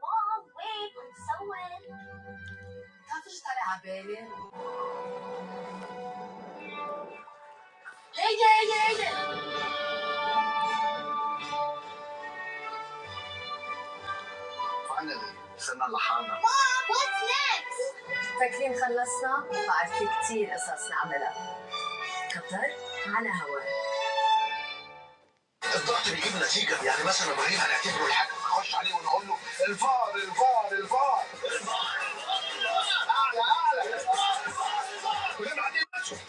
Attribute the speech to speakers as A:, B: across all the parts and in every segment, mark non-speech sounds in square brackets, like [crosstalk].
A: Mom, wait, I'm sewing. How to start a baby? Hey, hey, hey, hey. Finally, وصلنا لحالنا. Mom, what's next? فاكرين خلصنا؟ بعد في كتير قصص نعملها. قطر على هواء. الضغط بيجيب نتيجة، يعني مثلا ابراهيم هنعتبره الحكم، نخش عليه ونقول له الفار الفار الفار. أعلى أعلى. كلنا عادين نشوف.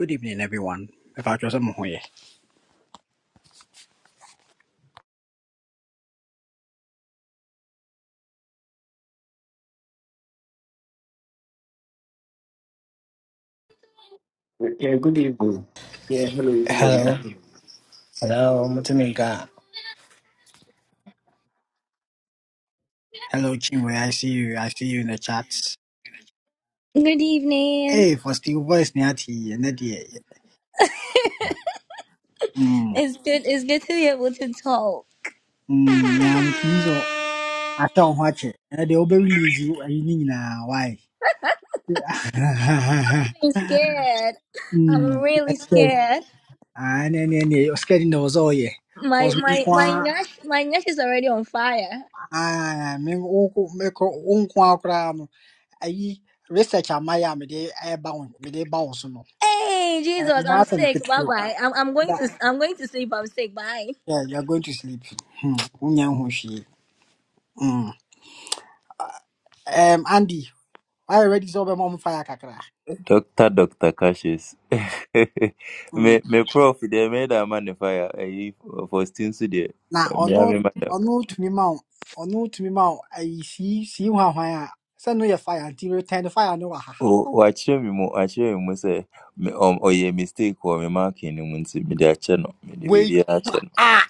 A: Good evening, everyone. The cartoon is Monge.
B: Yeah, good evening. Yeah, hello, hello.
C: Hello, hello, Matamika.
A: Hello, Ching Wei. I see you. I see you in the chats.
D: Good evening.
A: Hey, first your voice ni ati yɛ na deɛ ɛyɛ. Mm,
D: It's good. It's good to be able to talk.
A: mm, mea metumi sɛ ɔ- ahyɛ wo ho akyɛ. Na deɛ wobɛ release wo- ayi ne nyinaa, why?
D: I'm
A: [laughs]
D: really scared. I'm
A: Mm,
D: really
A: akyɛ.
D: scared.
A: Ah, ne ne, ɛne ɔsikɛdi na ɔwɔ sɛ ye.
D: My
A: Cause me
D: my
A: nko
D: my nash my nash is already on fire.
A: ah, me wo me kɔ- wo nko ara koraa no, ayi research amaya me de a mede ɛba wo mede ba wo so no.
D: Hey Jesus,
A: ɛnyɛ
D: I'm
A: asɛm
D: sick. Bye
A: ketewa.
D: bye. I'm I'm going to
A: That
D: I'm going to sleep. I'm sick. Bye.
A: yeah, you are going to sleep. Hmm, wonnya ho hwee. Mm. Um, Andy. I already saw my mom fire kakra.
E: Doctor, Doctor Cashes. [laughs]
A: Mm.
E: me, me prof, they made a man fire. I for students there.
A: Na
E: Eh, Me, I
A: ono
E: madam.
A: ono to me ma ono to me ma I see see you how fire. Say no you fire until you turn the fire no aha.
E: O, wakyerɛ me mu, wakyerɛ me mu say. me ɔm ɔyɛ mistake wɔ me marking no mu nti mede akyɛ no, mede
A: Wait
E: biribiara akyɛ no.
A: ah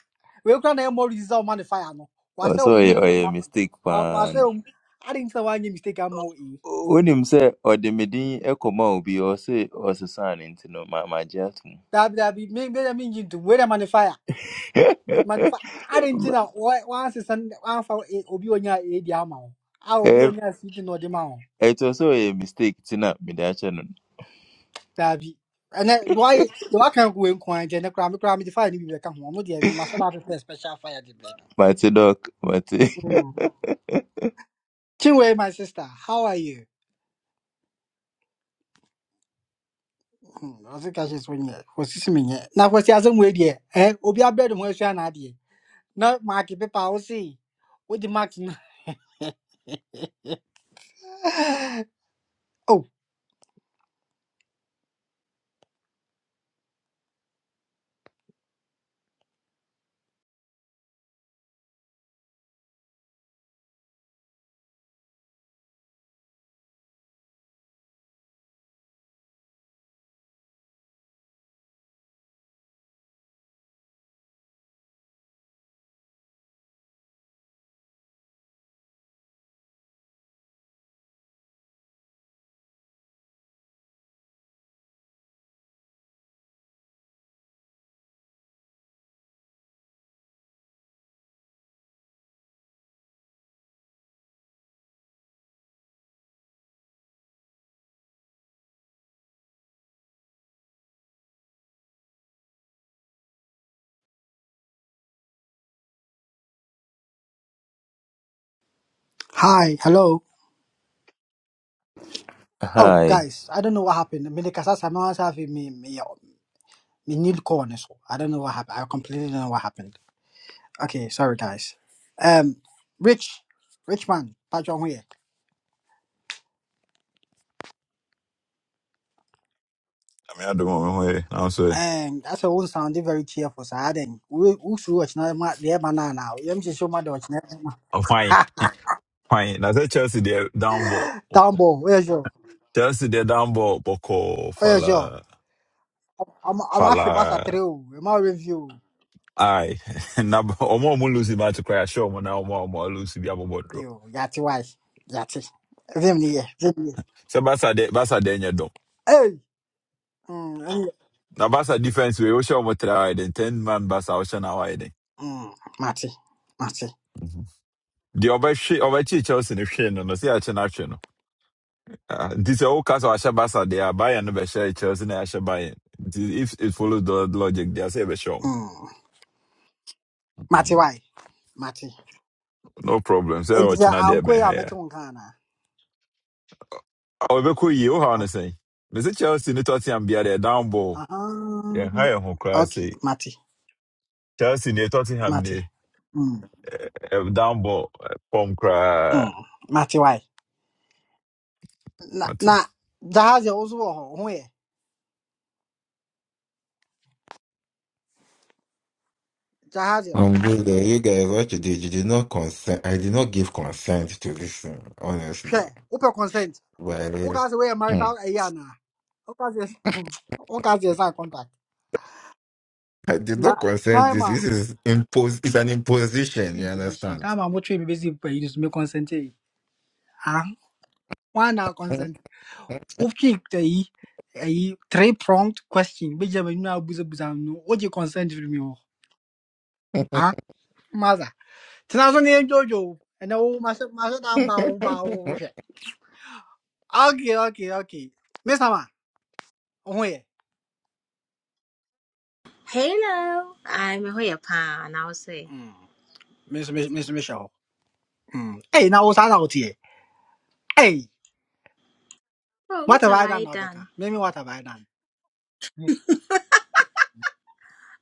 A: we can na more result man the fire no. Was
E: O
A: say
E: so
A: o
E: ɔyɛ
A: mood for
E: ɔyɛ
A: nothing.
E: mistake
A: Wa wa
E: paa
A: say
E: na.
A: o I didn't say one mistake am o e.
E: O- Wonim sɛ ɔde me din ɛkɔma obi ɔse ɔsesaa ne nti no ma magye ato mu.
A: That that be me me me you to wait man the fire. Man the fire. I didn't think that once is one for obi onya e di ama o. Ah obi
E: Ɛm,
A: onya see the no de ma o.
E: Ɛkyerɛ sɛ ɔyɛ [laughs] mistake tina na mede akyɛ no.
A: Davi. Ene duai duai kan ku en kwan je ne kra me kra me defy ni be ka ho mo
E: [laughs]
A: me ma so da special fire de bre no.
E: Mate doc, mate.
A: Mm. Chinwe my sister, how are you? Hmm, I think I just went here. Was this me? Na kwasi asem we de eh obi abred mo asua na de. Na mark paper wo see. Wo di mark Oh, hi. Hello.
E: [laughs]
A: Oh,
E: Hi.
A: guys, I don't know what happened. Me de kasa sama sa fi me me me need corners. I don't know what happened. I completely don't know what happened. Okay, sorry guys. Um, Rich, Rich man, patch on here.
F: I mean, I don't know. eh, I'm sorry.
A: Um, that's all sounded very cheerful. So I didn't. We also watch now. My the man now. You must show my watch now.
F: I'm fine. Fine. Now, say Chelsea, they're down ball.
A: Tambo, where's your,
F: Chelsea, they're down ball. Boko,
A: where's your?
F: Fala,
A: I'm I'm actually back at three.
F: Fala.
A: I'm out review.
F: Aye. [laughs] Now, Omo Omo Lucy, man, to cry. Sure, Omo, now Omo Omo Lucy, be a bobo draw.
A: You, yati wise, yati. Vim niye, vim niye.
F: So, Basa, de, Basa, de, nye dom.
A: Hey, mm, mm,
F: Now, Basa defense, we, Osha, Omo, try, then, 10 man, Basa, Osha, now, I,
A: mm, Mati, Mati,
F: The over, she, over, Chelsea, the she, no, no, see, I, she, no, she, no. Uh, This is all cast, Osha, Basa, they are buying, no, be, Chelsea, no, Osha, buying. If it follows the logic, they are, say, be, sure.
A: mm, Mati why, Mati.
F: No problem. Sɛ
A: And this is
F: ɔkyena deɛ bɛn
A: uncle
F: ha
A: I
F: yɛ.
A: met on Ghana.
F: Ɔbɛkɔ yie, wo haw ne sɛn? Me se Chelsea ne Tottenham be deɛ down ball. Yɛn ha
A: Um,
F: yɛn ho koraa
A: okay,
F: sei.
A: Matty,
F: Chelsea ne Tottenham
A: Matty.
F: ne
A: Mm,
F: eh, down ball eh, form koraa.
A: mm. Matty, why? Na,
F: Ate.
A: na, Jahazio also wɔ hɔ, ho yɛ. Jahazio,
G: Um, Julia, you guys, what you did, you did not consent. I did not give consent to this thing, honestly.
A: hwɛ, wopɛ consent.
G: But uh,
A: Woka sɛ woyɛ
G: hmm,
A: marital ɛyɛ anaa? Woka sɛ, woka sɛ yɛsan [laughs] contract.
G: I did
A: Na,
G: not consent.
A: time
G: This,
A: a,
G: this is impose. It's an
A: as
G: imposition.
A: in
G: You
A: position,
G: understand?
A: time a motwe me bɛsi pa you so make consent yi. Ah, one na consent? Wotwe ɛyi, a three pronged question. Bɛgyina m'anim na wobusabusa no, wogye consent firi me hɔ. Mother. Tinazonia Jojo. And oh, Master Master Bow
G: [laughs]
A: Bow. Okay, okay, okay. Miss Sama. Oh, yeah.
H: Hello, I'm Hoyapa, and I'll say,
A: Mm. Miss Miss Miss Michelle. Mm. Hey, now what's out here? Hey,
H: Oh,
A: what
H: what
A: have
H: have
A: I done,
H: I
A: Rebecca?
H: done?
A: Maybe what have I done?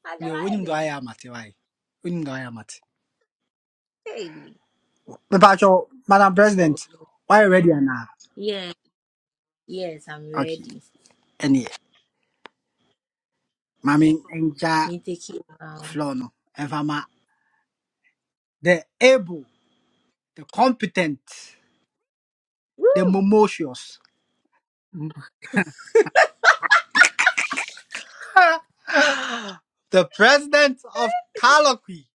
H: And
A: You
H: I'm
A: wouldn't do I
H: ready.
A: am at why? Wouldn't do I am at.
H: Hey,
A: Pacho, Madam
H: oh,
A: President, why ready and now?
H: yeah, yes, I'm
A: Okay.
H: ready.
A: Any, Mammy, Enja
H: Me take you around.
A: Flono, and Fama. The able, the competent, the
H: Woo!
A: momentous. [laughs] the president of Colloquy,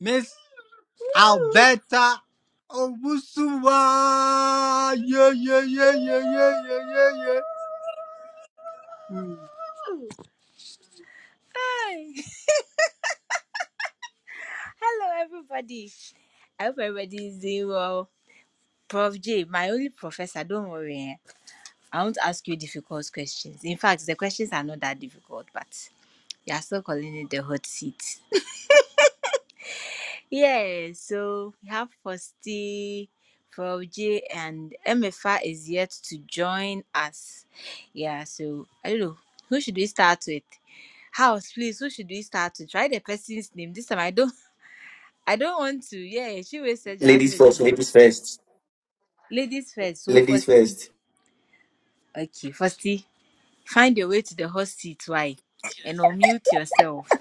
A: Miss Alberta Owusuwa. Yeah, yeah, yeah, yeah, yeah, yeah, yeah, yeah. Mm.
H: Woo! Hey, hello, everybody. I hope everybody is doing well. Prof J, my only professor, don't worry. eh. I won't ask you difficult questions. In fact, the questions are not that difficult, but you are still calling it the hot seat. Yeah, so we have Fosti, Fauji, and MFA is yet to join us. Yeah, so I don't know. Who should we start with? House, please, who should we start with? Try the person's name. This time I don't [laughs] I don't want to. Yeah, she will say Jazz.
B: Ladies first, ladies first.
H: Ladies first, so
B: Ladies
H: Fosti.
B: first.
H: Okay, Fosti, find your way to the hot seat, why? And unmute yourself.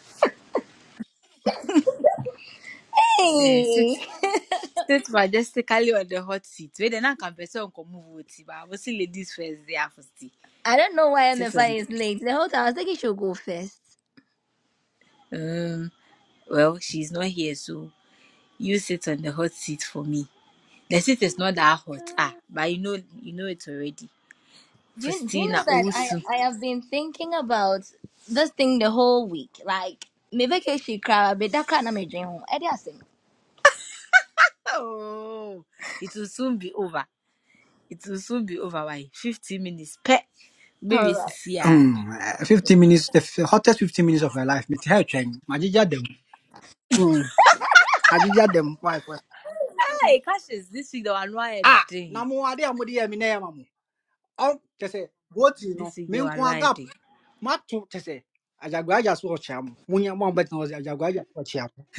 H: Eh, sit
D: Hey,
H: sit majestically on the hot seat. Wait, then I can person come move with you, but I will see ladies first there, Fosti.
D: I don't know why
H: Sit
D: MFI
H: on.
D: is late. The whole time I was thinking she'll go first.
H: Um, well, she's not here, so you sit on the hot seat for me. The seat is not that hot, ah, but you know, you know it already.
D: Do you do you know
H: Faustina
D: that I
H: also. [laughs]
D: I have been thinking about this thing the whole week. Like maybe she cry, but that can't make dream. All
H: Oh, it will soon be over. It will soon be over. Why? Fifteen minutes. Pet. Baby,
D: right.
H: see ya.
A: Mm, 15 minutes, the f- hottest 15 minutes of my life. Mit hair chain. Majija them. Mm. Majija them. Why? why?
H: Hey, crashes. This week they were
A: Ah,
H: rioting.
A: namu ade amudi ya mine ya mamu. Oh, tese, goti no,
H: This week they were
A: minku agap.
H: rioting.
A: Matu, tese, ajagwaja suwa chamu. Munya mwa mbeti na wazi, ajagwaja suwa
H: [laughs]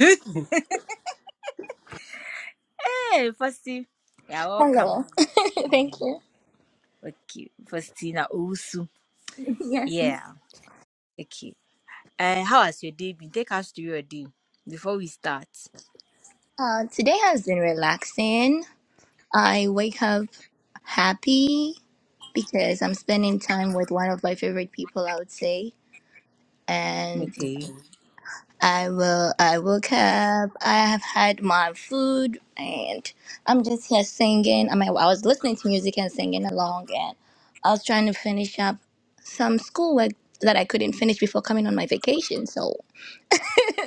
H: hey, Faustina, you're welcome.
D: Hello. [laughs] Thank you.
H: Okay, Faustina also.
D: Yes. ma'am.
H: Yeah. Okay. Uh, how has your day been? Take us through your day before we start.
D: Uh, today has been relaxing. I wake up happy because I'm spending time with one of my favorite people. I would say, and
H: Okay.
D: I will. I woke up. I have had my food, and I'm just here singing. I mean, I was listening to music and singing along, and I was trying to finish up some schoolwork that I couldn't finish before coming on my vacation. So.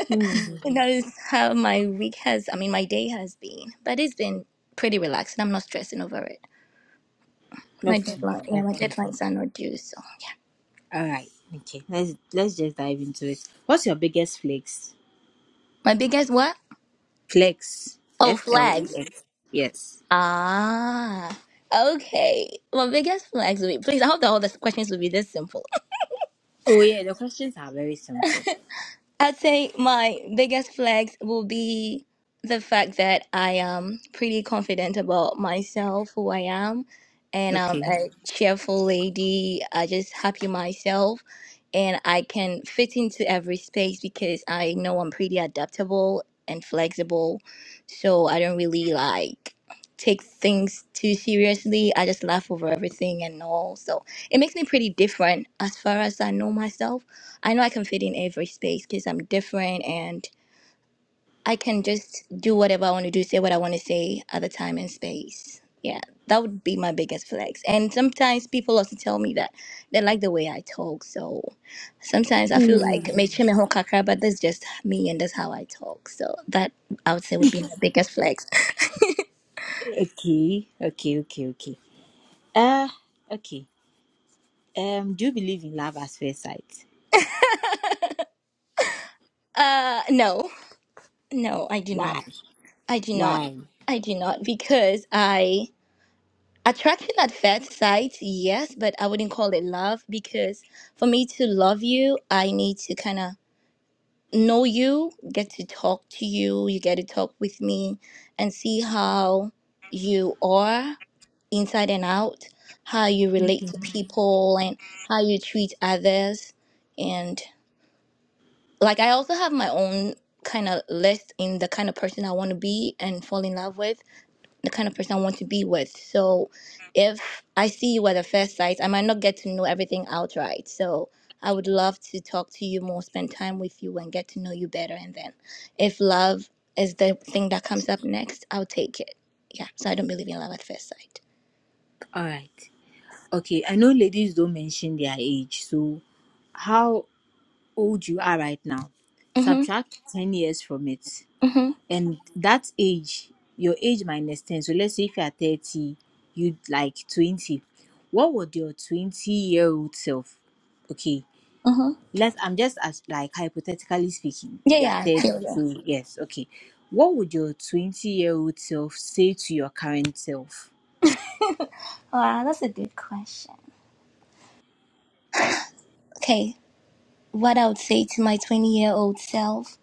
H: Hmm.
D: And that is how my week has, I mean, my day has been. But it's been pretty relaxed and I'm not stressing over it. My
H: Okay.
D: deadline, yeah, my
H: Okay.
D: deadlines are not due. So,
H: All right. Okay. Let's let's just dive into it. What's your biggest flex?
D: my biggest what?
H: Flex.
D: Oh,
H: F L E
D: flags.
H: X. Yes.
D: Ah, okay. My biggest flags will be, please, I hope that all the questions will be this simple.
H: Oh yeah. The questions are very simple.
D: I'd say my biggest flex will be the fact that I am pretty confident about myself, who I am, and I'm
H: Okay.
D: a cheerful lady. I just happy myself, and I can fit into every space because I know I'm pretty adaptable and flexible. So I don't really like take things too seriously. I just laugh over everything and all. So it makes me pretty different as far as I know myself. I know I can fit in every space because I'm different and I can just do whatever I want to do, say what I want to say at the time and space. Yeah, that would be my biggest flex. And sometimes people also tell me that they like the way I talk. So sometimes I feel like
H: Mm.
D: Mhm. "Mechi me Mm. chime ho kakra, but that's just me and that's how I talk. So that I would say would be my biggest flex.
H: Okay. Okay. Okay. Okay. Uh. Okay. Um. Do you believe in love at first sight?
D: Uh, no, no, I do
H: Why?
D: not. I do not.
H: Why?
D: I do not because I. attraction at first sight yes but i wouldn't call it love because for me to love you i need to kind of know you get to talk to you you get to talk with me and see how you are inside and out how you relate to people and how you treat others and like i also have my own kind of list in the kind of person i want to be and fall in love with the kind of person I want to be with. So if I see you at a first sight, I might not get to know everything outright. So I would love to talk to you more, spend time with you, and get to know you better. And then if love is the thing that comes up next, I'll take it. Yeah. So I don't believe in love at first sight.
H: All right. Okay, I know ladies don't mention their age, so how old you are right now,
D: Mm hmm.
H: subtract 10 years from it,
D: Mm hmm.
H: and that age, your age minus 10. So let's say if you are 30, you'd like 20. What would your 20 year old self, okay,
D: Mm hmm.
H: let's, I'm just as like hypothetically speaking,
D: Yeah,
H: you are
D: yeah. I
H: 30,
D: feel you. [laughs]
H: so yes, okay. What would your 20 year old self say to your current self?
D: Wow, that's a good question. Okay. What I would say to my 20 year old self,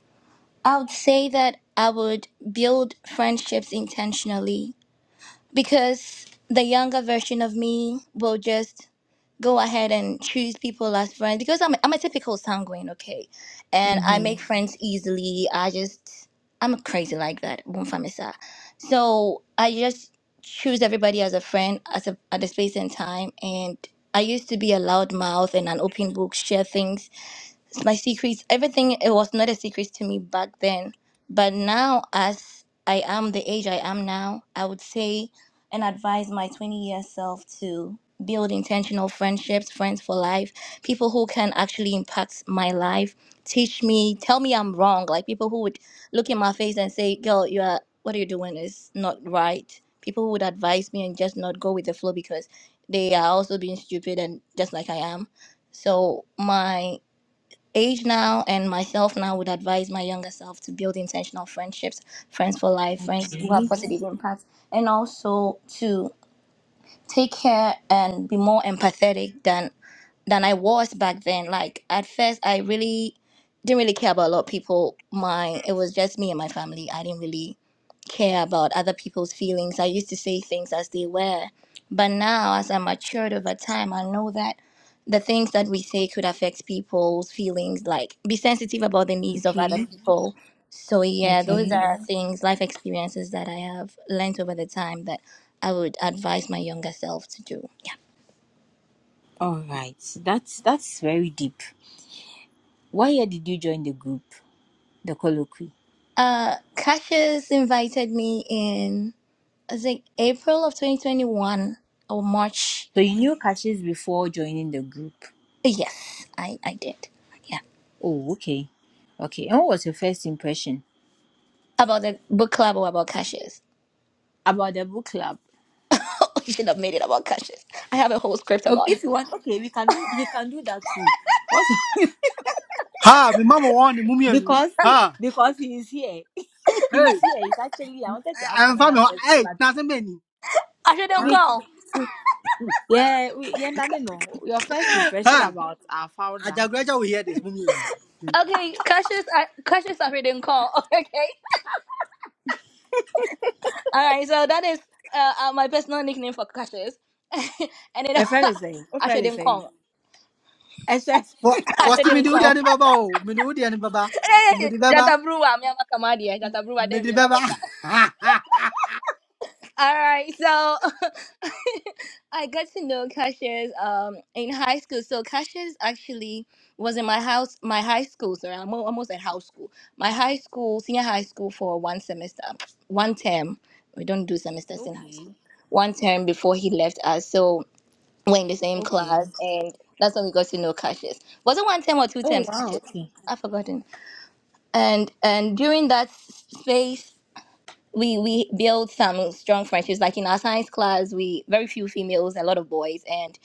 D: I would say that I would build friendships intentionally because the younger version of me will just go ahead and choose people as friends because I'm I'm a typical sanguine, okay, and I
H: Mm-hmm.
D: make friends easily. I just I'm crazy like that, Wumfamisa. So I just choose everybody as a friend as a, at a space and time. And I used to be a loud mouth and an open book, share things my secrets everything it was not a secret to me back then but now as i am the age i am now i would say and advise my 20 year self to build intentional friendships friends for life people who can actually impact my life teach me tell me i'm wrong like people who would look in my face and say girl you are what you're doing is not right people who would advise me and just not go with the flow because they are also being stupid and just like i am so my age now and myself now would advise my younger self to build intentional friendships, friends for life, friends who have
H: Okay,
D: positive impact, and also to take care and be more empathetic than than I was back then. Like at first, I really didn't really care about a lot of people. My it was just me and my family. I didn't really care about other people's feelings. I used to say things as they were, but now as I matured over time, I know that the things that we say could affect people's feelings. Like be sensitive about the needs of other
H: okay,
D: Mhm. people. So yeah, those
H: okay.
D: are Mhm. things, life experiences that I have learned over the time that I would advise my younger self to do.
H: All right. That's that's very deep. What year did you join the group, the colloquy?
D: Uh, Cassius invited me in, I think April of 2021 or March.
H: So you knew Cassius before joining the group.
D: Uh, Yes, I, I did. Yeah.
H: Oh, okay. Okay. And what was your first impression
D: About the book club or about Cassius. [laughs]
H: about the book club?
D: Oh, you should have made it about Cassius. I have a whole script about
H: Okay,
D: him.
H: if you want, okay, we can do we can do that too. Also,
D: [laughs]
A: Ha, me mama want the mummy
H: [laughs]
A: and you.
H: because
A: Ha,
H: because he is here, [laughs] he
A: hey,
H: is here. He's actually. I wanted to
A: I
H: ask
A: am
H: another
A: family.
H: person,
A: Hey,
H: but
A: nothing many.
D: I shouldn't
A: Ah,
H: we-
D: call.
H: yeah, we yeah, no, no. no. Your first impression
A: ha,
H: about our
A: I
H: founder.
A: just graduate we hear this mummy and you.
D: Okay, Cassius, I, Cassius, I shouldn't call. [laughs] Okay. All right. So that is uh, uh, my personal nickname for Cassius. [laughs] and then
H: a friend is saying, your
D: [laughs] I
H: friend is
D: shouldn't
H: saying,
D: call.
H: [laughs]
A: But
D: [laughs] I
A: what's the
D: shouldn't
A: middle
D: call.
A: the baba? Oh, middle the baba, middle
D: [laughs]
A: baba,
D: Jata Brewer, me ama kamadia. Jata Brewer, dem
A: middle
D: you
A: baba.
D: know
A: Ha,
D: All right, so [laughs] I got to know Cassius um in high school. So Cassius actually was in my house, my high school. Sorry, I'm al- almost at house school. My high school, senior high school, for one semester, one term. We don't do semesters in high
H: okay.
D: school. One term before he left us, so we're in the same
H: Okay.
D: class, and that's when we got to know Cassius. Was it one term or two
H: Oh
D: terms,
H: wow.
D: Cassius?
H: Okay.
D: I've forgotten. And and during that s- space we we build some strong friendships. Like in our science class, we very few females, a lot of boys, and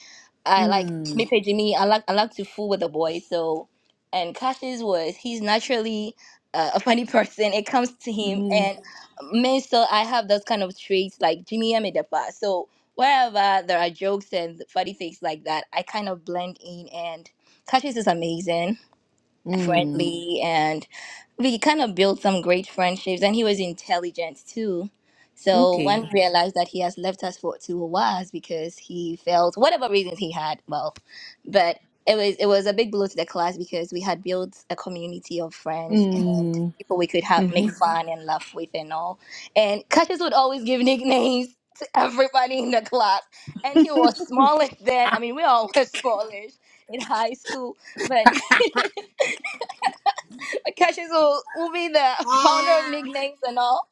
D: I like
H: Mm.
D: me Paige me. I like I like to fool with the boys. So, and Cassius was he's naturally uh, a funny [laughs] person. It comes to him,
H: Mm.
D: and me. So I have those kind of traits like Jimmy Amidepa. So wherever there are jokes and funny things like that, I kind of blend in. And Cassius is amazing,
H: Mm.
D: friendly, we kind of built some great friendships and he was intelligent too so
H: Okay.
D: when we realized that he has left us for two was because he felt whatever reasons he had well but it was it was a big blow to the class because we had built a community of friends and
H: Mm.
D: people we could have make
H: Mm-hmm.
D: fun and laugh with and all and Cassius would always give nicknames to everybody in the class and he was smallish then i mean we all were [laughs] smallish in high school but. [laughs] Cash will, will be the [laughs] founder of
A: ah,
D: nicknames and all.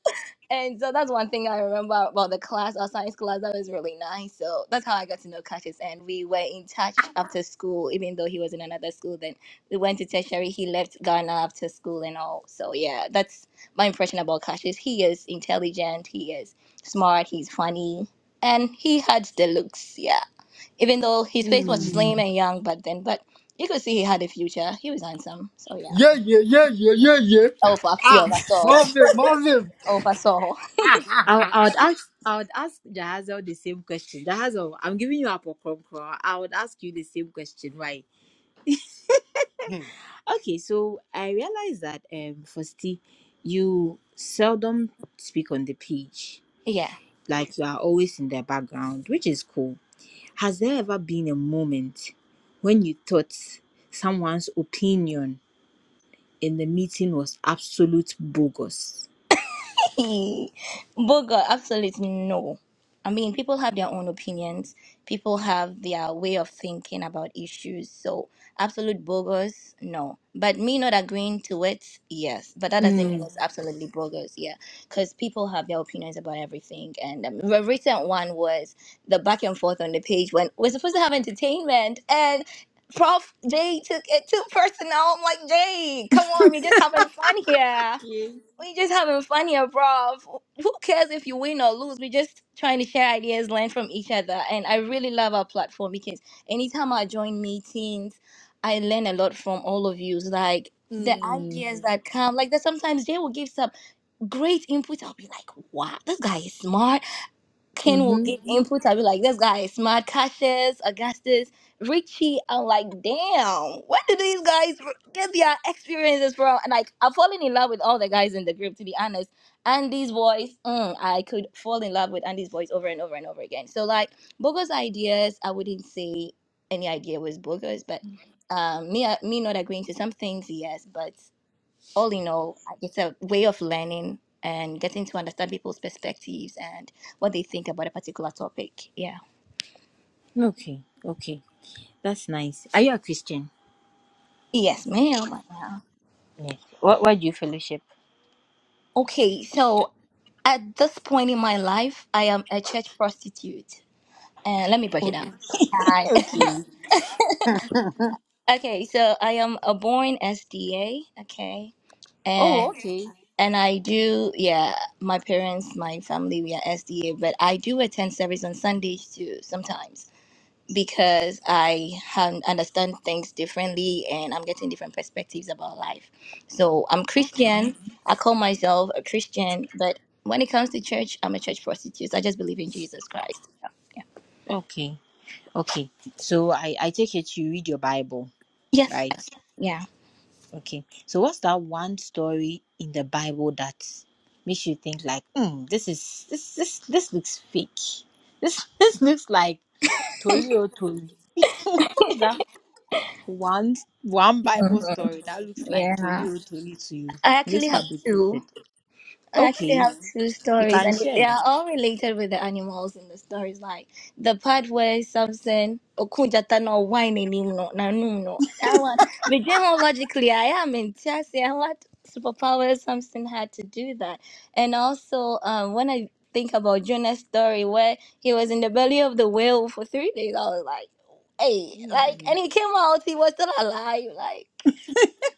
D: And so that's one thing I remember about the class, our science class. That was really nice. So that's how I got to know Cassius. And we were in touch after school, even though he was in another school. Then we went to tertiary. He left Ghana after school and all. So yeah, that's my impression about Cassius. He is intelligent. He is smart. He's funny. And he had the looks. Yeah. Even though his face was
H: Mm.
D: slim Hmm. and young, but then, but you could see he had a future. He was handsome. So yeah.
A: [laughs] yeah, yeah, yeah, yeah, yeah, yeah.
D: Overflow. I saw.
A: Marvin, Marvin.
D: Oversaw.
H: I, I would ask. I would ask Jahazel the same question. Jahazel, I'm giving you up a crumb crawl. I would ask you the same question. Why?
A: Hmm.
H: Okay. So I realize that um, firstly, you seldom speak on the page.
D: Yeah.
H: Like you are always in the background, which is cool. Has there ever been a moment when you thought someone's opinion? in the meeting was absolute bogus.
D: [laughs] but God, absolutely no. I mean, people have their own opinions. People have their way of thinking about issues. So, absolute bogus, no. But me not agreeing to it, yes. But that doesn't mean
H: Mm.
D: it's absolutely bogus, yeah. Because people have their opinions about everything. And um, the recent one was the back and forth on the page when we're supposed to have entertainment. And Prof. Jay took it too personal. I'm like, Jay, come on, we're just having fun here
H: Yes.
D: we just having fun here, bro. Who cares if you win or lose? We're just trying to share ideas, learn from each other. And I really love our platform because anytime I join meetings, I learn a lot from all of you. Like the
H: Mm.
D: ideas that come, like that sometimes Jay will give some great input. I'll be like, wow, this guy is smart Ken will
H: Mm-hmm.
D: get Mhm. inputs. i will be like, this guy is smart. Cassius, Augustus, Richie. I'm like, damn, where do these guys get their experiences from? And like, I've fallen in love with all the guys in the group, to be honest. Andy's voice, mm, I could fall in love with Andy's voice over and over and over again. So, like, bogus ideas, I wouldn't say any idea was bogus, but um, me, uh, me not agreeing to some things, yes, but all in all, it's a way of learning and getting to understand people's perspectives and what they think about a particular topic. Yeah.
H: Okay. Okay. That's nice. Are you a Christian?
D: Yes, ma'am.
H: Yes. What Why do you fellowship?
D: Okay, so at this point in my life, I am a church prostitute. And let me break it
H: Okay.
D: down. Hi.
H: Okay.
D: [laughs] okay, so I am a born SDA. Okay.
H: Oh,
D: And Okay.
H: okay.
D: and I do, yeah, my parents, my family, we are SDA, but I do attend service on Sundays too sometimes because I have understand things differently and I'm getting different perspectives about life. So I'm Christian.
H: Okay.
D: I call myself a Christian, but when it comes to church, I'm a church prostitute. I just believe in Jesus Christ.
H: Okay. Okay. So I I take it you read your Bible,
D: Yes.
H: right?
D: Yeah.
H: Okay. So what's that one story in the Bible that makes you think like, hmm, this is this this this looks fake. This [laughs] this looks like Tolio Tolio. One one Bible
D: Mhm.
H: story that looks like Toli
D: Yeah.
H: or Toli to you.
D: I
H: It
D: actually
H: looks
D: have two.
H: fabricated.
D: I actually
H: Okay,
D: have two
H: you
D: stories,
H: can
D: and they
H: share.
D: are all related with the animals in the stories. Like the part where something okunjata no wine no na num no. That one. But then logically, I am in Tiasia. What superpower something had to do that? And also, um, when I think about Jonah's story where he was in the belly of the whale for three days, I was like, hey, like,
H: Mm,
D: and he came out. He was still alive. Like.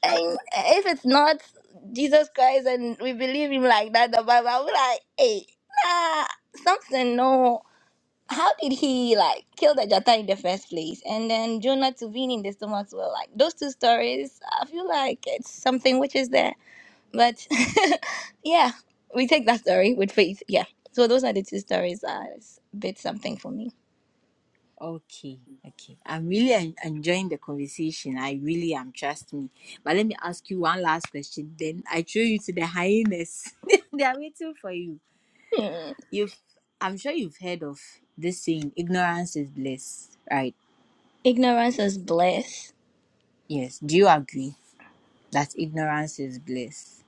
D: And if it's not Jesus Christ and we believe him like that, the Bible, I'll be like, hey, nah, something, no. How did he like kill the Jata in the first place? And then Jonah to being in the stomach as well, like those two stories, I feel like it's something which is there. But [laughs] yeah, we take that story with faith. Yeah. So those are the two stories that is a bit something for me.
H: Okay, okay. I'm really en- enjoying the conversation. I really am, trust me. But let me ask you one last question. Then I throw you to the hyenas. [laughs] they are waiting for you.
D: Hmm.
H: You've, I'm sure you've heard of this saying, ignorance is bliss, right?
D: Ignorance is bliss.
H: Yes. Do you agree that ignorance is bliss?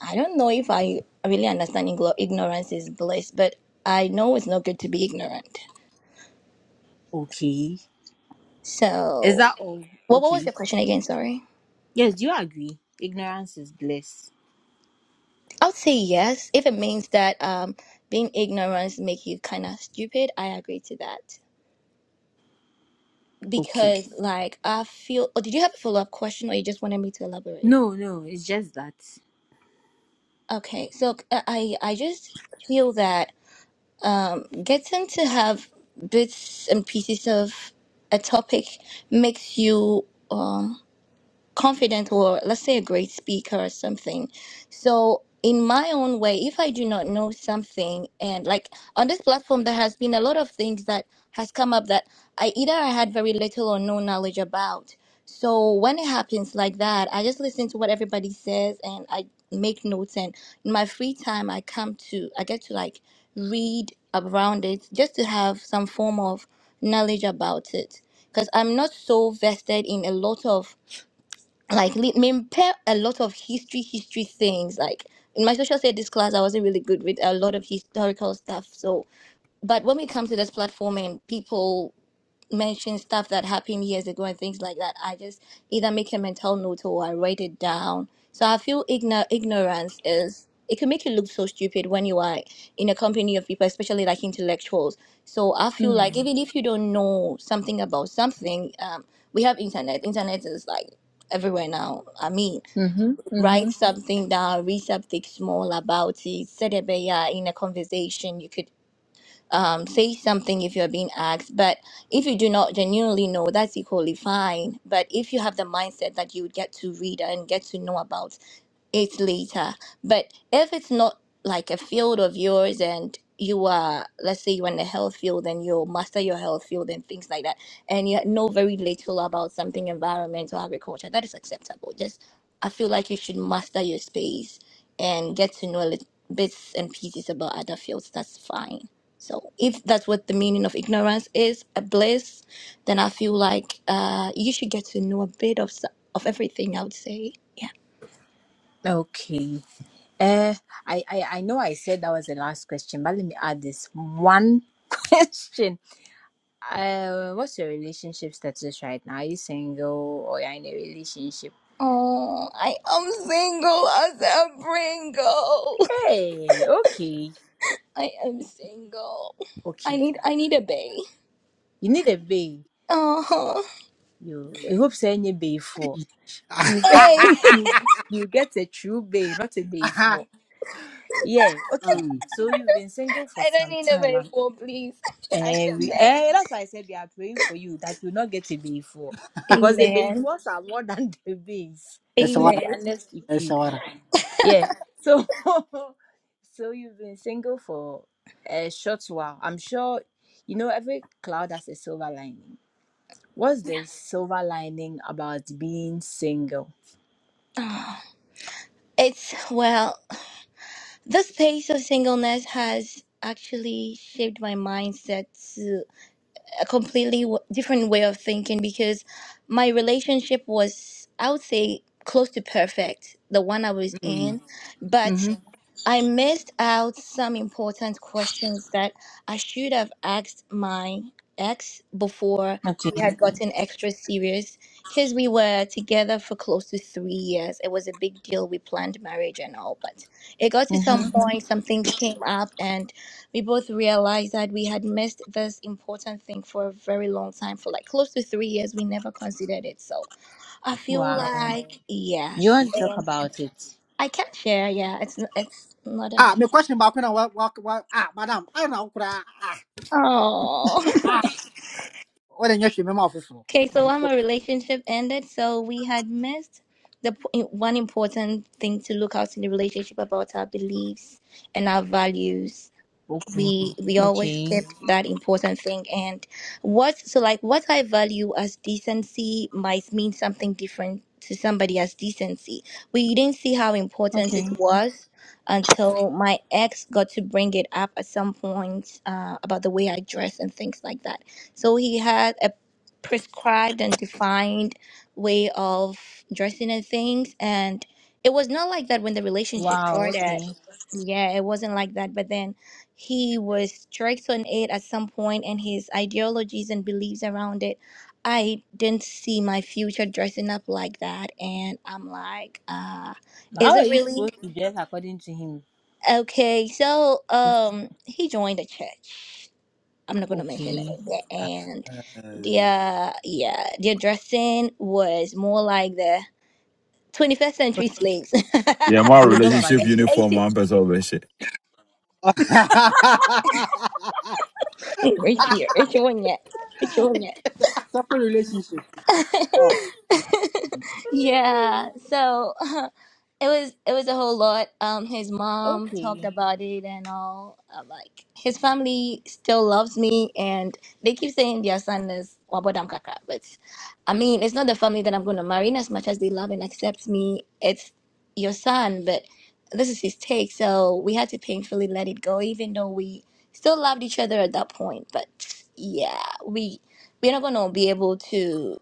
D: I don't know if I really understand iglo- ignorance is bliss, but I know it's not good to be ignorant.
H: Okay. Is
D: So,
H: that all?
D: what what
H: Okay.
D: was your question again? Sorry.
H: Yes, do you agree? Ignorance is bliss.
D: I would say yes if it means that um being ignorant make you kind of stupid. I agree to that
H: Okay.
D: because like I feel. Oh, did you have a follow up question, or you just wanted me to elaborate?
H: No, no, it's just that.
D: Okay, so uh, I I just feel that um getting to have bits and pieces of a topic makes you. um, confident or let's say a great speaker or something so in my own way if i do not know something and like on this platform there has been a lot of things that has come up that i either i had very little or no knowledge about so when it happens like that i just listen to what everybody says and i make notes and in my free time i come to i get to like read around it just to have some form of knowledge about it because i'm not so vested in a lot of like lit me a lot of history history things like in my social studies class i wasn't really good with a lot of historical stuff so but when we come to this platform and people mention stuff that happened years ago and things like that. I just either make a mental note or I write it down. So I feel igno- ignorance is it can make you look so stupid when you are in a company of people, especially like intellectuals. So I feel like
H: Mm.
D: even if you don't know something about something, um, we have internet. Internet is like everywhere now. I mean,
H: Mm-hmm.
D: write
H: Mm-hmm.
D: something down, read something small about it, set it bear in a conversation. You could um, say something if you're being asked. But if you do not genuinely know, that's equally fine. But if you have the mindset that you would get to read and get to know about it's later. But if it's not like a field of yours and you are, let's say you're in the health field and you master your health field and things like that, and you know very little about something environmental agriculture, that is acceptable. Just I feel like you should master your space and get to know a little bits and pieces about other fields. That's fine. So if that's what the meaning of ignorance is, a bliss, then I feel like uh, you should get to know a bit of so- of everything. I would say, yeah.
H: Okay. Uh I, I I know I said that was the last question, but let me add this one [laughs] question. Uh what's your relationship status right now? Are you single or you're in a relationship?
D: Oh, I am single as a Pringle.
H: Hey, okay.
D: I am single. I
H: Okay.
D: need I need a bay.
H: You need a babe.
D: Uh-huh.
H: You I hope saying a babe
A: Hey.
H: for you get
A: [laughs]
D: Hey,
H: [laughs] you get a true babe, not a babe
A: Aha.
H: for. Yeah, okay.
A: um,
H: So you've been single for
D: I don't
H: some
D: need a
H: time,
D: bay
H: and
D: for please. [laughs] I need
H: eh, we,
D: a bay.
H: eh, that's why I said we are praying for you that you will not get a baby four because the
D: Amen.
H: befores are more [laughs] than the bees. [laughs]
A: it's a
H: me
A: water.
H: be
D: Amen.
H: honest with
A: It's
H: you.
A: a water.
H: Yeah. So, [laughs] so you've been single for a short while. I'm sure you know every cloud has a silver lining. What's the silver lining about being single?
D: Oh, it's well, the space of singleness has actually shaped my mindset a completely w- different way of thinking because my relationship was, I would say, close to perfect, the one I was
H: Mm.
D: in. But
H: Mm-hmm.
D: I missed out some important questions that I should have asked my ex before
H: Okay.
D: we had gotten extra serious because we were together for close to three years. It was a big deal. We planned marriage and all, but it got to some
H: Mm-hmm.
D: Mhm. point, some things came up, and we both realized that we had missed this important thing for a very long time for like close to three years we never considered it so i feel Yeah.
H: Wow.
D: like
H: You
D: yes
H: want to talk
D: and
H: about it?
D: i can't share yeah it's n- it's not a
A: Ah, me question about when I walk, walk, walk. Ah, madam, I don't know. Ah,
D: oh
A: ah. What the hell? She me mouth is full.
D: [laughs] okay so when my relationship ended so we had missed the p- one important thing to look out in the relationship about our beliefs and our values
H: Okay.
D: we we always
H: Okay.
D: skip that important thing and what so like what i value as decency might mean something different to somebody as decency we didn't see how important
H: Okay.
D: it was until my ex got to bring it up at some point uh, about the way i dress and things like that so he had a prescribed and defined way of dressing and things and it was not like that when the relationship
H: Wow.
D: started
H: Okay.
D: yeah it wasn't like that but then he was dragged on it at some point and his ideologies and beliefs around it i didn't see my future dressing up like that and i'm like uh
H: But
D: is
H: how are
D: it
H: you
D: really
H: supposed to dress according to him?
D: okay so um he joined a church i'm not gonna mention
H: Okay.
D: it and
A: Uh,
D: their yeah their dressing was more like the 21st century slaves
F: Yeah, my
H: Olugbo Baba
F: relationship
D: [laughs]
H: Jesus.
F: uniform
D: 18
F: man pɛ sɛ ɔbɛhyɛ.
A: [laughs]
D: [laughs] yeah
A: Proper relationship. Oh,
D: [laughs] yeah so [laughs] it was it was a whole lot. Um, his mom talked
H: Okay.
D: about it and all. Uh, like his family still loves me, and they keep saying their son is Wabodam Kaka. But I mean, it's not the family that I'm going to marry. And as much as they love and accept me, it's your son. But this is his take, so we had to painfully let it go, even though we still loved each other at that point. But yeah, we we're not going to be able to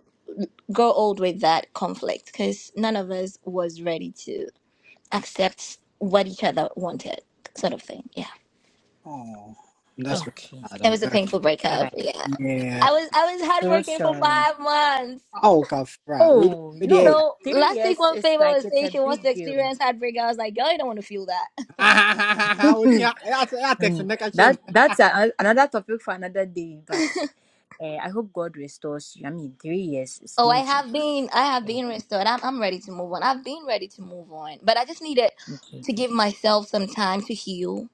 D: grow old with that conflict because none of us was ready to accept what each other wanted, sort of thing. Yeah.
A: Oh, that's
D: Yeah.
A: very
H: Okay.
A: bad.
D: It
A: I'm
D: was a
A: very.
D: painful
H: All
D: breakup.
H: right.
D: Yeah.
A: yeah.
D: I was I was
H: So
D: heartbroken for
H: sorry.
D: five months.
A: Oh, God, right. We,
H: Oh
A: we, yeah,
H: no,
D: So
H: three
D: last week
H: years
D: when
H: is
D: Favor
H: like
D: was
H: it's
D: saying
H: a
D: she wants to
H: big deal.
D: experience heartbreak, I was like, girl, you don't want to feel that. [laughs]
A: yeah. [laughs] We-
H: [laughs]
A: yeah. That's, that's text
H: Um,
A: in the kitchen.
H: that that's a, another topic for another day. But uh, I hope God restores you. I mean, three years is
D: oh, I
H: no
D: have
H: joke.
D: been I have
H: Yeah.
D: been restored. I'm I'm ready to move on. I've been ready to move on. But I just needed
H: Okay.
D: to give myself some time to heal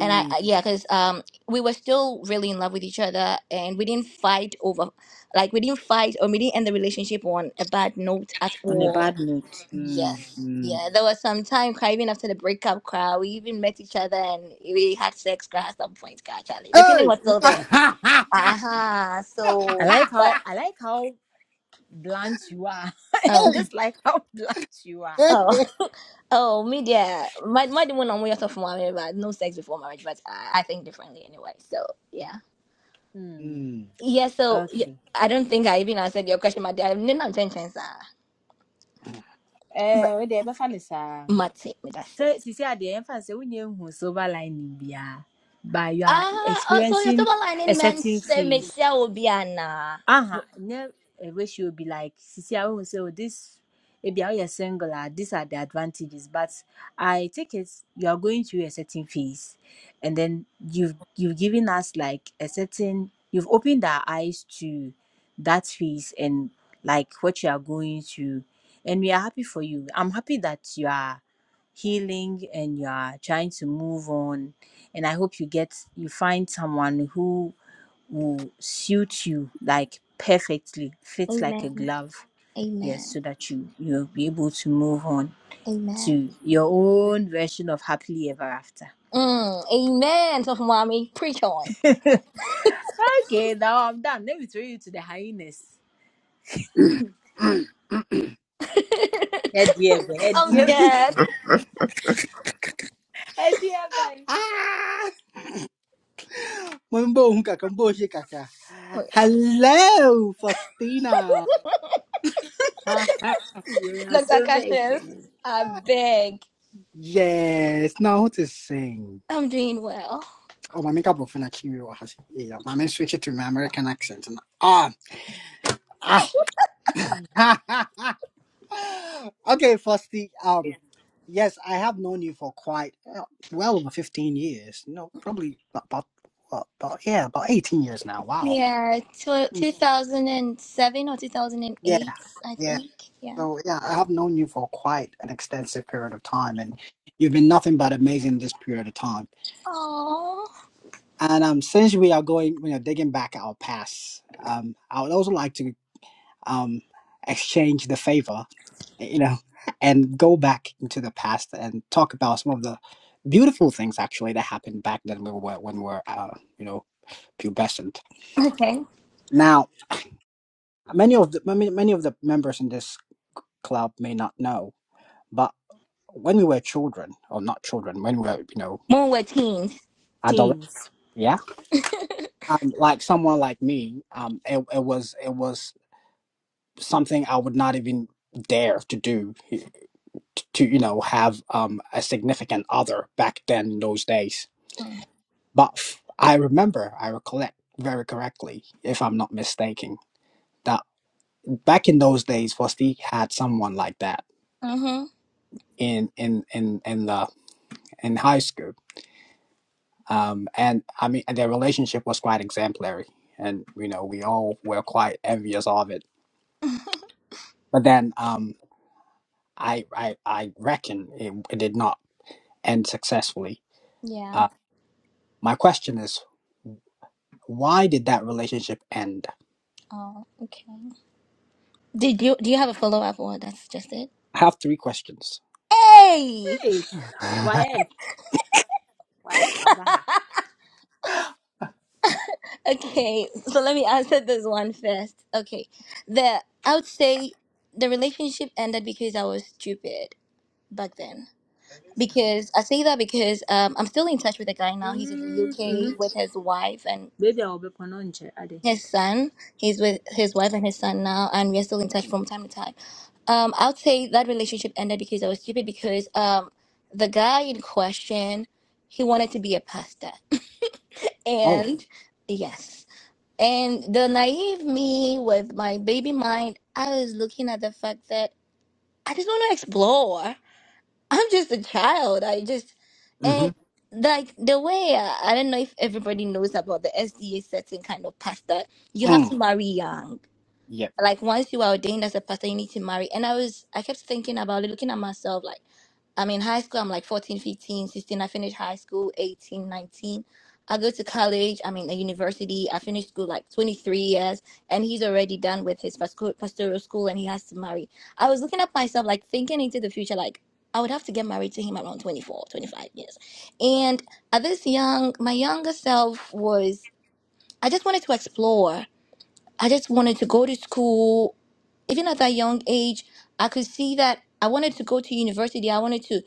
D: and I I- yeah, because um we were still really in love with each other and we didn't fight over like we didn't fight or we didn't end the relationship on a bad note at
H: On a
A: right.
H: bad
D: all.
H: note,
A: Mm,
D: Yes.
A: mm.
D: Yeah. There was some time cry even after the breakup cry. We even met each other and we had sex cry at some point, cry Charlie. The feeling
A: Hey!
D: was still there.
A: [laughs]
D: Uh-huh.
H: I
D: So
H: like how
D: but
H: I like how blunt you are. [laughs]
D: oh
A: hey!
H: Just like how [laughs] blunt you are.
A: Hey!
D: oh
A: hey.
D: [laughs] oh me yeah. My my the one on way off of my but no sex before marriage, but I, I think differently anyway. So yeah.
H: Mm,
A: Hmm.
D: Yeah, so y-
H: okay.
D: I don't think I even answered your question, my dear. No, no, Jenkins, ah, but
H: Eh, we dey ever ne saa.
D: Mate, me that's it.
H: So she said the infant say when you silver lining bia, but you are
D: Ah, oh, so you're still
H: experiencing a
D: aligning men
H: certain
D: say
H: phase.
D: Michelle will be Anna.
H: aha nye a ratio be like see, i will say oh this maybe how you're single ah, these are the advantages but i take it you are going through a certain phase and then you've you've given us like a certain you've opened our eyes to that phase and like what you are going through and we are happy for you i'm happy that you are healing and you are trying to move on and i hope you get you find someone who will suit you like perfectly, fits like a
D: Amen.
H: glove. Yes,
D: Amen.
H: so that you you'll be able to move on
D: Amen.
H: to your own version of happily ever after.
D: Mm, amen. So, mommy, preach on.
H: Okay, now I'm done. Let me throw you to the hyenas.
D: [laughs]
H: Ediebe,
D: I'm
H: ediebe,
D: scared.
H: ediebe.
A: Ah! Mambo hunka, kambo shikaka. Hello, Faustina.
D: [laughs]
A: Ah,
H: Yeah,
D: Dr.
H: so
D: Cassius,
H: bacon.
D: I beg.
A: yes, now to sing.
D: I'm doing well.
A: Oh, my makeup will finish you. I say, Yeah, my man switch it to my American accent. And, ah, ah. [laughs] okay, firstly, um, yes, I have known you for quite uh, well over fifteen years. No, probably about, about, about about- yeah, about eighteen years now. Wow.
D: Yeah, tw 2007 or 2008,
A: Yeah,
D: I
A: yeah.
D: think. Yeah.
A: So yeah, I have known you for quite an extensive period of time, and you've been nothing but amazing in this period of time.
D: Oh.
A: And um, since we are going, you know, digging back our past, um, I would also like to um, exchange the favor, you know, and go back into the past and talk about some of the beautiful things actually that happened back then when we were when we were uh, you know pubescent.
D: Okay.
A: Now, many of the many many of the members in this club may not know, but when we were children, or not children, when we were you know
D: When we're teens.
A: adolescent,
H: Teens.
A: yeah,
D: [laughs]
A: um, like someone like me, um, it, it was it was something I would not even dare to do [laughs] to you know have um, a significant other back then in those days. But f- I remember, I recollect very correctly, if I'm not mistaken, that back in those days, Fosti had someone like that
D: Mm-hmm.
A: in in in in the in high school. Um, and I mean, and their relationship was quite exemplary, and you know we all were quite envious of it. But then um, I I I reckon it, it did not end successfully.
D: Yeah.
A: Uh, my question is, why did that relationship end?
D: Oh, okay. Did you do you have a follow up or that's just it?
A: I have three questions.
D: Hey.
H: Hey,
A: [laughs]
H: why? Why kabaha?
D: Okay. So let me answer this one first. Okay. The I would say the relationship ended because I was stupid back then. Because I say that because um, I'm still in touch with a guy now. He's in the
H: Mm,
D: UK
H: mm.
D: with his wife, and
H: Baby, I'll be panonche. Ade.
D: his son. He's with his wife and his son now, and we're still in touch from time to time. Um, I would say that relationship ended because I was stupid because um, the guy in question, he wanted to be a pastor, [clears throat]
A: Oh.
D: and yes, and the naive me with my baby mind, I was looking at the fact that I just want to explore. I'm just a child. I just
A: Mm-hmm.
D: and. Like the way I I don't know if everybody knows about the SDA setting kind of pastor, you have
A: Mm.
D: to marry young
A: Yep.
D: like once you are ordained as a pastor you need to marry and i was i kept thinking about it looking at myself like i'm in high school i'm like 14, 15, 16. i finished high school 18, 19. i go to college i'm in a university i finished school like 23 years and he's already done with his pasco- pastoral school and he has to marry i was looking at myself like thinking into the future like i would have to get married to him around 24, 25 years and at this young my younger self was i just wanted to explore I just wanted to go to school. Even at that young age, I could see that I wanted to go to university. I wanted to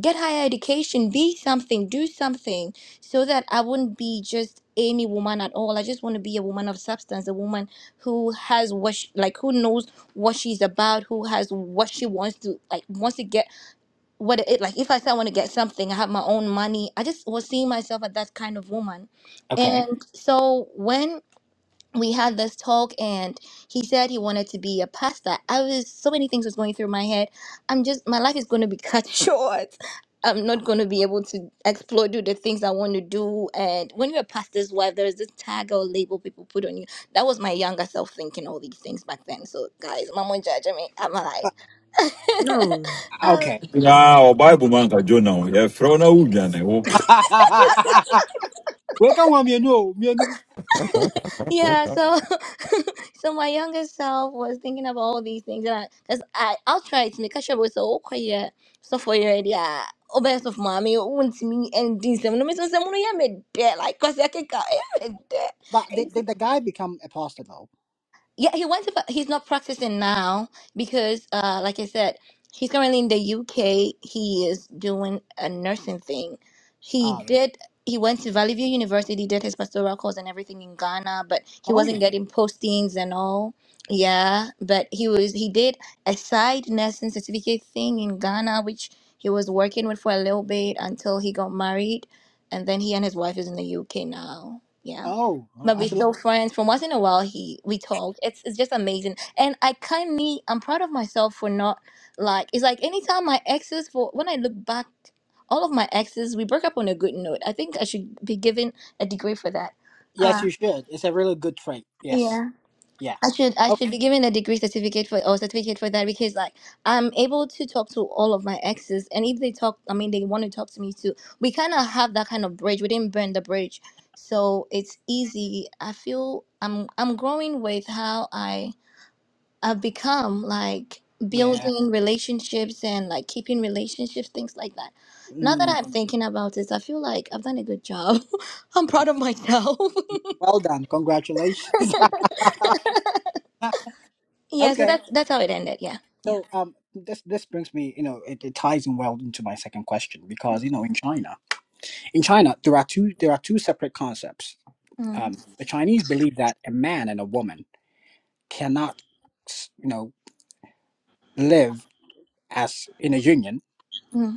D: get higher education, be something, do something, so that I wouldn't be just any woman at all. I just want to be a woman of substance, a woman who has what, she, like, who knows what she's about, who has what she wants to, like, wants to get. What it like? If I say I want to get something, I have my own money. I just was seeing myself as that kind of woman,
A: Okay.
D: and so when we had this talk and he said he wanted to be a pastor i was so many things was going through my head i'm just my life is going to be cut [laughs] short i'm not going to be able to explore do the things i want to do and when you're a pastor's wife there's this tag or label people put on you that was my younger self thinking all these things back then so guys mom won't judge me i'm like
H: No,
D: [laughs]
H: no.
A: Okay.
F: Nah, or Bible man ka Jonah. o. Yeah, no na wodwane wo.
A: [laughs] Where can one, you know.
D: yeah so [laughs] so my younger self was thinking about all these things and I because I I'll try to make sure we so quiet so for your idea oh best of mommy won't me and this and no miss someone yeah me dead like cause I can go I'm
A: But
D: dead.
A: did, did the guy become a pastor though?
D: Yeah, he went to. fa- He's not practicing now because, uh, like I said, he's currently in the UK. He is doing a nursing thing. He
A: Um,
D: did. He went to Valley View University, did his pastoral course and everything in Ghana, but he wasn't
A: oh,
D: getting postings and all. Yeah, but he was. He did a side nursing certificate thing in Ghana, which he was working with for a little bit until he got married, and then he and his wife is in the UK now. Yeah
A: oh, well,
D: but
A: I
D: we're
A: should. Look.
D: still friends. From once in a while, he we talk. It's it's just amazing, and I kind of I'm proud of myself for not like it's like anytime my exes for when I look back, all of my exes we broke up on a good note. I think I should be given a degree for that.
A: Yes,
D: Uh,
A: you should. It's a really good trait. Yes.
D: yeah.
A: Yeah.
D: I should I
A: Okay.
D: should be given a degree certificate for or certificate for that because like I'm able to talk to all of my exes and if they talk I mean they want to talk to me too. We kind of have that kind of bridge. We didn't burn the bridge. So it's easy. I feel I'm I'm growing with how I I've become like
A: Yeah.
D: building relationships and like keeping relationships things like that. Now that
A: Mm,
D: I'm Mhm. thinking about this, I feel like I've done a good job. [laughs] I'm proud of myself.
A: well done. Congratulations.
D: [laughs]
A: [laughs]
D: yeah, so
A: okay.
D: that's that's how it ended. Yeah. Yeah.
A: So um, this this brings me, you know, it, it ties in well into my second question because you know in China. in China, there are two there are two separate concepts.
D: Mm,
A: Um, the Chinese believe that a man and a woman cannot, s- you know, live as in a union
D: mm,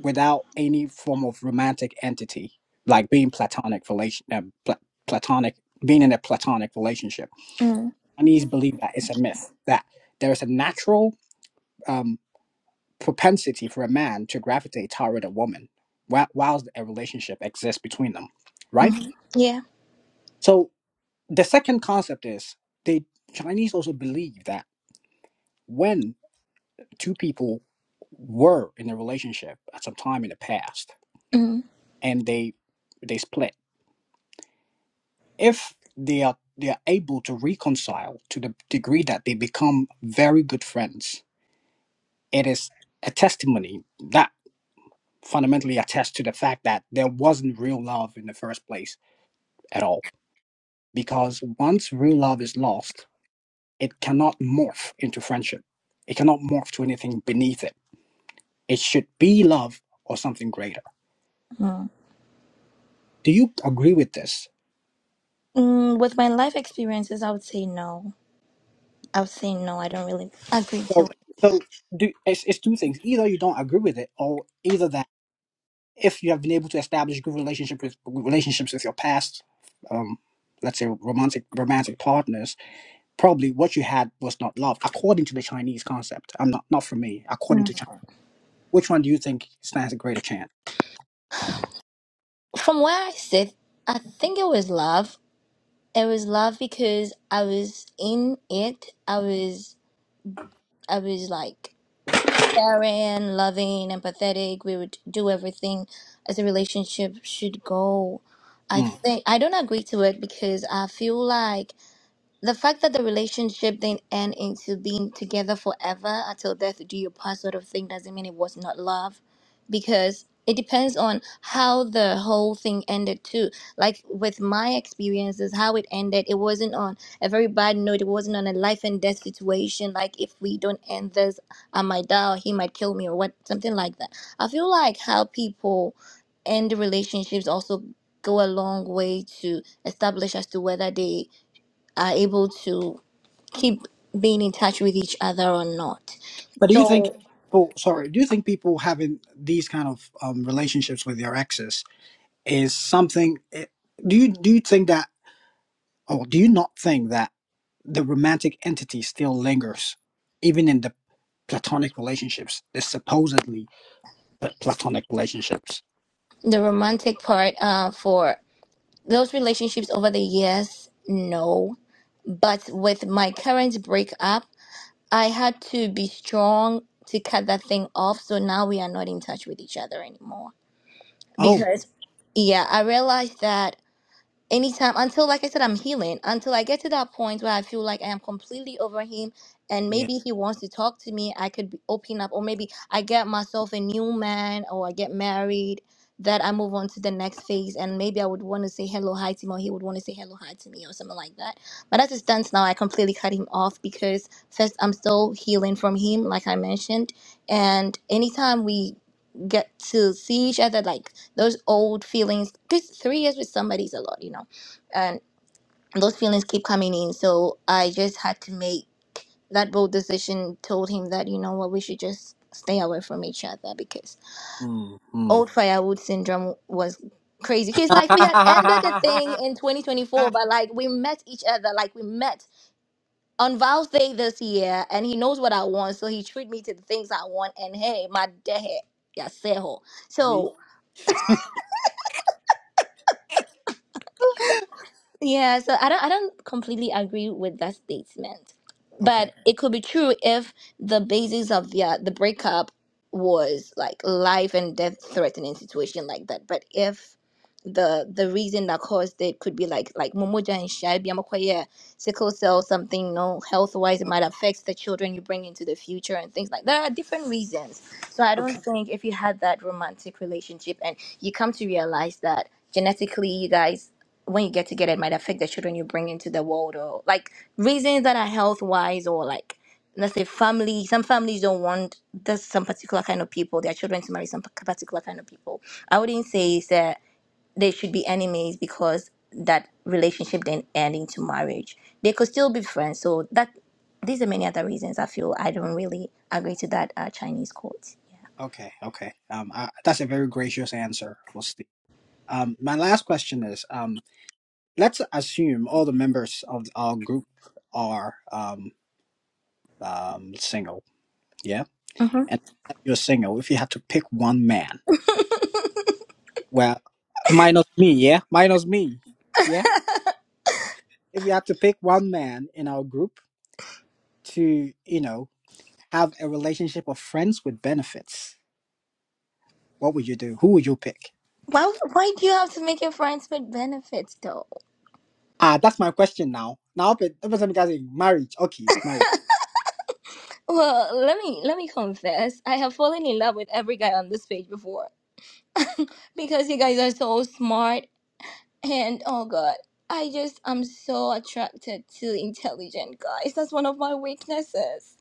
A: without any form of romantic entity, like being platonic relation, uh, pla- platonic being in a platonic relationship.
D: mm.
A: Chinese believe that it's a myth that there is a natural um, propensity for a man to gravitate toward a woman, while whilst a relationship exists between them, right?
D: Mhm. Yeah.
A: So The second concept is they Chinese also believe that when two people were in a relationship at some time in the past
D: mm
A: and they they split, if they are they are able to reconcile to the degree that they become very good friends, it is a testimony that fundamentally attests to the fact that there wasn't real love in the first place at all. Because once real love is lost, it cannot morph into friendship. It cannot morph to anything beneath it It should be love or something greater.
D: Mm.
A: Do you agree with this?
D: Mm, with my life experiences, I would say no. I would say no. I don't really agree to
A: So,
D: it.
A: so do, it's, it's two things. Either you don't agree with it, or either that if you have been able to establish good relationship with, relationships with your past, um, let's say romantic romantic partners, probably what you had was not love, according to the Chinese concept. I'm not not for me. According to
D: Mm.
A: China, which one do you think stands a greater chance?
D: From where I sit, I think it was love. It was love because I was in it. I was, I was like caring, loving, empathetic. We would do everything as a relationship should go. I
A: Mm.
D: think I don't agree to it because I feel like the fact that the relationship didn't end into being together forever until death do you part sort of thing doesn't mean it was not love because it depends on how the whole thing ended too like with my experiences how it ended it wasn't on a very bad note it wasn't on a life and death situation like if we don't end this i might die or he might kill me or what something like that i feel like how people end relationships also go a long way to establish as to whether they are able to keep being in touch with each other or not.
A: But do you think
D: So
A: people, sorry, do you think people having these kind of um, relationships with your exes is something? eh, Do you do you think that, or do you not think that the romantic entity still lingers, even in the platonic relationships, the supposedly pla- platonic relationships?
D: the romantic part uh, for those relationships over the years, no. But with my current breakup, I had to be strong to cut that thing off. So now we are not in touch with each other anymore.
A: Oh,
D: Because, yeah, I realized that anytime until like i said i'm healing until i get to that point where i feel like i am completely over him and
A: yeah.
D: maybe he wants to talk to me i could be open up or maybe i get myself a new man or i get married that i move on to the next phase and maybe i would want to say hello hi to me or he would want to say hello hi to me or something like that but as it stands now i completely cut him off because first i'm still healing from him like i mentioned and anytime we get to see each other like those old feelings because three years with somebody is a lot you know and those feelings keep coming in so i just had to make that bold decision told him that you know what we should just stay away from each other because
A: Mm-hmm.
D: old firewood syndrome was crazy because like we had
A: [laughs]
D: ended the thing in 2024 but like we met each other like we met on Val's day this year and he knows what i want so he treated me to the things i want and hey my dad yeah so
A: we
D: Yeah, so I don't I don't completely agree with that statement.
A: okay.
D: But it could be true if the basis of the uh, the breakup was like life and death threatening situation like that. But if the the reason that caused it could be like like Momoja and Shai Biamakwaya, sickle cell something, you know, health wise it
A: Um,
D: might affect the children you bring into the future and things like that. There are different reasons. So I
A: okay.
D: don't think if you had that romantic relationship and you come to realize that genetically you guys when you get together, it might affect the children you bring into the world or like reasons that are health wise or like let's say family some families don't want this some particular kind of people their children to marry some particular kind of people i wouldn't say is that they should be enemies because that relationship then end into marriage they could still be friends so that these are many other reasons i feel i don't really agree to that uh, chinese quote
A: Okay, okay. Um, I, that's a very gracious answer for Steve. Um, my last question is: um, Let's assume all the members of our group are um, um, single, yeah,
D: hmm
A: and you're single. If you had to pick one man, well, minus me, yeah, minus me, yeah. If you had to pick one man in our group to, you know, have a relationship of friends with benefits, what would you do? Who would you pick?
D: why, why do you have to make your friends with benefits though
A: Ah, that's my question now. Now, up at- up at marriage. Okay, marriage.
D: Well, let me let me confess, I have fallen in love with every guy on this page before because you guys are so smart and oh god, I just am so attracted to intelligent guys. That's one of my weaknesses.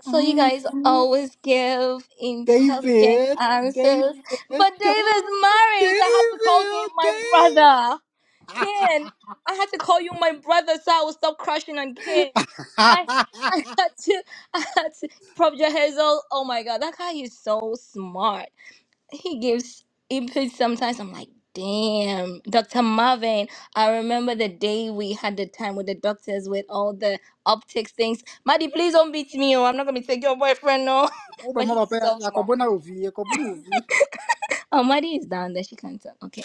D: So you guys
A: Oh,
D: always give intelligent
A: David,
D: answers,
A: David,
D: but Dave is
A: Tom,
D: married. So I had to call Dave
A: David,
D: my
A: Dave.
D: brother. Ken, I had to call you my brother so I would stop crushing on Ken. I
A: [laughs]
D: I had to I had to Prof. Hazel. Oh my god, that guy is so smart. He gives input sometimes. I'm like, damn, Dr. Marvin. I remember the day we had the time with the doctors with all the optics things. Maddie, please don't beat me. Oh, I'm not gonna take your boyfriend, no.
A: Oh,
D: [laughs]
A: but
D: but
A: my
D: he's
A: papa,
D: so
A: I come
D: smart.
A: born ovi, I come born ovi.
D: Oh, Maddie is down there. She can't talk. Okay.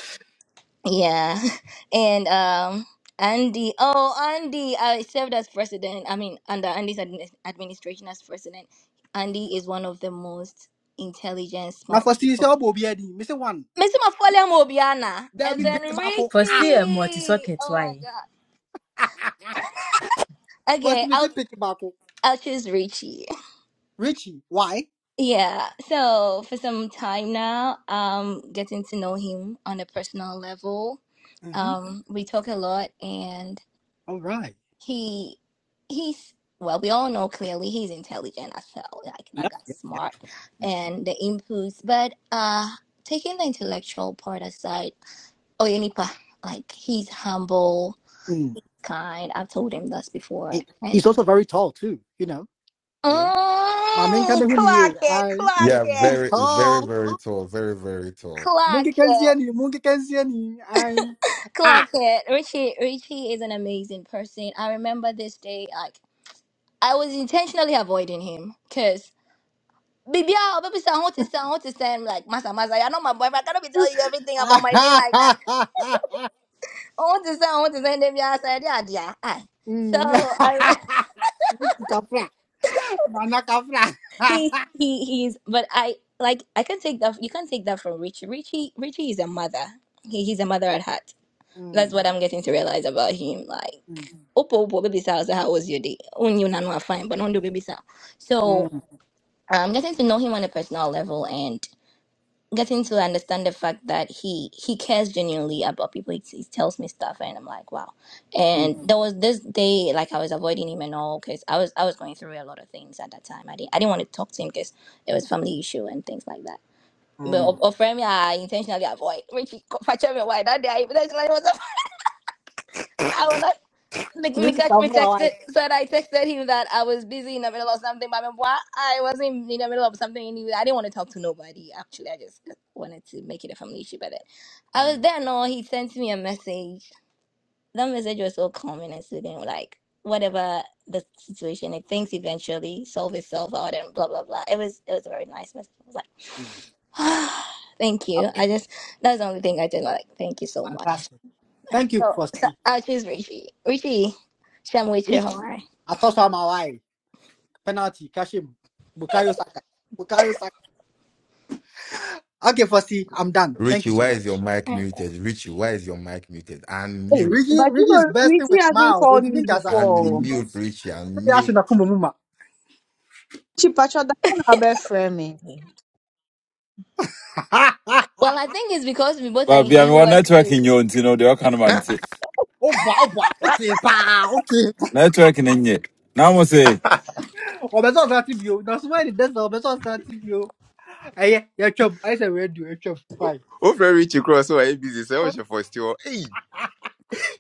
D: Yeah, [laughs] and um, Andy. Oh, Andy. I served as president. I mean, under Andy's admi- administration as president, Andy is one of the most intelligent,
A: Na
D: smart
A: first you say
D: people.
A: oh Bobby Eddie, me say one.
D: Mr. Mafualia Mobiana,
A: There
D: and
A: be
D: then
A: pick back up.
H: For
A: Ah,
H: still a multi
D: Richie.
H: socket.
D: Oh my
H: Why?
D: God.
A: first
D: Okay,
A: me
D: I'll
A: say pick back up.
D: I'll choose Richie. [laughs]
A: Richie, why?
D: Yeah. So for some time now, um, getting to know him on a personal level.
A: Mm-hmm.
D: Um, we talk a lot, and.
A: All right.
D: he he's well we all know clearly he's intelligent as hell like that
A: Yep,
D: guy's
A: yep, yep.
D: smart
A: yep.
D: and the inputs but uh taking the intellectual part aside oyenipa like he's humble
A: Mm.
D: kind i've told him this before
A: He-
D: and
A: He's also very tall too, you know. Yeah. My main kind
D: mm,
A: of who he is.
D: clock it
A: I,
D: clock
G: yeah,
D: it
A: he's
G: very, very,
A: tall.
G: very tall. Very, very tall.
D: clock
A: Monkey can see
D: it
A: any, monkey can see any. I. ah,
D: clock it richie richie is an amazing person i remember this day like i was intentionally avoiding him cause. Baby, I'll baby, say, I want to say, I want to say, I'm like, Masa, Masa, you're not my boyfriend. I cannot be telling you everything about my day like that.
A: [laughs]
D: I want to say, I want to say, and then I said, yeah, yeah, aye.
A: Mm.
D: So I, [laughs]
A: Kapra. Nana kapra.
D: he's, he, he's, but I, like, I can take that, you can't take that from Richie. Richie, Richie is a mother. He, he's a mother at heart.
A: Mm,
D: That's what
A: [laughs]
D: I'm getting to realize about him. Like,
A: [laughs] mm,
D: Opo, Opo, baby, sir, how was your day? Oh, you know, I'm fine, but don't do baby, sir. So
A: mm,
D: I'm getting to know him on a personal level, getting to understand the fact that he he cares genuinely about people. He, he tells me stuff, and I'm like, wow.
A: mm,
D: And there was this day, like I was avoiding him and all, because I was I was going through a lot of things at that time. I didn't I didn't want to talk to him because it was family issue and things like that. But
A: mm.
D: of of him, I intentionally avoid. Richie, fetch me why that day. I intentionally was. [laughs] I will not. Mik-
A: Which
D: Mikach me
A: kapra why?
D: texted said I texted him that I was busy in the middle of something, but I mean, why I wasn't in in the middle of something and he- I didn't want to talk to nobody. Actually, I just wanted to make it a family issue, but then I was
A: Mm,
D: there. No, he sent me a message. That message was so common and soothing, like whatever the situation, it thinks eventually solve itself out and blah blah blah. It was it was a very nice message. I was
A: mm.
D: like, [sighs] thank
A: Oh,
D: you. I just that's the only thing I did. Like, thank you so much.
A: fantastic. Thank you
D: So,
A: for
D: so
A: seeing.
D: I'll choose Richie. Richie, Shamwe
A: Which
D: Chihomai.
A: Atosa Mawai. Penalty. Kashim. Bukayo Saka. Bukayo Saka. Okay, for see. I'm done. Thank
G: Richie,
A: you so
G: why is your
A: much.
G: mic muted? Richie, why is your mic muted? And
I: Hey,
G: mute.
A: Ricky,
I: but you
A: Ricky is
I: know,
A: bursting
I: Richie
A: with
I: hasn't
A: smiles. What
I: called
A: do you
I: me
A: mean, Gaza?
G: And
I: before.
A: Ricky
G: mute,
A: was.
G: Richie. And
A: Say,
G: mute.
A: Ashina Kumumuma.
I: She patched that her best friend me.
D: Well, I think it's because we both are
F: But
D: in the
F: bia me wɔ
D: US
F: network
D: too.
F: nyɛ nti no deɛ ɔka no ma nte.
A: Oh, boy, [laughs] oh, boy. What's it? Wow.
F: Network ne Now, i mo say, i
A: I'm starting you. That's why I'm starting you. Aye, your job. I said we do your job fine.
E: Oh, very rich cross. So I busy. So I was for still. Hey,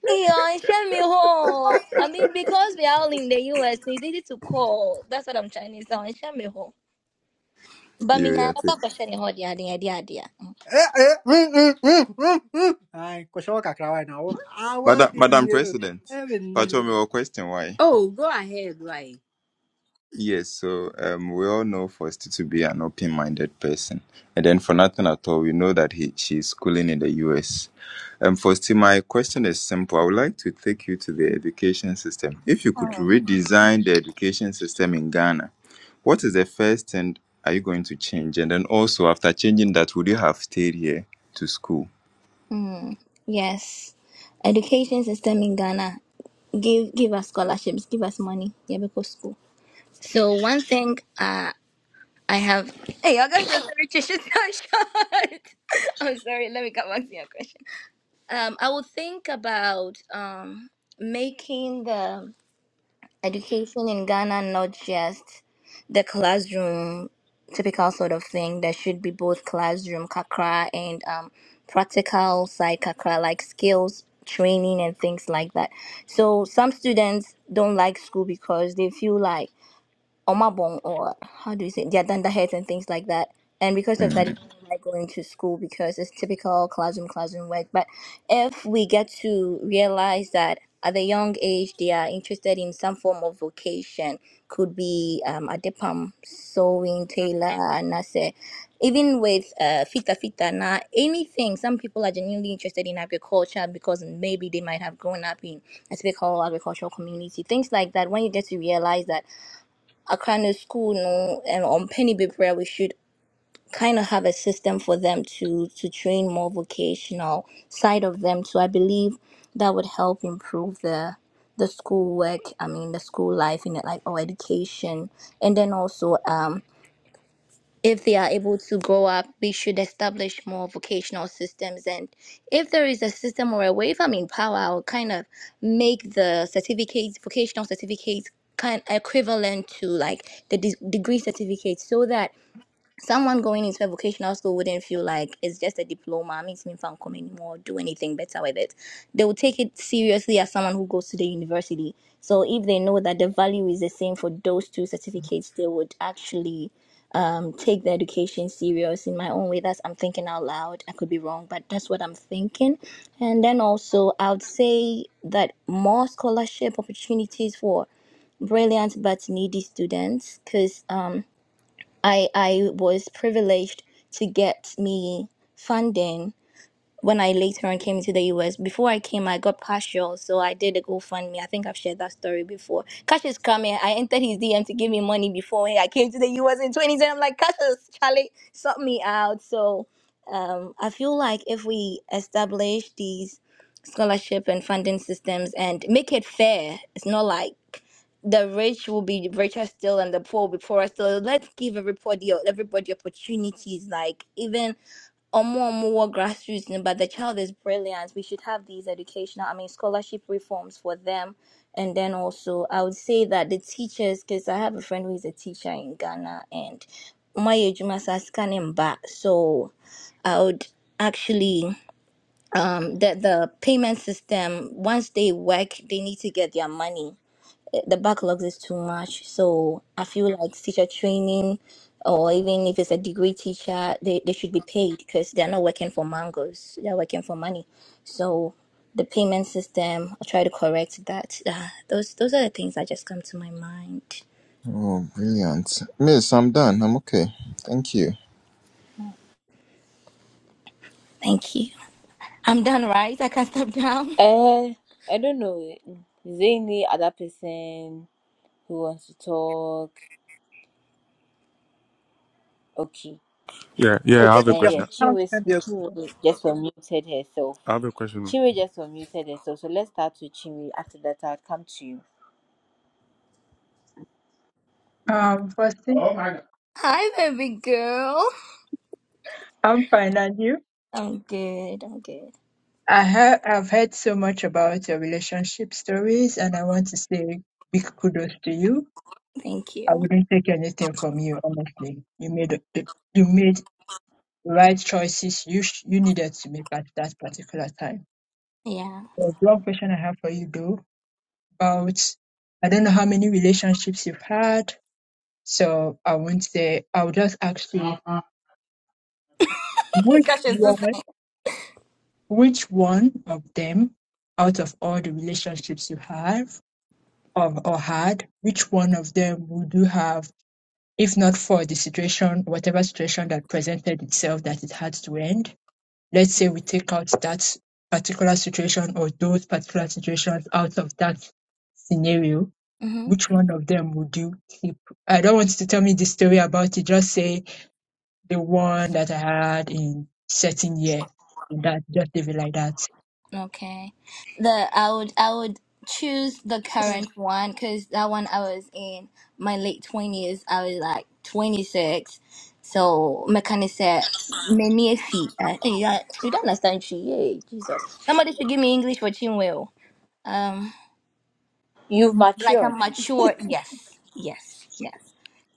D: Yeah, Shem, you ho. I mean, because we are all in the US, it's easy to call. That's what I'm trying to say. And Shem, But me,
E: you
D: I'm
E: yeah. see.
D: not questioning how the idea, the idea.
A: Hey, hey, um, um, um, um, um. I go show you a crowd. I know I want
E: Madam, Madam
A: you.
E: President,
A: Seven number.
E: Pacho, me a question. Why?
H: Oh, go ahead. Why?
E: Yes. So um, we all know Fosti to be an open-minded person, and then for nothing at all, we know that he she's schooling in the U.S. Um, Fosti, my question is simple. I would like to take you to the education system. If you could
D: Mm.
E: redesign the education system in Ghana, what is the first thing are you going to change? And then also, after changing that, would you have stayed here to school?
D: Mm. Yes. Education system in Ghana. Give give us scholarships, give us money. Yeah, because school. So one thing. uh, I have. Hey, Augustus, sorry, you should not shot. [laughs] I'm sorry. Let me come back to your question. Um, I would think about um making the education in Ghana not just the classroom typical sort of thing. There should be both classroom kakra and um practical side kakra, like skills training and things like that. So some students don't like school because they feel like omabong or how do you say yeah dandaheads and things like that and because of that you don't like going to school because it's typical classroom classroom work but if we get to realize that at a young age they are interested in some form of vocation could be um adipam sewing tailor and that's it even with uh, fita fita na anything some people are genuinely interested in agriculture because maybe they might have grown up in a typical agricultural community things like that when you get to realize that a kind of school no and on penny Bibra we should kind of have a system for them to to train more vocational side of them so I believe that would help improve the the school work I mean the school life in it like or education and then also um if they are able to grow up, we should establish more vocational systems. And if there is a system or a way, if I'm in power, I'll kind of make the certificates, vocational certificates, kind equivalent to like the de- degree certificates, so that someone going into a vocational school wouldn't feel like it's just a diploma, means me from come anymore, do anything better with it. They will take it seriously as someone who goes to the university. So if they know that the value is the same for those two certificates, they would actually um, take the education serious in my own way. That's I'm thinking out loud. I could be wrong, but that's what I'm thinking. And then also, I would say that more scholarship opportunities for brilliant but needy students, because um, I I was privileged to get me funding when I later on came to the US, before I came, I got partial, so I did a GoFundMe. I think I've shared that story before. Cassius coming, I entered his DM to give me money before I came to the US in 2010. I'm like, Cassius, Charlie, sort me out. So um, I feel like if we establish these scholarship and funding systems and make it fair, it's not like the rich will be richer still and the poor will be poorer still. Let's give everybody everybody opportunities. Like even Omo Omo more grassroots, you know, but the child is brilliant. We should have these educational, I mean, scholarship reforms for them. And then also, I would say that the teachers, because I have a friend who is a teacher in Ghana, and Umaye Jumasa scanning back. So I would actually, um, that the payment system, once they work, they need to get their money the backlogs is too much. So I feel like teacher training, or even if it's a degree teacher, they, they should be paid because they're not working for mangoes. They're working for money. So the payment system, I'll try to correct that. Uh, those those are the things that just come to my mind.
E: Oh, brilliant. Miss, I'm done. I'm okay. Thank you.
D: Thank you. I'm done, right? I can stop now.
H: Uh, I don't know. Is there any other person who wants to talk. Okay.
J: Yeah, yeah, I
A: Okay,
J: have
H: Uh,
J: a
A: you have
H: yeah,
J: question.
A: to
K: Um,
H: Chinwe,
A: send you.
H: Chinwe just unmuted herself.
J: I have a question.
H: Chinwe just unmuted herself. So let's start with Chinwe. After that, I'll come to you.
K: um, firstly, oh my God.
D: [laughs] Hi, baby girl.
K: I'm fine, and you?
D: I'm good. I'm good.
K: I have I've heard so much about your relationship stories, and I want to say big kudos to you.
D: Thank
K: I
D: you.
K: wouldn't take anything from you, honestly. You made a- the- you made right choices you sh- you needed to make at that particular time.
D: Yeah.
K: There's one question I have for you though about I don't know how many relationships you've had, so I won't say. I'll just ask you, Uh-uh.
D: [laughs]
K: which
D: Discussion, Susan.
K: one? Which one of them, out of all the relationships you have or, or had, which one of them would you have, if not for the situation, whatever situation that presented itself that it had to end? Let's say we take out that particular situation or those particular situations out of that scenario.
D: Mm-hmm.
K: Which one of them would you keep? I don't want you to tell me the story about it. Just say the one that I had in certain year. That just leave it like that.
D: Okay. The I would I would choose the
H: Mm.
D: current one because that one I was in my late twenties. I was like twenty six. So mechanic said many feet. Uh, eh, yeah, you don't understand she yeah, Jesus. Somebody should give me English for Chinwell. Um
H: You've
D: like
H: matured.
D: I'm mature. Yes, yes, yes.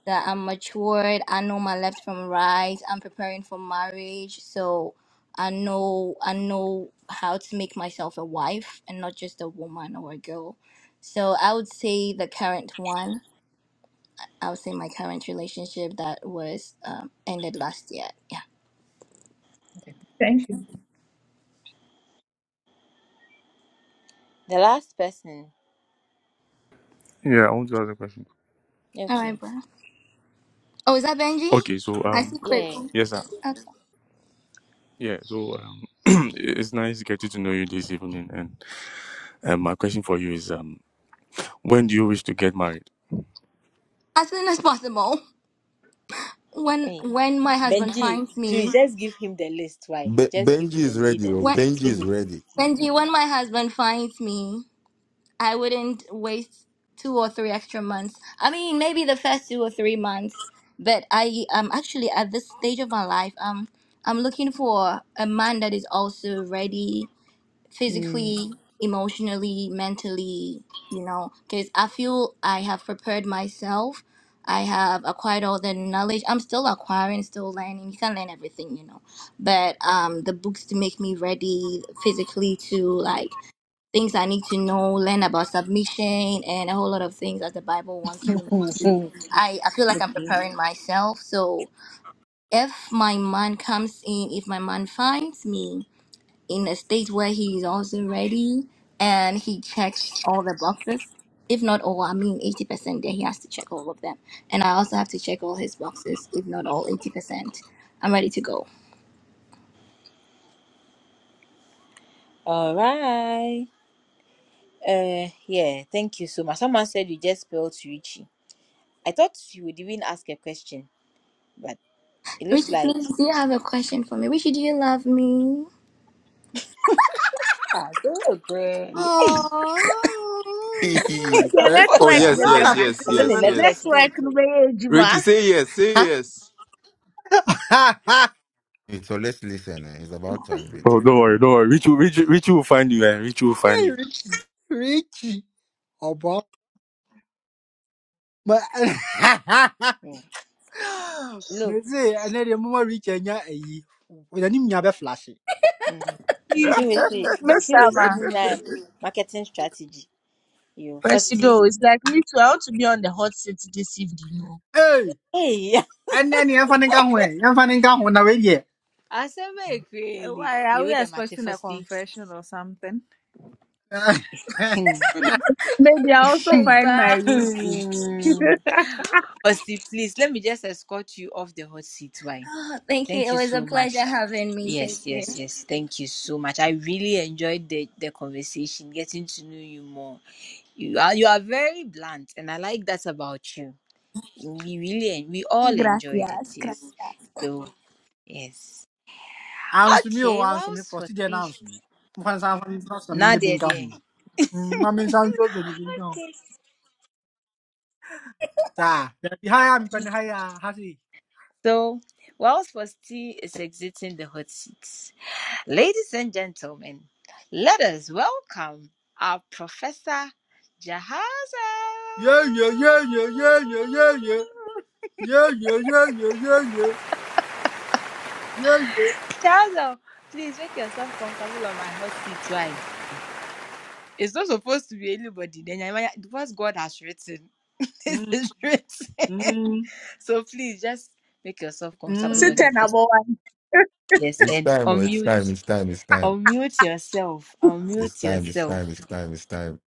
D: That I'm matured. I know my left from right. I'm preparing for marriage, so I know I know how to make myself a wife and not just a woman or a girl. So I would say the current one. I would say my current relationship that was um, ended last year. Yeah.
K: Okay. Thank you.
H: The last person.
J: Yeah, I want to ask a question.
D: All
H: Okay.
D: right, bro. Oh, is that Benji?
J: Okay, so
D: I see
J: um,
D: quick.
H: Yeah.
J: yes, sir.
D: Okay.
J: Yeah, so um, [clears throat] it's nice getting to know you this evening, and um, my question for you is um, when do you wish to get married?
D: As soon as possible. When
H: Hey,
D: when my husband
H: Benji,
D: finds
H: please
D: me.
H: just give him the list. Why?
G: Be-
H: Just give
G: Benji is
H: Benji
G: ready.
H: the
G: Oh,
H: list.
D: when.
G: Benji is ready.
D: Benji, when my husband finds me, I wouldn't waste two or three extra months. I mean, maybe the first two or three months, but I um actually at this stage of my life, um, I'm looking for a man that is also ready
H: Mm.
D: physically, emotionally, mentally, you know, because I feel I have prepared myself. I have acquired all the knowledge. I'm still acquiring, still learning. You can't learn everything, you know. But um, the books to make me ready physically to like things I need to know, learn about submission and a whole lot of things that the Bible wants women to.
H: [laughs]
D: I, I feel like I'm preparing myself. So if my man comes in, if my man finds me, in a stage where he is also ready and he checks all the boxes. If not all, I mean 80%, then he has to check all of them. And I also have to check all his boxes, if not all 80%. I'm ready to go.
H: All right. Uh, yeah, thank you so much. Someone said you just spelled Richie. I thought you would even ask a question, but it looks
D: Richie,
H: like
D: please, do you have a question for me? Richie, do you love me?
H: [laughs] ah, so great.
A: Oh,
H: [laughs]
I: Well,
G: [laughs]
I: yeah,
E: Oh,
H: I
I: network
G: Pressure.
E: yes,
I: no
L: Y'all
E: yes,
G: [laughs]
L: are
I: beba.
E: yes,
L: putting the
H: said the
E: yes,
L: man on the
E: yes.
L: spot.
H: networking.
I: Network no
L: oh.
I: be
E: Richie,
I: ejuma.
E: say yes, say
A: ha
E: yes.
A: ha ha.
G: Okay, So let's listen. eh, It's about time. It-
J: Oh, don't worry, don't worry. Rich, will- Rich, Rich will find you. Eh? Rich will find
A: Hey,
J: you.
A: Richie, Richie, oh boy, ha ha ha.
H: Mm. [laughs] Look,
A: Me say I need the mama Richie. Any, we don't need any flashy.
H: mm.
I: Please,
H: she will see.
I: Miss
H: She will see
I: Sama,
H: me now. Marketing strategy. You firstly.
I: Presido, it's like me too. I want to be on the hot seat this evening. No,
A: Hey.
H: Hey, [laughs] yeah. I said very
L: Eh,
H: clearly.
L: Why are we
H: You the matter
L: expecting a
H: firstly.
L: confession or something?
H: Hmm.
I: Maybe maybe I also find my
D: Favor.
I: Richie. [laughs]
H: Hmm. Firstly, please let me just escort you off the hot seat. Why?
D: Oh, thank you. It
H: Thank you
D: was a
H: so much.
D: pleasure having me. Thank
H: Yes,
D: you.
H: yes, yes. Thank you so much. I really enjoyed the, the conversation, getting to know you more. You are you are very blunt, and I like that about you. We really we all enjoyed it.
D: Gracias. Gracias.
H: Yes. So yes. Okay. Whilst for tea now, there, there. Okay. So whilst for tea is exiting the hot seat. Ladies and gentlemen, let us welcome our Professor Jahaza.
A: 哎，那你要放点干活，要放点干活，哪位姐？俺说没有，俺说没，佛系点俺说没，不管啥，反正到上面那边干活。嗯，那边上多久的边干活？咋？别厉害呀，别厉害呀，还是耶耶耶耶耶耶耶耶耶耶耶耶耶耶耶。嗯嗯嗯，哎，怎么讲？就拉塞外，哎哎，哎呀，非要
H: Jahaza, please make yourself comfortable on my hot seat. Why? It's not supposed to be anybody. Then what God has written, [laughs] this is written. So please just make yourself comfortable
I: say
H: on the
I: ten
H: hot
I: about one. [laughs]
H: seat. Yes,
G: It's
H: and
G: time. oh, It's
H: unmute,
G: time. It's time. It's time.
H: unmute yourself,
G: It's
H: unmute
G: time. It's
H: yourself.
G: time. It's time. It's time.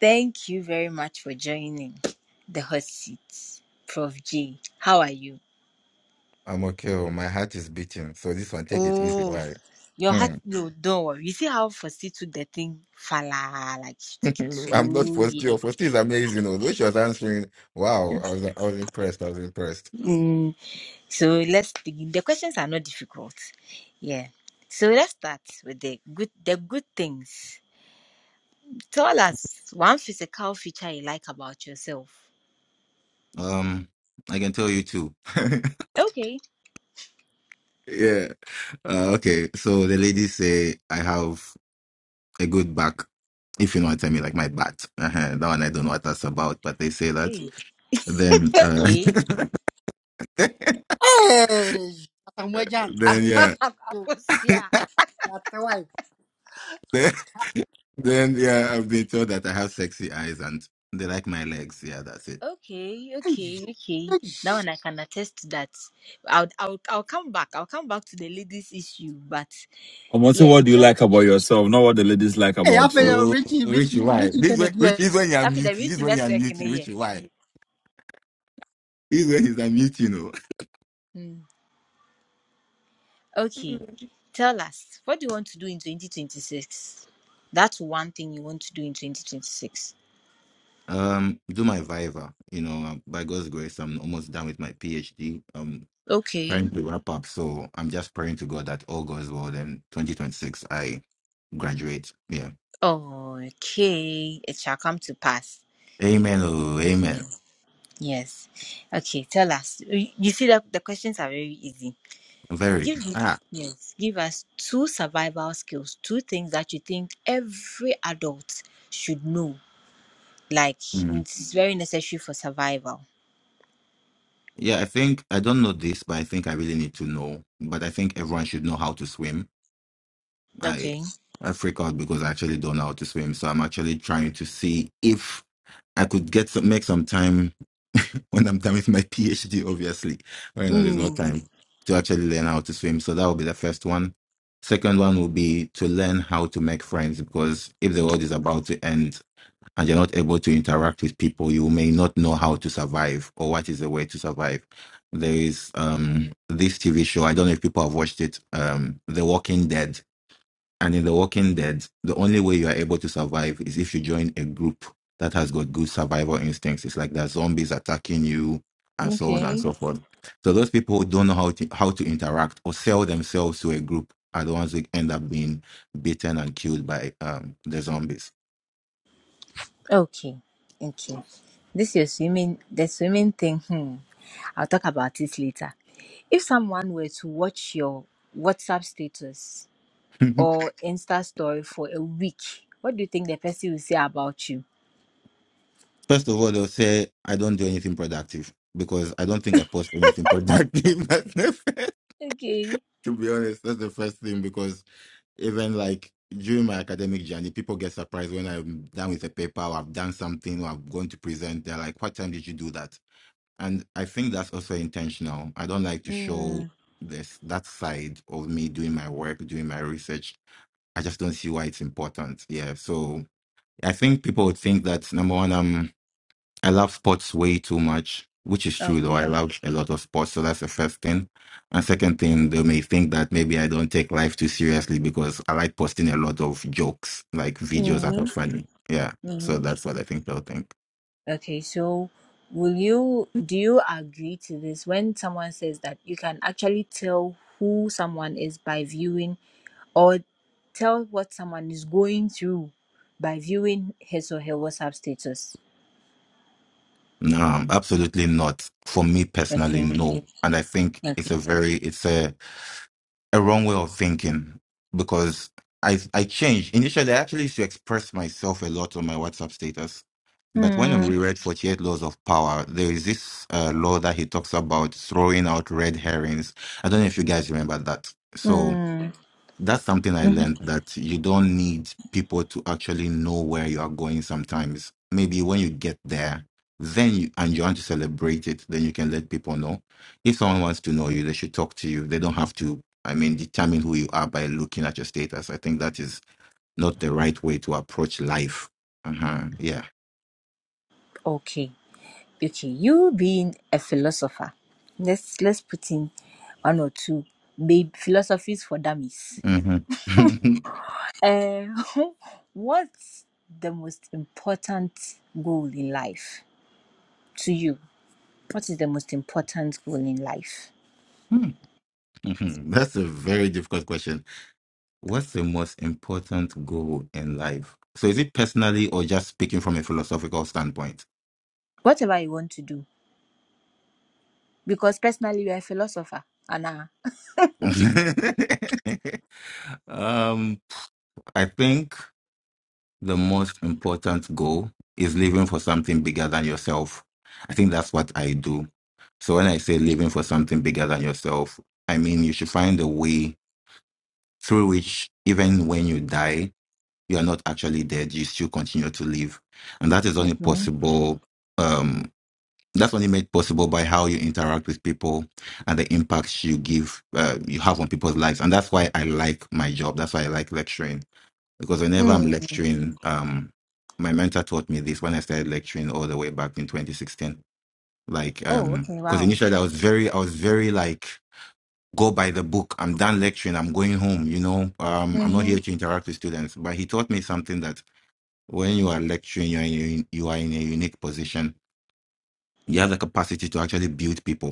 H: Thank you very much for joining the hot seat, Prof. J. How are you?
G: I'm okay. oh, My heart is beating. So this one, take it easy.
H: Oh,
G: Why?
H: your heart,
G: Hmm.
H: no, don't worry. You see how Fosi took the thing fala, like she
G: [laughs]
H: took it
G: I'm not
H: too,
G: Fosti.
H: yeah.
G: oh, Fosti is amazing. Oh, though she was answering, wow. I was, I was impressed. I was impressed.
H: Mm, so let's begin. The questions are not difficult, yeah. So let's start with the good, the good things. Tell us one physical feature you like about yourself.
G: Um, I can tell you too. [laughs]
H: Okay.
G: yeah. Uh, okay. So the ladies say I have a good back. If you know what I mean, like my bat. Uh-huh. That one I don't know what that's about, but they say that.
H: Hey.
G: Then uh,
H: Okay.
G: [laughs] then yeah,
H: [laughs] Yeah.
G: then, then yeah, I've been told that I have sexy eyes and they like my legs. Yeah, that's it.
H: Okay, okay, okay. Now and I can attest to that. I'll, I'll, I'll come back. I'll come back to the ladies' issue. But
F: ɔmo say
H: yeah,
F: what do you
H: tell
F: like about yourself, not what the ladies like about you.
G: Oh,
A: Richie
G: Richie,
A: Richie
G: why?
A: Richie
G: This way, Richie is
A: 在那边，俺。
G: when you're
H: after the
G: muting. This
H: rich
G: is when you're
H: network in a
G: muting.
H: year.
G: Richie, why? This is when he's unmuting, you
H: Mm.
G: know.
H: Okay,
G: [laughs]
H: tell us what do you want to do in 2026? That's one thing you want to do in 2026.
G: Um, do my viva. You know, um, by God's grace, I'm almost done with my PhD. Um,
H: Okay.
G: trying to wrap up, so I'm just praying to God that all goes well. Then 2026, I graduate. Yeah.
H: Okay, it shall come to pass.
G: Amen. Oh,
H: with me.
G: amen.
H: Yes. Okay, tell us. You you see that the questions are very easy.
G: Very.
H: give
G: Ah.
H: yes give us two survival skills two things that you think every adult should know like
G: mm.
H: it's very necessary for survival
G: Yeah, I think I don't know this, but I think I really need to know. But I think everyone should know how to swim. I
H: okay
G: I freak out because I actually don't know how to swim, so I'm actually trying to see if I could get some make some time [laughs] when I'm done with my [laughs] PhD. Obviously, right now there's no
H: Mm.
G: time to actually learn how to swim, so that will be the first one. Second one will be to learn how to make friends because if the world is about to end, and you're not able to interact with people, you may not know how to survive or what is the way to survive. There is um, this TV show, I don't know if people have watched it, um, The Walking Dead. And in The Walking Dead, the only way you are able to survive is if you join a group that has got good survival instincts. It's like there are zombies attacking you and so on and
H: Okay.
G: so forth. So those people who don't know how to, how to interact or sell themselves to a group are the ones who end up being beaten and killed by um, the zombies.
H: okay okay this your swimming the swimming thing hmm i'll talk about it later if someone were to watch your whatsapp status
G: [laughs]
H: or insta story for a week what do you think the person will say about you
G: First of all, they'll say I don't do anything productive because I don't think I post anything productive. [laughs] That's the first,
H: Okay.
G: to be honest, that's the first thing because even like during my academic journey, people get surprised when I'm done with a paper or I've done something or i have gone to present. They're like, "What time did you do that?" And I think that's also intentional. I don't like to show
H: Mm.
G: this that side of me doing my work, doing my research. I just don't see why it's important. Yeah, so I think people would think that number one, I love sports way too much, which is true though. I
H: Okay.
G: love a lot of sports, so that's the first thing. And second thing, they may think that maybe I don't take life too seriously because I like posting a lot of jokes, like videos that
H: hmm
G: are funny. Yeah, so
H: hmm
G: that's what I think they'll think.
H: Okay, so will you do you agree to this when someone says that you can actually tell who someone is by viewing or tell what someone is going through by viewing his or her WhatsApp status?
G: No, absolutely not. For me personally,
H: Okay.
G: no. And I think it's
H: Okay.
G: a very, it's a a wrong way of thinking because I I changed. Initially, I actually used to express myself a lot on my WhatsApp status. But when I
H: Hmm.
G: reread 48 Laws of Power, there is this uh, law that he talks about throwing out red herrings. I don't know if you guys remember that. So
H: Hmm.
G: that's something I
H: hmm
G: learned that you don't need people to actually know where you are going sometimes. Maybe when you get there, then you, and you want to celebrate it, then you can let people know. If someone wants to know you, they should talk to you. They don't have to, I mean, determine who you are by looking at your status. I think that is not the right way to approach life. Uh huh. Yeah.
H: Okay. Okay. You being a philosopher, let's let's put in one or two babe philosophies for dummies.
G: Mm-hmm.
H: Uh, [laughs] what's the most important goal in life to you? What is the most important goal in life?
G: hmm [laughs] That's a very difficult question. What's the most important goal in life? So is it personally or just speaking from a philosophical standpoint?
H: Whatever you want to do. Because personally, you're a philosopher, Anna.
G: [laughs] um, I think the most important goal is living for something bigger than yourself. I think that's what I do. So when I say living for something bigger than yourself, I mean you should find a way through which even when you die, you are not actually dead, you still continue to live. And that is only
H: Mm-hmm.
G: possible Um. that's only made possible by how you interact with people and the impacts you give uh, you have on people's lives and that's why i like my job that's why i like lecturing because whenever i'm
H: Mm.
G: lecturing um my mentor taught me this when i started lecturing all the way back in 2016 like
H: Oh,
G: um
H: okay.
G: because
H: Wow.
G: initially i was very i was very like go by the book i'm done lecturing i'm going home you know um i'm not
H: Mm-hmm.
G: here to interact with students but he taught me something that when you are lecturing you're in, you are in a unique position you have the capacity to actually build people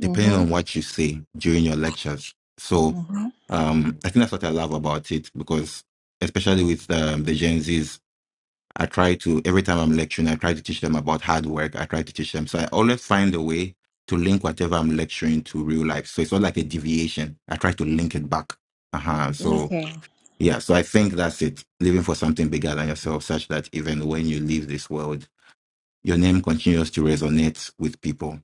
G: depending
H: Mm-hmm.
G: on what you say during your lectures. So
H: Mm-hmm.
G: um, I think that's what I love about it because, especially with um, the Gen Zs, I try to, every time I'm lecturing, I try to teach them about hard work. I try to teach them. So I always find a way to link whatever I'm lecturing to real life. So it's not like a deviation. I try to link it back. Uh-huh. So
H: Okay.
G: yeah, so I think that's it. Living for something bigger than yourself, such that even when you leave this world, your name continues to resonate with people.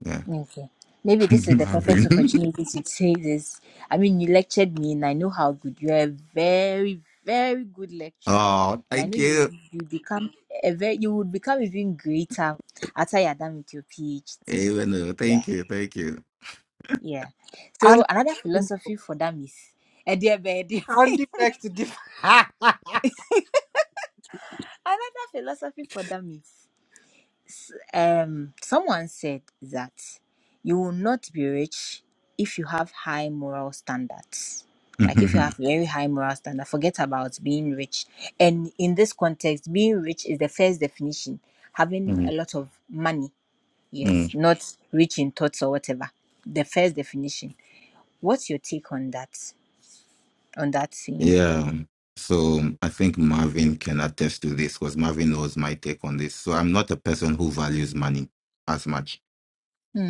G: Yeah.
H: Okay. Maybe
G: [laughs]
H: this is the
G: Love
H: perfect opportunity to say this. I mean, you lectured me, and I know how good you are. A very, very good lecturer,
G: Oh,
H: and I know
G: thank
H: you
G: you.
H: would- you become a very you would become even greater after you're done with your PhD.
G: Even though,
H: Yeah,
G: thank you, thank you.
H: yeah. So another philosophy for dummies. Eh, dear, eh, dear. [laughs]
A: standing next to the. [laughs]
H: Another philosophy for dummies. Um, someone said that you will not be rich if you have high moral standards. Like if you
G: [laughs]
H: have very high moral standard, forget about being rich. And in this context, being rich is the first definition. Having a lot of money, yes,
G: Mm.
H: not rich in thoughts or whatever. The first definition. What's your take on that? On that scene?
G: Yeah. So I think Marvin can attest to this because Marvin knows my take on this. So I'm not a person who values money as much.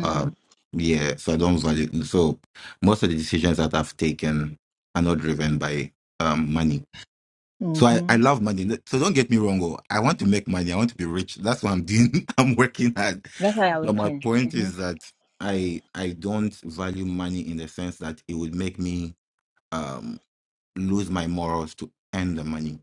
G: Um, yeah, so I don't value. So most of the decisions that I've taken are not driven by um, money. So I, I
H: Mm-hmm.
G: love money. So don't get me wrong. Oh, I want to make money. I want to be rich. That's what I'm doing. [laughs] I'm working hard.
H: That's why I
G: But my
H: awaken.
G: point is
H: Mm-hmm.
G: that I I don't value money in the sense that it would make me um lose my morals to earn the money,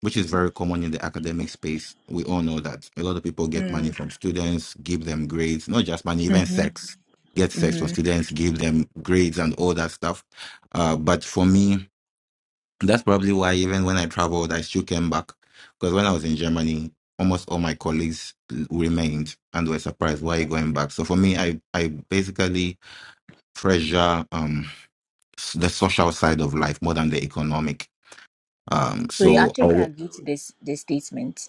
G: which is very common in the academic space. We all know that a lot of people get money
H: Mm.
G: from students, give them grades, not just money, even
H: Mm-hmm.
G: sex. Get sex from
H: Mm-hmm.
G: students, give them grades and all that stuff. Uh, but for me, that's probably why even when I traveled, I still came back because when I was in Germany, almost all my colleagues remained and were surprised why are you going back. So for me, I I basically treasure um s- the social side of life more than the economic. Um,
H: So you
G: so I
H: actually
G: w-
H: agree to this this statement?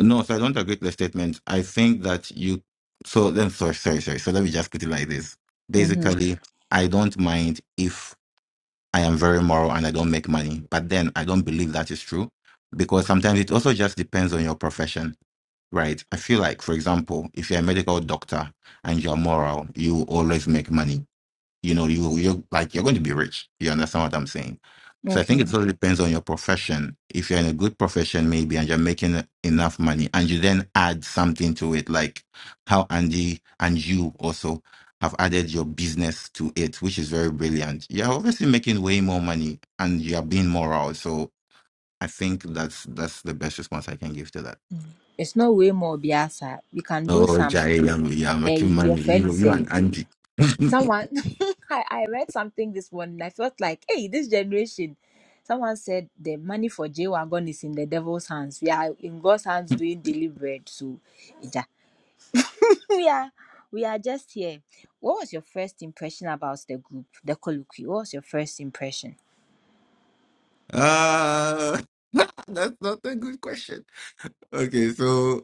G: no, so I don't agree with the statement. I think that you. So then, sorry, sorry, sorry. So let me just put it like this.
H: Mhm.
G: Basically, I don't mind if I am very moral and I don't make money. But then I don't believe that is true because sometimes it also just depends on your profession, right? I feel like, for example, if you're a medical doctor and you're moral, you always make money you know you you're like you're going to be rich you understand what i'm saying so i think
H: Okay.
G: it totally depends on your profession if you're in a good profession maybe and you're making e-, enough money and you then add something to it like how andy and you also have added your business to it which is very brilliant you're obviously making way more money and you're being moral so i think that's that's the best response i can give to that
H: It's not way more biasa. We can do
G: oh
H: some
G: jay you're you're
H: eh,
G: making
H: your
G: money
H: friend
G: you, you
H: say
G: and andy [laughs]
H: someone [laughs] I, I read something this morning. I felt like, hey, this generation. Someone said the money for J Wagon is in the devil's hands. We are in God's hands doing deliberate. So yeah. [laughs] we are we are just here. What was your first impression about the group, the colloquy? What was your first impression?
G: uh [laughs] that's not a good question Okay, so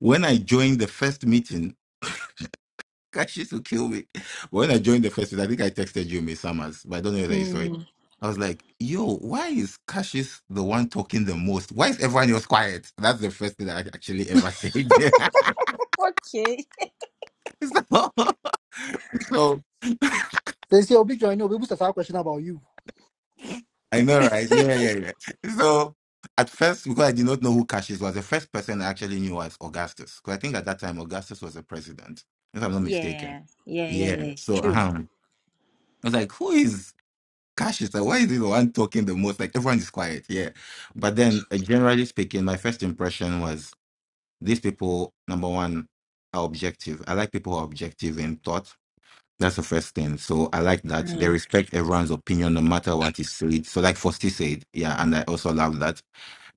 G: when I joined the first meeting, gosh, used to kill me. [laughs] When I joined the first meeting, I think I texted you, Miss Summers, but I don't know whether you saw it.
H: Mm. [laughs]
G: I was like, yo, why is Cassius the one talking the most? Why is everyone else quiet? That's the first thing that I actually ever said. [laughs]
H: Okay.
G: so, so
A: They say, Obi join, Obi, what's the [laughs] a question about you?
G: I know, right? Yeah, yeah, yeah. So at first, because I did not know who Cassius was, the first person I actually knew was Augustus. Because I think at that time, Augustus was the president, if I'm not mistaken.
H: Yeah. Yeah, yeah,
G: Yeah.
H: yeah. It's
G: So,
H: True.
G: uh-huh. I was like, who is? gosh, it's like, why is he the one talking the most? Like, everyone is quiet. Yeah. But then, uh, generally speaking, my first impression was these people, number one, are objective. I like people who are objective in thought. That's the first thing. So I like that. They
H: Mm.
G: respect everyone's opinion no matter what is said. So, like Fosti said, yeah, and I also love that.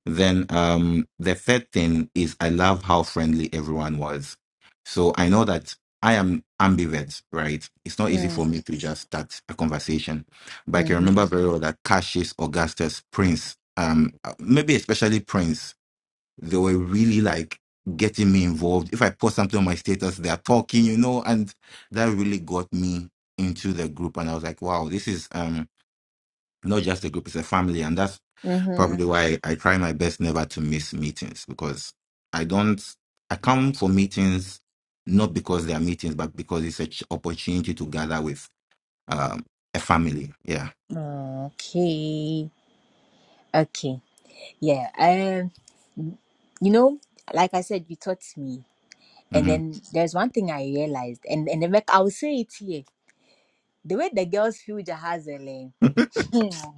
G: Then um, the third thing is I love how friendly everyone was. So I know that I am ambivert, right? It's not easy for
H: Mm.
G: me to just start a conversation, but I can
H: Mm-hmm.
G: remember very well that Cassius, Augustus, Prince, um, uh, maybe especially Prince, they were really like getting me involved. If I post something on my status, they are talking, you know, and that really got me into the group. And I was like, wow, this is um not just a group; it's a family, and that's Probably
H: Mm-hmm.
G: why I try my best never to miss meetings because I don't, I come for meetings not because they are meetings, but because it's an opportunity to gather with um, a family. Yeah.
H: Okay. Okay. Yeah. Um, you know, like I said, you taught me. And
G: hmm
H: then there's one thing I realized, and and Emeka, I will say it here. The way the girls feel Jahazel, eh, [laughs] hmm,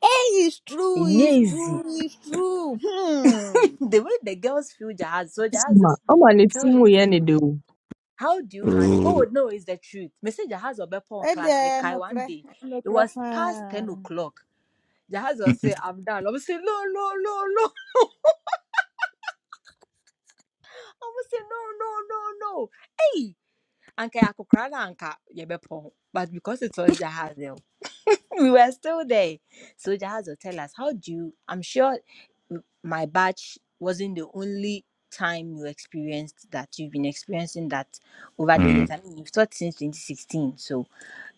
L: Hey, it's true,
H: it's not
L: it's true,
H: easy.
L: it's true.
H: [laughs]
L: Hmm.
H: the way the girls feel Jahazel. So
I: Miss Sama,
H: Jahazel,
I: I'm on it.
H: tell me,
I: Timu yene do.
H: how do you hand?
G: Ooh.
H: Oh no, it's the truth. Me say Jahazel be on
L: Eh,
H: class. Me
L: there, eh,
H: kai
L: no
H: one
L: cra-
H: day.
L: no
H: It
L: cra-
H: was past
L: ah.
H: ten o'clock. Jahazel say I'm down. I'm say no no no no. [laughs] I'm say no no no no. Hey. anka akwakwara na anka yɛbɛpɔ ho but because it was Jahazil, [laughs] we were still there. So Jahazil, tell us how do you? I'm sure m- my batch wasn't the only time you experienced that. You've been experiencing that over the
G: Mm,
H: years. I mean, you've taught since 2016. So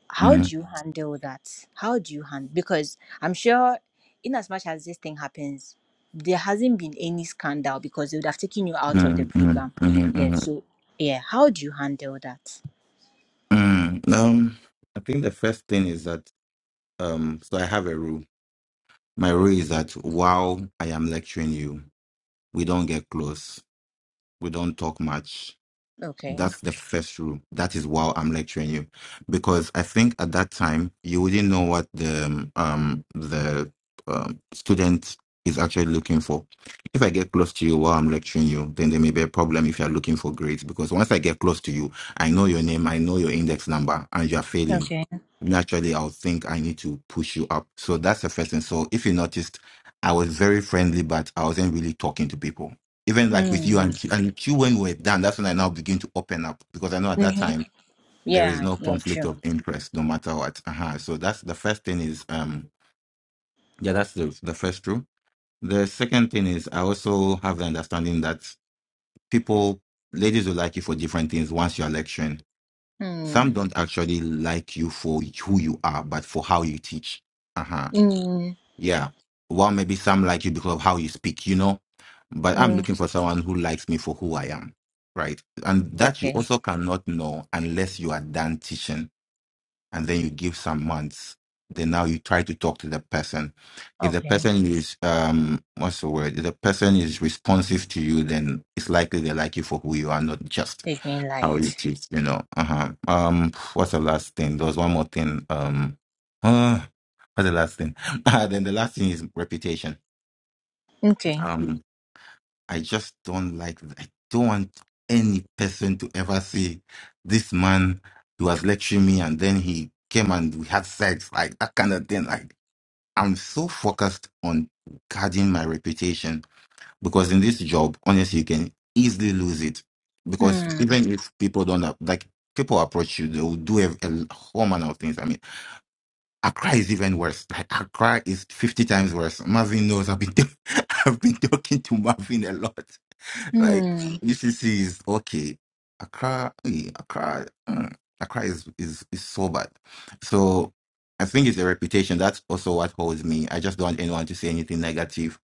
H: how do
G: mm, mm,
H: you handle that? How do you handle? Because I'm sure, in as much as this thing happens. There hasn't been any scandal because they would have taken you out of the
G: mm, mm,
H: program. Yeah.
G: mm,
H: So, yeah, how do you handle that?
G: mm. Um, I think the first thing is that um, so I have a rule. My rule is that while I am lecturing you, we don't get close, we don't talk much,
H: Okay.
G: That's the first rule. That is why I'm lecturing you, because I think at that time you wouldn't know what the um um, the um, student is actually looking for. If I get close to you while I'm lecturing you, then there may be a problem if you're looking for grades. Because once I get close to you, I know your name, I know your index number, and you're failing.
H: Okay.
G: Naturally, I'll think I need to push you up. So that's the first thing. So if you noticed, I was very friendly, but I wasn't really talking to people even like with you
H: Hmm.
G: and Q, and Q when we're done, that's when I now begin to open up because I know at that
H: Mm-hmm.
G: time there is
H: Yeah.
G: no
H: Yeah.
G: conflict
H: True.
G: of interest, no matter what. Uh-huh. So that's the first thing is um yeah, that's the the first rule. The second thing is I also have the understanding that people ladies will like you for different things once your election.
H: Hmm.
G: Some don't actually like you for who you are, but for how you teach. Uh-huh.
H: Mm.
G: Yeah. Well, maybe some like you because of how you speak, you know. But I'm
H: Mm.
G: looking for someone who likes me for who I am, right? And that you
H: Okay.
G: also cannot know unless you are done teaching and then you give some months. Then now you try to talk to the person. If the
H: Okay.
G: person is um what's the word? If the person is responsive to you, then it's likely they like you for who you are, not just
H: Taking
G: how
H: light.
G: it is, you know. Uh-huh. Um, what's the last thing? There was one more thing. Um, uh, what's the last thing? [laughs] Uh, then the last thing is reputation.
H: Okay.
G: Um, I just don't like. I don't want any person to ever say, "This man, he was lecturing me, and then he came and we had sex," like that kind of thing. Like I'm so focused on guarding my reputation because in this job, honestly, you can easily lose it because
H: Hmm.
G: even if people don't have, like people approach you, they will do a, a whole manner of things. I mean, Accra is even worse. Like Accra is fifty times worse. Marvin knows. I've been [laughs] i I've been talking to Marvin a lot. Like
H: Hmm.
G: UCC is okay. Accra, eh, Accra, mm, Accra is, is is so bad. So I think it's a reputation. That's also what holds me. I just don't want anyone to say anything negative.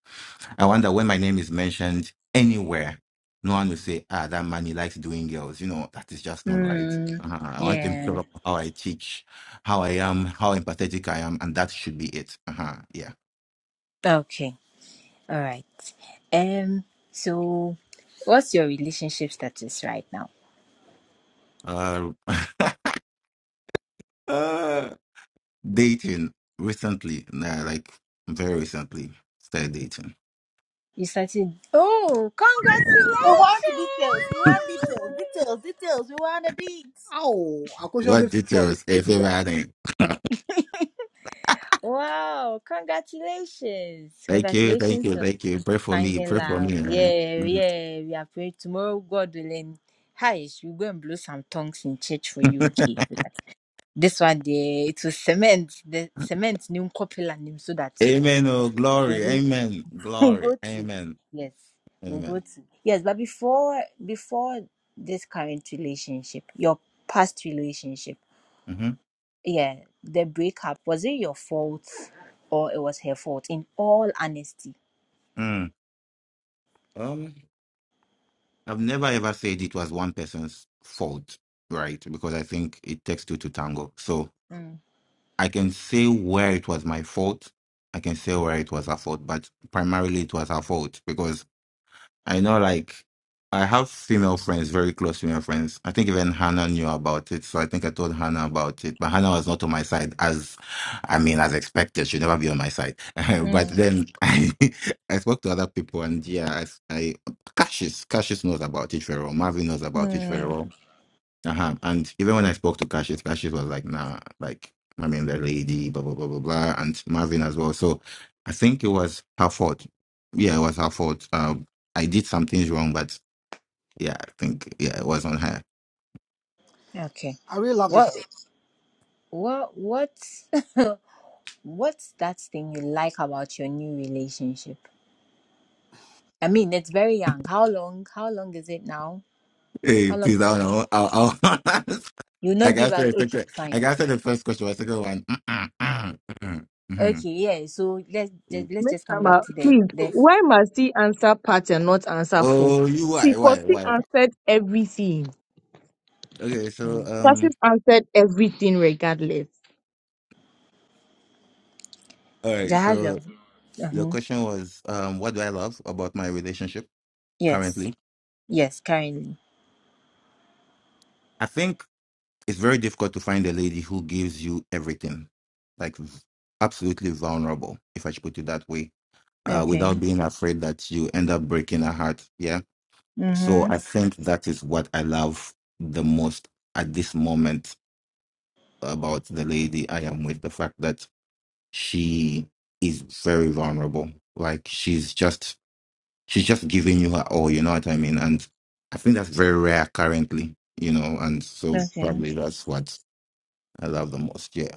G: I wonder when my name is mentioned anywhere, no one will say, "Ah, that man he likes doing girls." You know, that is just not right.
H: Hmm.
G: Uh-huh. I want them to talk
H: Yeah.
G: about how I teach, how I am, how empathetic I am, and that should be it. Uh-huh. Yeah.
H: Okay. All right. Um. So, what's your relationship status right now?
G: Uh, [laughs] dating recently, nah, like very recently, started dating.
H: You started. Oh, congratulations!
L: We want details. We want details. Details. Details. We want the deeds.
A: Oh, I could show be
G: What
A: full court
G: details? If ever had any.
H: Wow, congratulations!
G: Thank you, thank you,
H: Congratulations
G: thank you. Pray for me,
H: Finding
G: pray for
H: love.
G: me. eh.
H: Yeah,
G: Mhm.
H: yeah. We are praying tomorrow. God willing. Hi, we go and blow some tongues in church for you,
G: [laughs]
H: okay? This one, there, it will cement the cement new copula name so that
G: Amen. Oh,
H: we'll
G: glory.
H: go,
G: Amen.
H: [laughs] we'll
G: Glory.
H: go to.
G: Amen.
H: Yes, we'll go
G: Amen.
H: to. Yes, but before before this current relationship, your past relationship,
G: hmm
H: yeah, the breakup was it your fault or it was her fault? In all honesty.
G: Mm. Um, I've never ever said it was one person's fault, right? Because I think it takes two to tango. So
H: Mm.
G: I can say where it was my fault. I can say where it was her fault, but primarily it was her fault because I know, like, I have female friends, very close female friends. I think even Hannah knew about it, so I think I told Hannah about it. But Hannah was not on my side, as I mean, as expected. She'd never be on my side. [laughs] but
H: Mm.
G: then I, [laughs] I spoke to other people, and yeah, I, I Cassius, Cassius knows about it very well. Marvin knows about it very
H: Mm.
G: well. Uh-huh. And even when I spoke to Cassius, Cassius was like, nah, like, I mean, the lady, blah, blah, blah, blah, blah, and Marvin as well. So I think it was her fault. Yeah, it was her fault. Um, I did some things wrong, but yeah, I think, yeah, it was on her. [laughs]
H: Okay.
A: I really love this.
H: What? What what's [laughs] what's that thing you like about your new relationship? I mean, it's very young. How long? How long is it now?
G: Hey,
H: How long?
G: please, I don't know. I'll, I'll [laughs] like
H: You
G: I
H: not give us?
G: answered the
H: Okay,
G: second, like
H: fine.
G: I said, the first question was second one. Mm-mm, mm, mm, mm, mm.
H: Okay, yeah. So let's
G: mm."
H: just let's
I: Miss
H: just come back
I: Sama,
H: to the
I: please,
H: the
I: why must he answer part and not answer full?
G: Oh, you
I: See,
G: why, why,
I: Forty
G: why?
I: answered everything.
G: Okay, so
H: mm.
G: um,
I: Francis answered everything regardless.
G: all right.
H: Jahazel.
G: So your
H: Uh-huh.
G: question was um, what do I love about my relationship?
H: Yes,
G: currently.
H: yes. Currently,
G: I think it's very difficult to find a lady who gives you everything, like v- absolutely vulnerable, if I should put it that way, uh, without
H: okay.
G: being afraid that you end up breaking her heart. Yeah. So
H: Mhm.
G: I think that is what I love the most at this moment about the lady I am with the fact that she is very vulnerable. Like she's just, she's just giving you her all, you know what I mean? And I think that's very rare currently, you know, and so
H: Okay.
G: probably that's what I love the most. Yeah.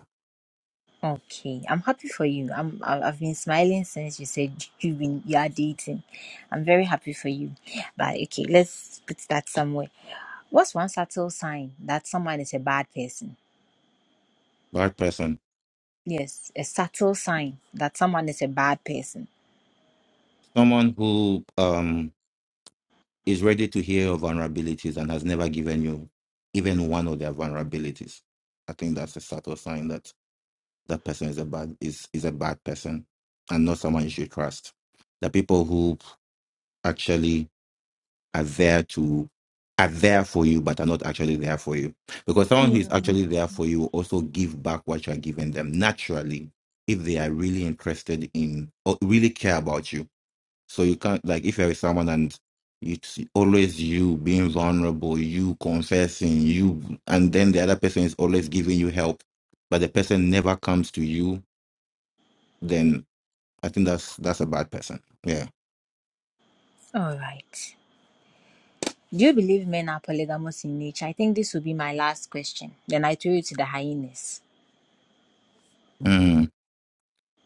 H: Okay. I'm happy for you. I'm I- I've been smiling since you said you've been you are dating. I'm very happy for you. But okay, let's put that somewhere. What's one subtle sign that someone is a bad person?
G: Bad person.
H: Yes, a subtle sign that someone is a bad person.
G: Someone who um is ready to hear your vulnerabilities and has never given you even one of their vulnerabilities. I think that's a subtle sign that that person is a bad is is a bad person and not someone you should trust. The people who actually are there to are there for you but are not actually there for you. Because someone who is
H: Mm.
G: actually there for you will also give back what you are giving them naturally if they are really interested in or really care about you So you can't like if you're with someone and it's always you being vulnerable, you confessing, you and then the other person is always giving you help, but the person never comes to you, then I think that's that's a bad person. Yeah.
H: All right. Do you believe men are polygamous in nature? I think this will be my last question. Then I throw you to the hyenas.
G: Mm.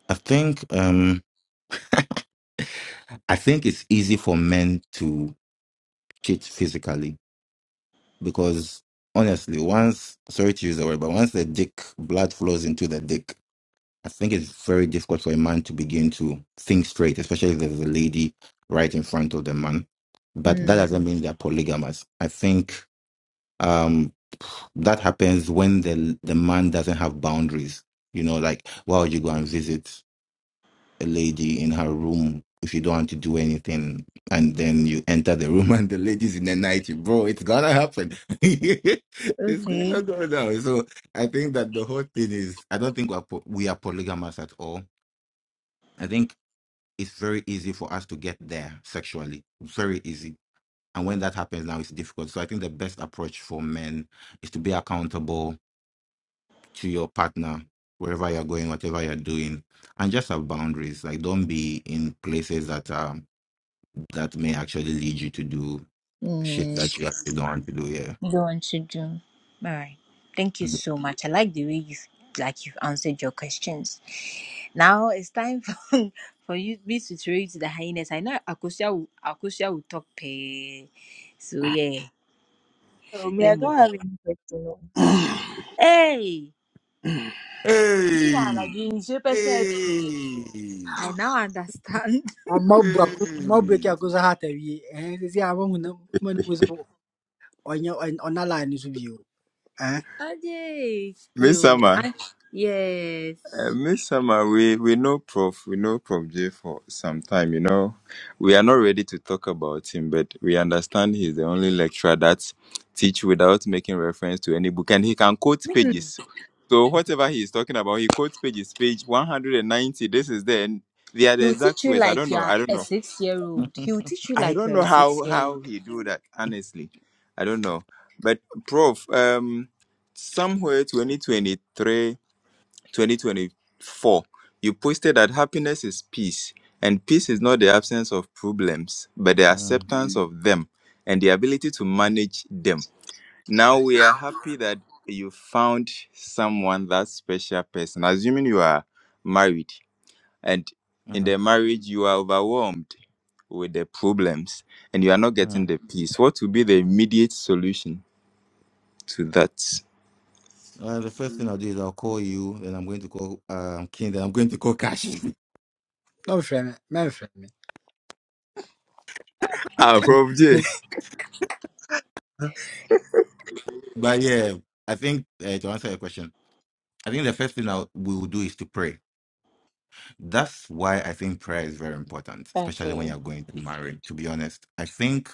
G: I think um I think it's easy for men to cheat physically because honestly, once sorry to use the word, but once the dick blood flows into the dick, I think it's very difficult for a man to begin to think straight, especially if there's a lady right in front of the man. But that
H: Hmm.
G: doesn't mean they're polygamous. I think um, that happens when the the man doesn't have boundaries. You know, like why would you go and visit a lady in her room if you don't want to do anything, and then you enter the room [laughs] and the lady's in the night, bro? It's gonna happen. [laughs] it's
H: Okay.
G: gonna go down. So I think that the whole thing is I don't think we're po- we are polygamous at all I think it's very easy for us to get there sexually. Very easy. And when that happens now, it's difficult. So I think the best approach for men is to be accountable to your partner wherever you're going, whatever you're doing, and just have boundaries. Like don't be in places that um that may actually lead you to do shit
H: Hmm.
G: that you actually don't want to do. Yeah.
H: Go on to do. All right. Thank you
G: Mhm.
H: so much. I like the way you like you've answered your questions. Now it's time for, [laughs] for you me to throw you to the highness. I know Akosia will Akosia will talk pay. So yeah,
I: Oh, me,
H: let
I: I
H: me.
I: don't have any question. oh.
H: Hey, you are
G: Hey,
H: like in shape
G: hey,
H: as hell too.
G: hey.
H: I now understand.
A: I'm not breaking
G: Mm,
A: a cause heart every year. And they say, I want to know when was on your on [clears throat] on that line is with you. Eh?
H: [laughs] Ajay,
E: Miss,
H: you I, yes.
E: Miss Summer, we, we know Prof. We know Prof. J for some time, you know. We are not ready to talk about him, but we understand he's the only lecturer that teach without making reference to any book. And he can quote pages. So whatever he is talking about, he quotes pages, page 190. This is the, they are
H: He
E: the
H: will
E: exact
H: teach you
E: words. I
H: like
E: don't
H: you
E: know.
H: are
E: I don't
H: a
E: know.
H: six year old. He will teach you
E: I
H: like
E: don't
H: you're a
E: know
H: six
E: how
H: year old.
E: how he do that. Honestly, I don't know. But Prof, um, somewhere twenty twenty three, twenty twenty four, you posted that happiness is peace, and peace is not the absence of problems, but the acceptance of them and the ability to manage them. Now we are happy that you found someone that special person. Assuming you are married, and in
G: mm,
E: the marriage you are overwhelmed with the problems and you are not getting
G: mm.
E: the peace, what will be the immediate solution to that?
G: Well, the first thing I'll do is I'll call you, then I'm going to call um King, then I'm going to call Cash. [laughs]
A: No friend, my friend. [laughs] me.
E: Ah, Prof. J.
A: Mhm.
G: but yeah, I think uh, to answer your question, I think the first thing I'll, we will do is to pray. That's why I think prayer is very important, especially when
H: Okay.
G: you're going to marry. To be honest, I think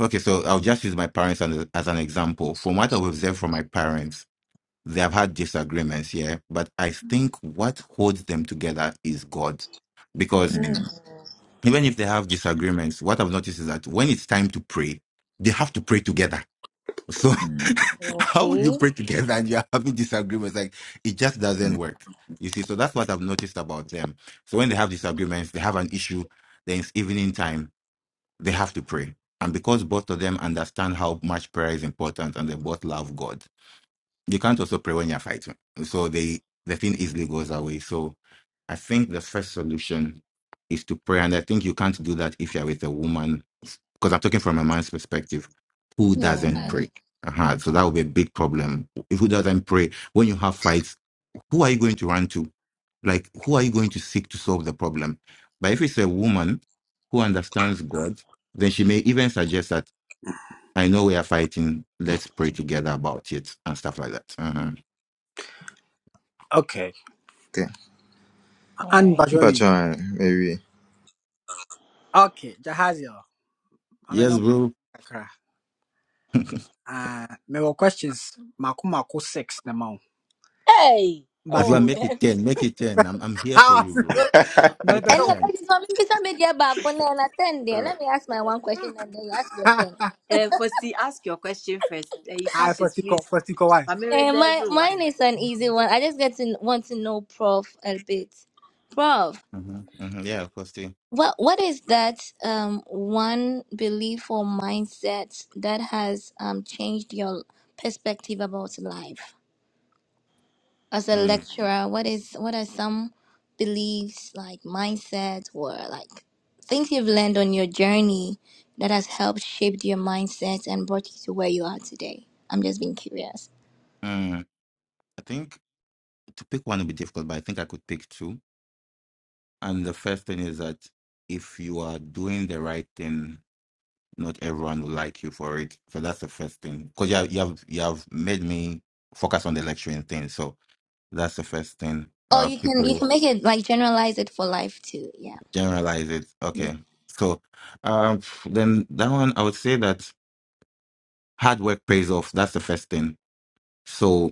G: okay. So I'll just use my parents as, as an example. From what I've observed from my parents, They have had disagreements, yeah, but I think what holds them together is God. Because
H: Hmm.
E: Mm,
G: even if they have disagreements, what I've noticed is that when it's time to pray, they have to pray together. So
E: mm,
G: [laughs] how will you
H: Okay.
G: pray together and you're having disagreements? Like it just
E: mm,
G: doesn't work. You see, so that's what I've noticed about them. So when they have disagreements, they have an issue, then it's evening time, they have to pray. And because both of them understand how much prayer is important and they both love God, you can't also pray when you're fighting. So they the thing easily goes away. So I think the first solution is to pray. And I think you can't do that if you're with a woman, because I'm talking from a man's perspective, who
H: Hmm.
G: doesn't
H: All
E: mm.
G: pray. Uh-huh. So that would be a big problem. If who doesn't pray, when you have fights, who are you going to run to? Like, who are you going to seek to solve the problem? But if it's a woman who understands God, then she may even suggest that I know we are fighting. Let's pray together about it and stuff like that. Uh-huh.
A: okay.
E: Okay.
A: And
H: right.
A: Bajori.
E: Mpacho, eh, maybe.
A: Okay, Jahazio. I'm a
G: Yes,
A: no
G: bro.
A: kakra. Uh, my questions. Maku Maku six, the mount.
H: Hey.
G: If
A: But,
G: you want
H: Oh, [laughs]
A: [laughs]
G: make it
H: damn.
G: ten, make it ten. I'm I'm here for you, bro.
A: but,
G: Make it
D: And
A: person.
D: look,
G: 10
D: I just want me to media back when I attend there. Let me ask my one question and then you ask your
A: [laughs]
D: thing.
H: Uh, first, you ask your question first. Uh, you
A: I
H: catch his
A: first you call
H: please.
A: first you call wife.
D: Eh,
H: Pamira's
D: my mine
H: everyone.
D: is an easy one. I just get to want to know Prof a bit. Prof,
G: Mm-hmm. Mm-hmm. Yeah, of course. too.
D: what what is that um one belief or mindset that has um changed your perspective about life? As a
G: Mm.
D: lecturer, what is what are some beliefs like mindset or like things you've learned on your journey that has helped shape your mindset and brought you to where you are today? I'm just being curious.
G: Mm. I think to pick one would be difficult, but I think I could pick two. And the first thing is that if you are doing the right thing, not everyone will like you for it. So that's the first thing. Because you have, you have you have made me focus on the lecturing thing. So that's the first thing.
D: Oh,
G: Uh,
D: you can you
G: people
D: can make it like generalize it for life too. Yeah.
G: generalize it.
D: Yeah.
G: Okay. So, um, then that one I would say that hard work pays off. That's the first thing. So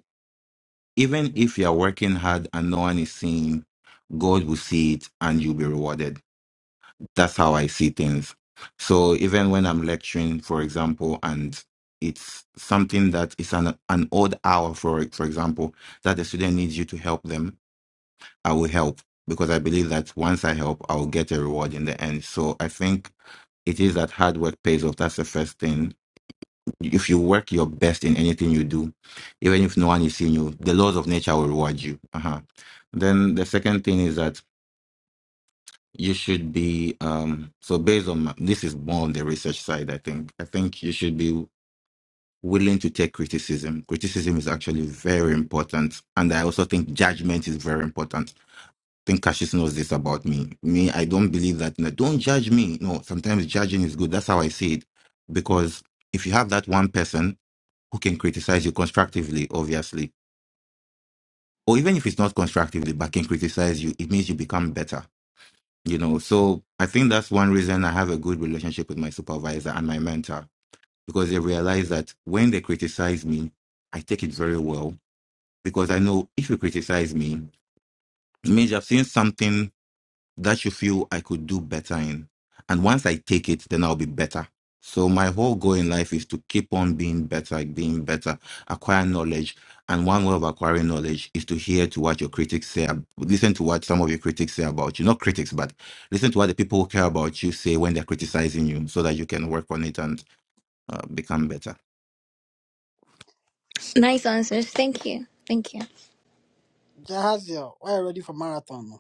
G: even if you're working hard and no one is seeing, God will see it and you'll be rewarded. That's how I see things. So even when I'm lecturing, for example, and it's something that is an an odd hour for it, for example, that the student needs you to help them, I will help because I believe that once I help, I'll get a reward in the end. So I think it is that hard work pays off. That's the first thing If you work your best in anything you do, even if no one is seeing you, the laws of nature will reward you. Uh-huh. Then the second thing is that you should be um, so based on my, this is more on the research side. I think I think you should be willing to take criticism. Criticism is actually very important, and I also think judgment is very important. I think Cassius knows this about me. Me, I don't believe that. No, don't judge me. No, sometimes judging is good. That's how I see it, because if you have that one person who can criticize you constructively, obviously. Or even if it's not constructively, but can criticize you, it means you become better. You know, so I think that's one reason I have a good relationship with my supervisor and my mentor because they realize that when they criticize me, I take it very well because I know if you criticize me, it means you've seen something that you feel I could do better in. And once I take it, then I'll be better. So my whole goal in life is to keep on being better, being better, acquire knowledge. And one way of acquiring knowledge is to hear to what your critics say. ab- Listen to what some of your critics say about you. Not critics, but listen to what the people who care about you say when they're criticizing you so that you can work on it and uh, become better.
D: Nice answers. Thank you. Thank you.
A: Jahazio, we're ready for marathon.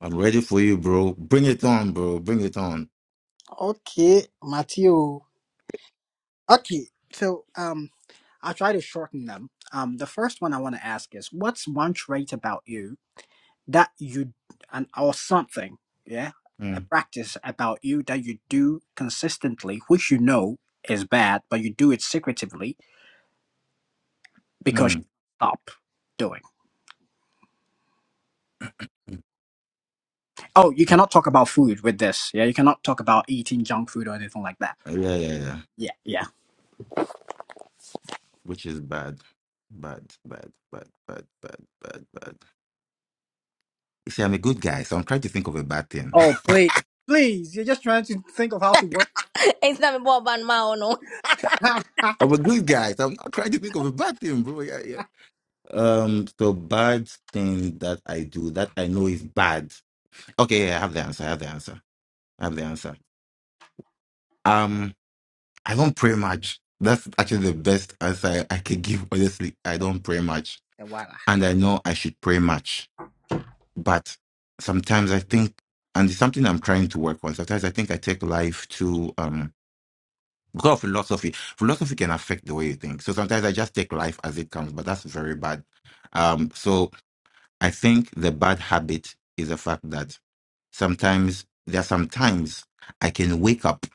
G: I'm ready for you, bro. Bring it on, bro. Bring it on.
A: Okay, Matthew. Okay, so um, I'll try to shorten them. Um, the first one I want to ask is, what's one trait about you that you and or something, yeah, a
G: Mm,
A: practice about you that you do consistently, which you know is bad, but you do it secretively because you
G: mm.
A: stop doing. Oh, you cannot talk about food with this. Yeah, you cannot talk about eating junk food or anything like that.
G: Yeah, yeah, yeah.
A: Yeah, yeah.
G: which is bad, bad, bad, bad, bad, bad, bad, bad. You see, I'm a good guy, so I'm trying to think of a bad thing.
A: Oh, please. Please. You're just trying to think of how to work.
D: [laughs] it's not more about ban mao no.
A: [laughs]
G: [laughs]
A: the,
G: I'm a good guy, so I'm not trying to think of a bad thing, bro. Yeah, yeah. Um, so bad thing that I do that I know is bad. Okay, yeah, I have the answer. I have the answer. I have the answer. Um, I don't pray much. That's actually the best answer I, I can give. Honestly, I don't pray much,
A: the why lah.
G: and I know I should pray much But sometimes I think, and it's something I'm trying to work on. Sometimes I think I take life too, um, because of philosophy. Philosophy can affect the way you think. So sometimes I just take life as it comes, but that's very bad. Um, so I think the bad habit is the fact that sometimes there are some times I can wake up,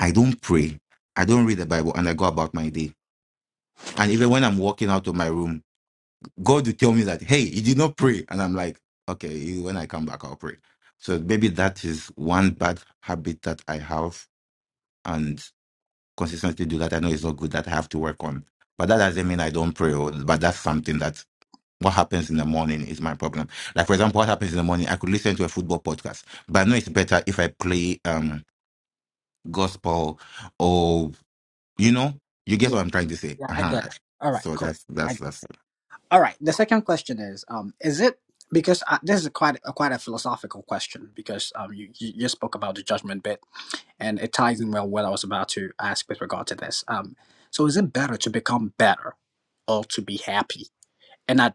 G: I don't pray, I don't read the Bible, and I go about my day. And even when I'm walking out of my room, God will tell me that, hey, you did not pray. And I'm like, okay, when I come back, I'll pray. So maybe that is one bad habit that I have and consistently do that. I know it's not good that I have to work on. But that doesn't mean I don't pray, or, but that's something that what happens in the morning is my problem. Like, for example, what happens in the morning, I could listen to a football podcast, but I know it's better if I play um gospel or, you know, you get
A: Yeah,
G: what I'm trying to say.
A: yeah, I get
G: Uh-huh.
A: it. All right,
G: So
A: cool.
G: that's,
A: I
G: that's, that's,
A: All right. The second question is: um, Is it because uh, this is a quite a, quite a philosophical question because um, you you you spoke about the judgment bit and it ties in well what I was about to ask with regard to this. Um, so is it better to become better or to be happy? And I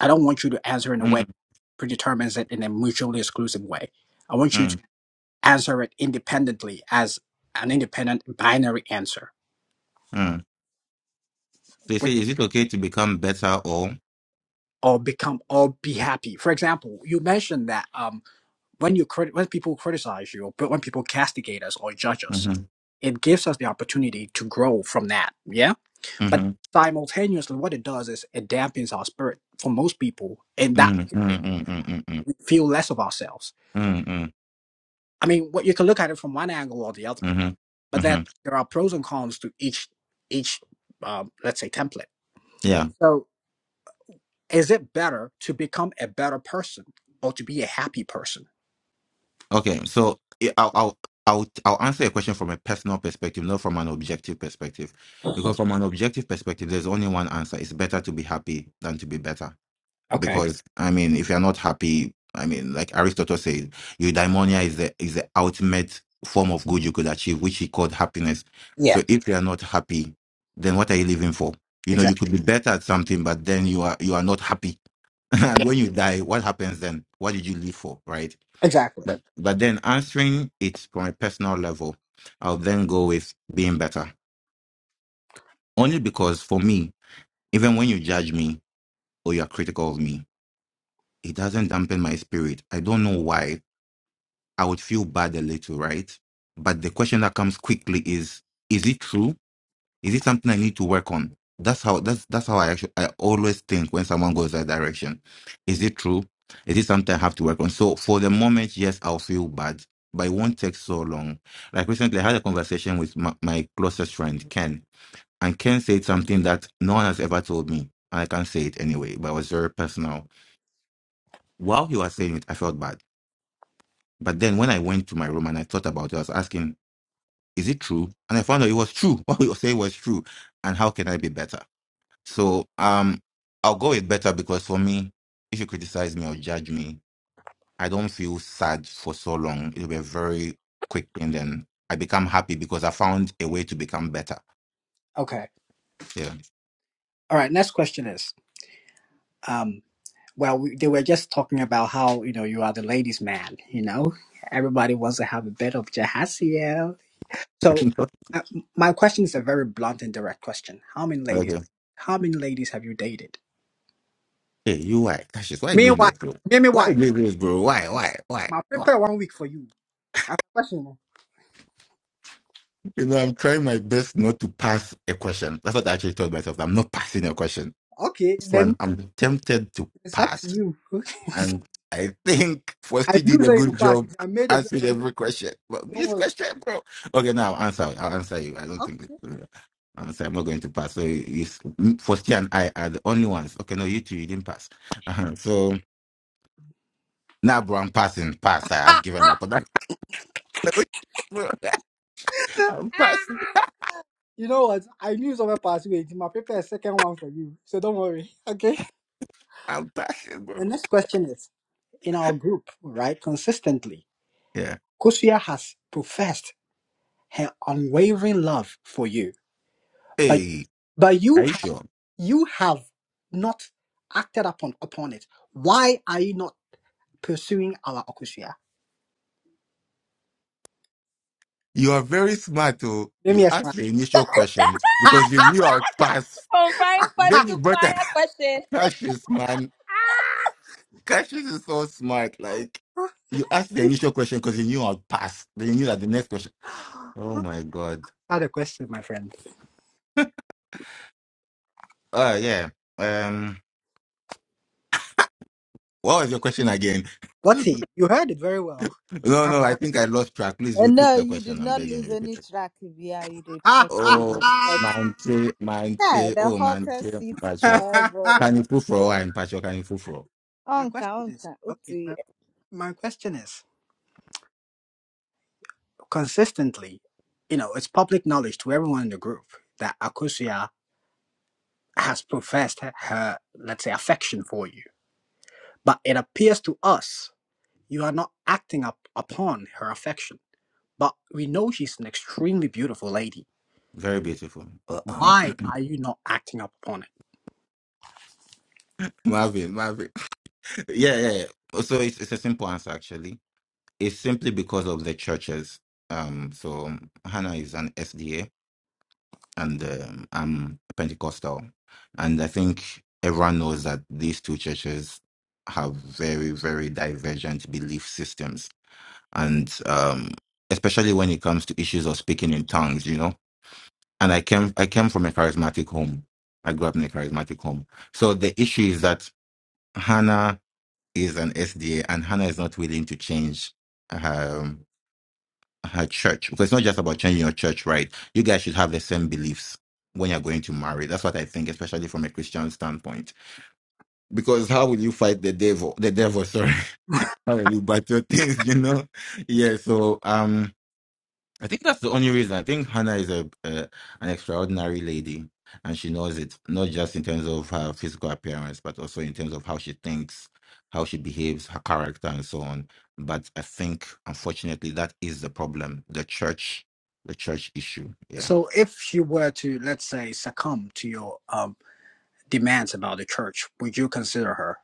A: I don't want you to answer in a way
G: Mm,
A: predetermines it in a mutually exclusive way. I want you to
G: mm,
A: answer it independently as an independent binary answer,
G: mm. So he
A: which
G: said, is it okay to become better or?
A: or become or be happy. For example, you mentioned that. Um, when you crit- when people criticize you, but when people castigate us or judge us,
G: Mhm,
A: it gives us the opportunity to grow from that. Yeah, but
G: mhm,
A: simultaneously, what it does is it dampens our spirit. For most people, in that
G: mhm,
A: period,
G: mhm, mhm, mhm,
A: we feel less of ourselves.
G: mhm,
A: I mean, what you can look at it from one angle or the
G: mhm,
A: other,
G: mhm,
A: but then
G: mhm.
A: there are pros and cons to each each um, let's say template.
G: Yeah.
A: So, is it better to become a better person or to be a happy person?
G: Okay. So I- I'll, I'll, I'll, I'll answer a question from a personal perspective, not from an objective perspective. Because from an objective perspective, there's only one answer. It's better to be happy than to be better.
A: Okay.
G: because I mean, if you're not happy, I mean, like Aristotle says, eudaimonia is the is the ultimate form of good you could achieve, which he called happiness.
A: Yeah.
G: So if you are not happy, then what are you living for? You know, you
A: Exactly.
G: could be better at something, but then you are you are not happy. [laughs] and when you die, what happens then? What did you live for? Right.
A: Exactly.
G: But but then answering it from a personal level, I'll then go with being better. Only because for me, even when you judge me or you are critical of me, it doesn't dampen my spirit. I don't know why. I would feel bad a little, right? But the question that comes quickly is: Is it true? Is it something I need to work on? That's how that's that's how I actually I always think when someone goes that direction. Is it true? Is it something I have to work on? So for the moment, yes, I'll feel bad, but it won't take so long. Like recently, I had a conversation with my, my closest friend Ken, and Ken said something that no one has ever told me, and I can't say it anyway, but it was very personal. While he was saying it, I felt bad But then when I went to my room and I thought about it, I was asking, is it true? And I found out it was true. [laughs] What we were saying was true. And how can I be better? So um I'll go with better because for me, if you criticize me or judge me, I don't feel sad for so long. It'll be a very quick and then I become happy because I found a way to become better.
A: Okay.
G: Yeah.
A: All right. Next question is um well we, they were just talking about how you know you are the ladies man you know everybody wants to have a bit of Jahaziel. so
G: [laughs]
A: uh, my question is a very blunt and direct question how many ladies
G: okay.
A: how many ladies have you dated
G: Hey, you why? Cassius, why are
A: me
G: you
A: and
G: doing
A: why
G: this, bro?
A: me and
G: Why are
A: why
G: you doing this, bro? Why? Why?
A: my
G: Why?
A: prepare one week for you I have a question
G: You know, I'm trying my best not to pass a question. That's what I actually told myself. I'm not passing a question.
A: okay
G: So
A: then
G: I'm, I'm tempted to
A: it's up to
G: pass.
A: you [laughs]
G: And I think [laughs]
A: i
G: Fosti did
A: knew
G: a
A: so you
G: good
A: pass
G: job
A: it i made a I
G: answering every question. Well,
A: don't
G: this
A: worry
G: question, bro. Okay, now I'll answer. I'll answer you. I don't think
A: okay
G: it's, uh, I'm sorry, I'm not going to pass. So it's Fosti and I are the only ones. Okay, no, you two, you didn't pass. Uh-huh. So now, bro, I'm passing. Pass. I have given up on that. [laughs] I'm passing.
A: you know what i knew so you pass wait my prepare a second one for you so don't worry okay
G: I'm passing, bro.
A: The next question is In our group, right, consistently,
G: Yeah.
A: Kosia has professed her unwavering love for you, but,
G: Hey.
A: but you,
G: Are you
A: have,
G: sure?
A: you have not acted upon, upon it. Why are you not pursuing our Okusia?
G: You are very smart, oh.
A: Let
G: You
A: me explain.
G: asked the initial question
A: [laughs]
G: because you knew I would pass.
D: From firefight
G: Then
D: to
G: you brought up
D: fire question.
G: [laughs] Cassius, man. Cassius is so smart. Like, you asked the initial question because you knew I would pass. Then you knew that the next question. Oh, my God.
A: Had a question, my friend.
G: Oh, yeah. Um, what was your question again?
A: Lottie, you heard it very well.
G: No,
A: [laughs]
G: no, I think I lost track. Please
L: And
G: repeat
L: No,
G: the
L: you did
G: question. I'm
L: not
G: begging
L: lose
G: you. Repeat
L: any
G: it.
L: track, Yeah, You did
A: my
L: not. You
G: Oh,
L: did not.
G: Mante,
L: Yeah,
G: Mante,
L: the
G: oh,
L: hottest
G: Mante,
L: seat
G: Pacho.
L: ever.
G: Can you prove for a while, Pacho? Can you prove for?
L: Onka,
A: question is
L: onka,
A: okay, my,
L: uti.
A: my question is consistently, you know, it's public knowledge to everyone in the group that Akusia has professed her, her, let's say, affection for you. But it appears to us you are not acting up upon her affection. But we know she's an extremely beautiful lady.
G: Very beautiful. Uh, Um,
A: Why are you not acting up upon
G: [clears throat] Marvin, Marvin. [laughs] Yeah, yeah, yeah. Well, So it's, it's a simple answer, actually. It's simply because of the churches. Um, so Hannah is an SDA. and um, I'm Pentecostal. And I think everyone knows that these two churches have very, very divergent belief systems. And um, especially when it comes to issues of speaking in tongues, you know. And I came, I came from a charismatic home. I grew up in a charismatic home. So the issue is that Hannah is an SDA and Hannah is not willing to change her church because it's not just about changing your church right you guys should have the same beliefs when you're going to marry that's what i think especially from a christian standpoint because how will you fight the devil the devil sorry
A: it? [laughs]
G: [laughs] how will you battle things you know yeah so um I think that's the only reason. I think Hannah is a uh, an extraordinary lady, and she knows it not just in terms of her physical appearance, but also in terms of how she thinks, how she behaves, her character, and so on. But I think, unfortunately, that is the problem. The church, the church issue. Yeah,
A: So, if she were to, let's say, succumb to your um, demands about the church, would you consider her?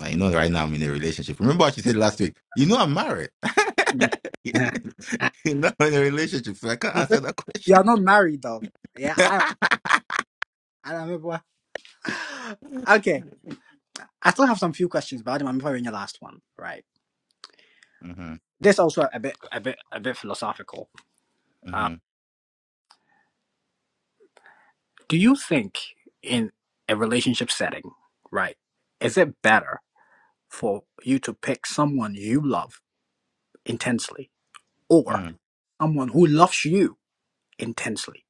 G: I you know right now I'm in a relationship. Remember what she said last week? You know I'm married.
A: [laughs] no,
G: [laughs] you know I'm in a relationship, so I can't answer that
A: you are
G: question.
A: not married, though. Yeah,
G: [laughs]
A: I, I remember [laughs] okay. I still have some few questions, but Adam, I'm probably in your last one, right?
G: hmm
A: This also a bit, a bit, a bit philosophical. Um,
G: hmm
A: do you think in a relationship setting, right, is it better for you to pick someone you love intensely or
G: mm,
A: someone who loves you intensely?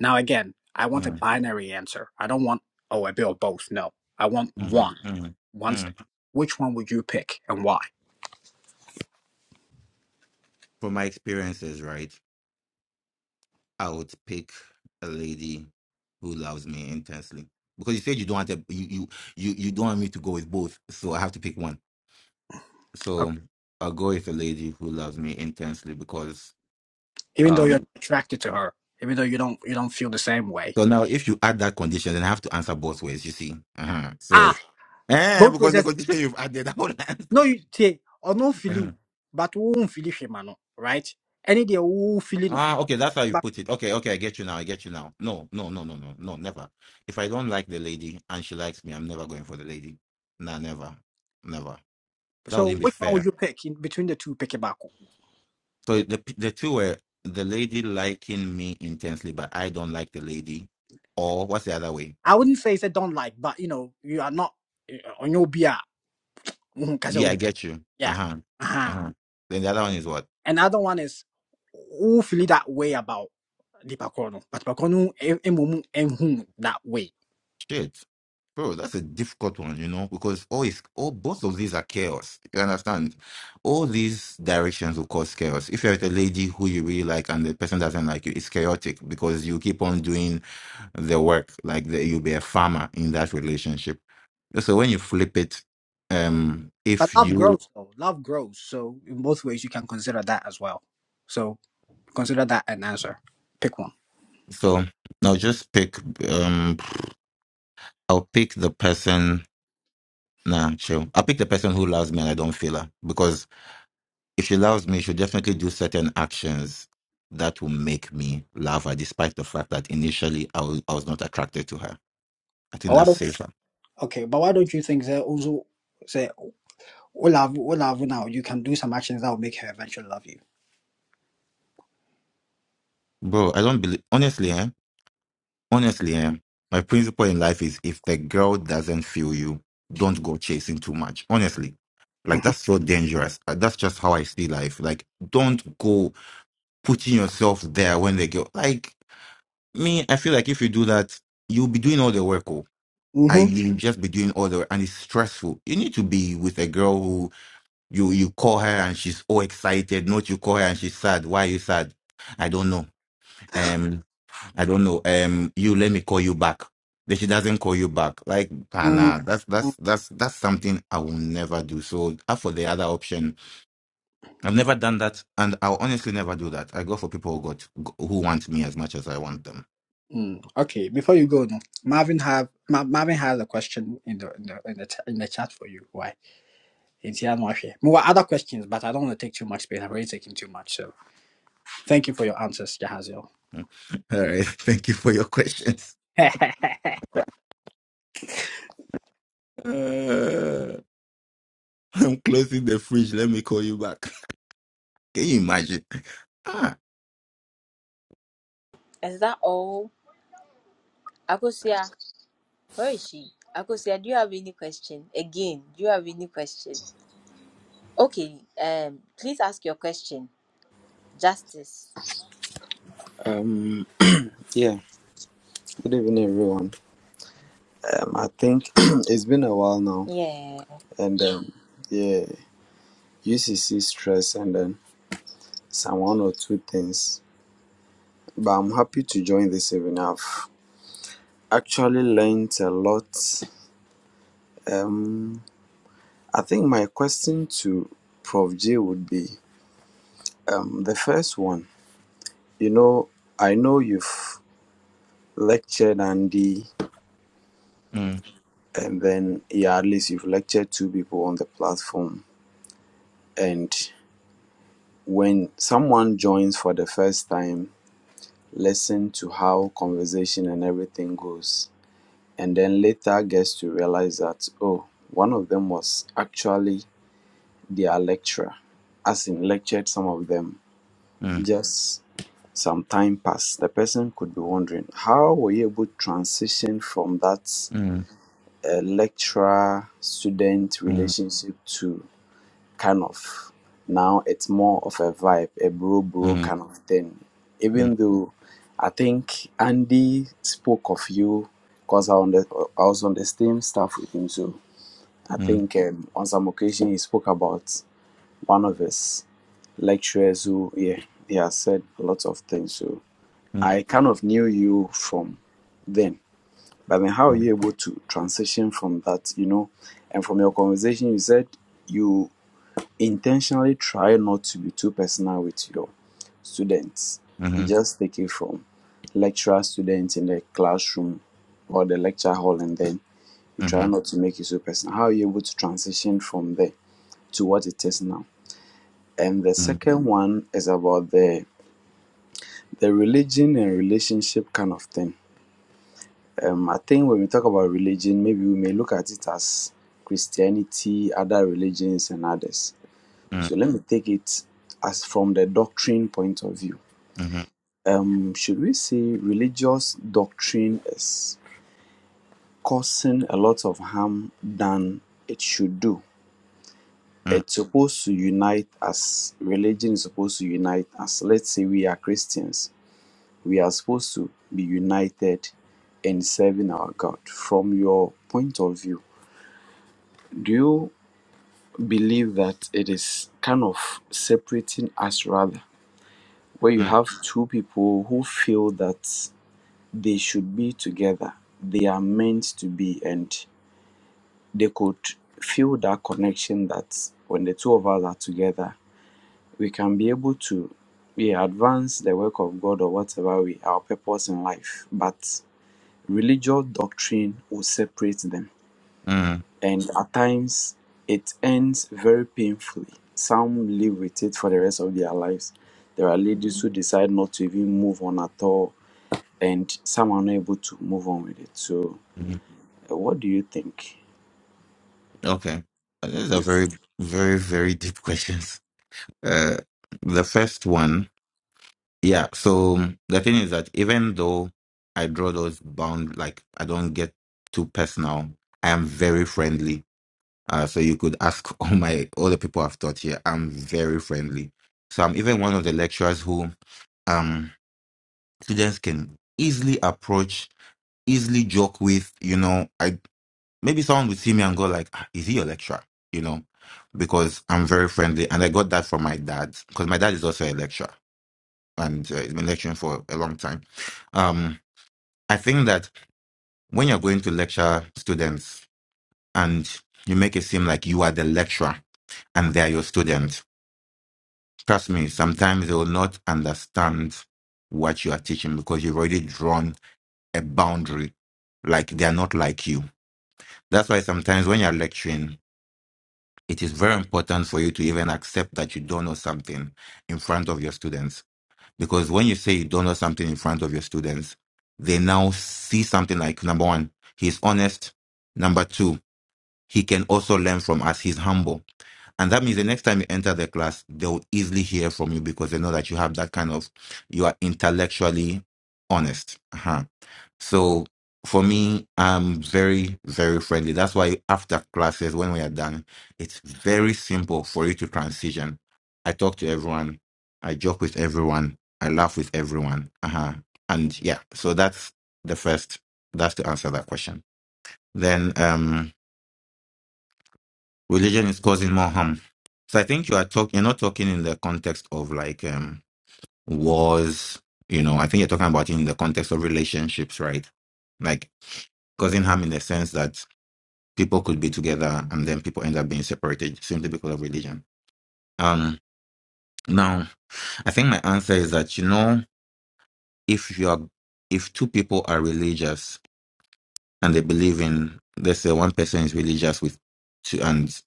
A: Now, again, I want a
G: mm,
A: binary answer. I don't want oh a bit of both. No, I want
G: mm,
A: one,
G: mm,
A: one
G: mm.
A: step. Which one would you pick and why?
G: from my experiences, right, I would pick a lady who loves me intensely because you said you don't want to, you you you you don't want me to go with both, so I have to pick one. So I'll go with a lady who loves me intensely because
A: even though you're not
G: um.
A: attracted to her, even though you don't you don't feel the same way.
G: So now, if you add that condition, then I have to answer both ways. You see, uh-huh. so
A: Ah,
G: eh,
A: both ways.
G: because the
A: yes.
G: condition you've added, [laughs] I don't answer.
A: No, you say or no feel
G: Uh-huh.
A: you, but who won't feel him, man, right? Any day who feel no,
G: Ah, okay, that's how you
A: but
G: put it. Okay, okay, I get you now. I get you now. No, no, no, no, no, no, never. If I don't like the lady and she likes me, I'm never going for the lady. Nah, never, never. That
A: so
G: wouldn't be
A: which one would
G: fair.
A: you pick in between the two? Pick a back.
G: So the p- the two were the lady liking me intensely, but I don't like the lady. Or what's the other way?
A: I wouldn't say it's a don't like, but you know you are not eh, on your beer because
G: Yeah, I get you. Uh
A: yeah.
G: huh. Uh
A: Uh-huh.
G: huh. Then the other one is what?
A: Another one is who feel that way about the Pakono, but Pakono emu that way.
G: Shit. Bro, that's a difficult one, you know, because all is all both of these are chaos. You understand? All these directions will cause chaos. If you're with a lady who you really like and the person doesn't like you, it's chaotic because you keep on doing the work like the, you'll be a farmer in that relationship. So when you flip it, um,
A: But
G: if
A: love
G: you
A: grows, though. Love grows. So, in both ways, you can consider that as well. So, consider that an answer. Pick one.
G: so now just pick um, I'll pick the person. Nah, chill. I'll pick the person who loves me and I don't feel her because if she loves me, she'll definitely do certain actions that will make me love her, despite the fact that initially I was, I was not attracted to her. I
A: But
G: think
A: why
G: that's
A: don't,
G: safer.
A: okay, but why don't you think that also, say, we love, we love now, you can do some actions that will make her eventually love you?
G: Bro, I don't believe, honestly, eh? honestly, eh? my principle in life is if the girl doesn't feel you, don't go chasing too much. Honestly, like that's so dangerous. Uh, That's just how I see life. Like, don't go putting yourself there when they go. Like, me, I feel like if you do that, you'll be doing all the work. oh. I
A: hmm
G: you just be doing all the and it's stressful. You need to be with a girl who you you call her and she's all excited, not you call her and she's sad. Why are you sad? I don't know. Um I don't know. Um you let me call you back. Then she doesn't call you back. Like ah,
A: Mm,
G: nah, that's
A: mm,
G: that's that's that's something I will never do. So as for the other option, I've never done that, and I'll honestly never do that. I go for people who got who want me as much as I want them.
A: mm.
G: [laughs]
A: Okay, before you go, no, Marvin have Ma- Marvin has a question in the in the in the, ch- in the chat for you. Why? It's here, not here. More other questions, but I don't want to take too much space. I've already taken too much, so thank you for your answers, Jahaziel.
G: All right. Thank you for your questions. [laughs]
A: [laughs]
G: Uh, I'm closing the fridge. Let me call you back. [laughs] Can you imagine? Ah.
H: Is that all? Akosia, where is she? Akosia, do you have any question? Again, do you have any question? Okay, um, please ask your question. Justice.
M: Um, yeah, good evening, everyone. Um, I think [clears throat] it's been a while now,
H: Yeah,
M: and um, yeah, UCC stress and then some one or two things. But I'm happy to join this evening. I've actually learned a lot. Um, I think my question to Prof J would be um, the first one. You know, I know you've lectured Andy,
G: Mm,
M: and then yeah, at least you've lectured two people on the platform, and when someone joins for the first time, listen to how conversation and everything goes, and then later gets to realize that, oh, one of them was actually their lecturer, as in lectured some of them.
G: mm,
M: Just some time passed. The person could be wondering, how were you able to transition from that
G: mm,
M: uh, lecturer student
G: mm,
M: relationship to kind of now it's more of a vibe, a bro bro
G: mm,
M: kind of thing. Even though I think Andy spoke of you because I, on the, I was on the same staff with him, so I
G: mm,
M: think um, on some occasion he spoke about one of his lecturers who, yeah, he has said a lot of things. So
G: mm,
M: I kind of knew you from then. But then, how are
G: mm,
M: you able to transition from that, you know? And from your conversation, you said you intentionally try not to be too personal with your students. You
G: mm, mhm,
M: just take it from lecturer students in the classroom or the lecture hall, and then you try
G: mhm,
M: not to make it so personal. How are you able to transition from there to what it is now? And the
G: mm,
M: second one is about the the religion and relationship kind of thing. Um, I think when we talk about religion, maybe we may look at it as Christianity, other religions, and others.
G: mm,
M: So let me take it as from the doctrine point of view.
G: mhm, mm,
M: Um, should we say religious doctrine is causing a lot of harm than it should do?
G: mm,
M: It's supposed to unite us. Religion is supposed to unite us. Let's say we are Christians. We are supposed to be united in serving our God. From your point of view, do you believe that it is kind of separating us rather? where
G: mm,
M: you
G: mm.
M: have two people who feel that they should be together. They are meant to be, and they could feel that connection that when the two of us are together, we can be able to yeah, advance the work of God or whatever we our purpose in life. But religious doctrine will separate them.
G: mm,
M: And at times it ends very painfully. Some live with it for the rest of their lives. There are ladies who decide not to even move on at all and some are not able to move on with it. So,
G: mm.
M: uh, what do you think?
G: Okay. Uh, These are very, very, very deep [laughs] questions. Uh, the first one, yeah. So the thing is that even though I draw those bound, like I don't get too personal, I am very friendly. Uh, so you could ask [laughs] all my all the people I've taught here. I'm very friendly. So I'm even one of the lecturers who um students can easily approach, easily joke with. You know, I maybe someone would see me and go like, "Ah, "Is he a lecturer?" You know, because I'm very friendly, and I got that from my dad because my dad is also a lecturer and uh, he's been lecturing for a long time. Um, I think that when you're going to lecture students and you make it seem like you are the lecturer and they are your students, trust me, sometimes they will not understand what you are teaching because you've already drawn a boundary, like they are not like you. That's why sometimes when you're lecturing. it is very important for you to even accept that you don't know something in front of your students. Because when you say you don't know something in front of your students, they now see something like number one, he's honest. Number two, he can also learn from us. He's humble and that means the next time you enter the class, they will easily hear from you because they know that you have that kind of, you are intellectually honest. Uh-huh. So for me, I'm very, very friendly. That's why after classes, when we are done, it's very simple for you to transition. I talk to everyone, I joke with everyone, I laugh with everyone. Uh-huh. And yeah, so that's the first, that's to answer that question. Then, um religion is causing more harm. So I think you are talking, you're not talking in the context of like um, wars, you know, I think you're talking about it in the context of relationships, right? Like causing harm in the sense that people could be together and then people end up being separated simply because of religion. Um, now, I think my answer is that, you know, if you are, if two people are religious and they believe in, let's say one person is religious with two and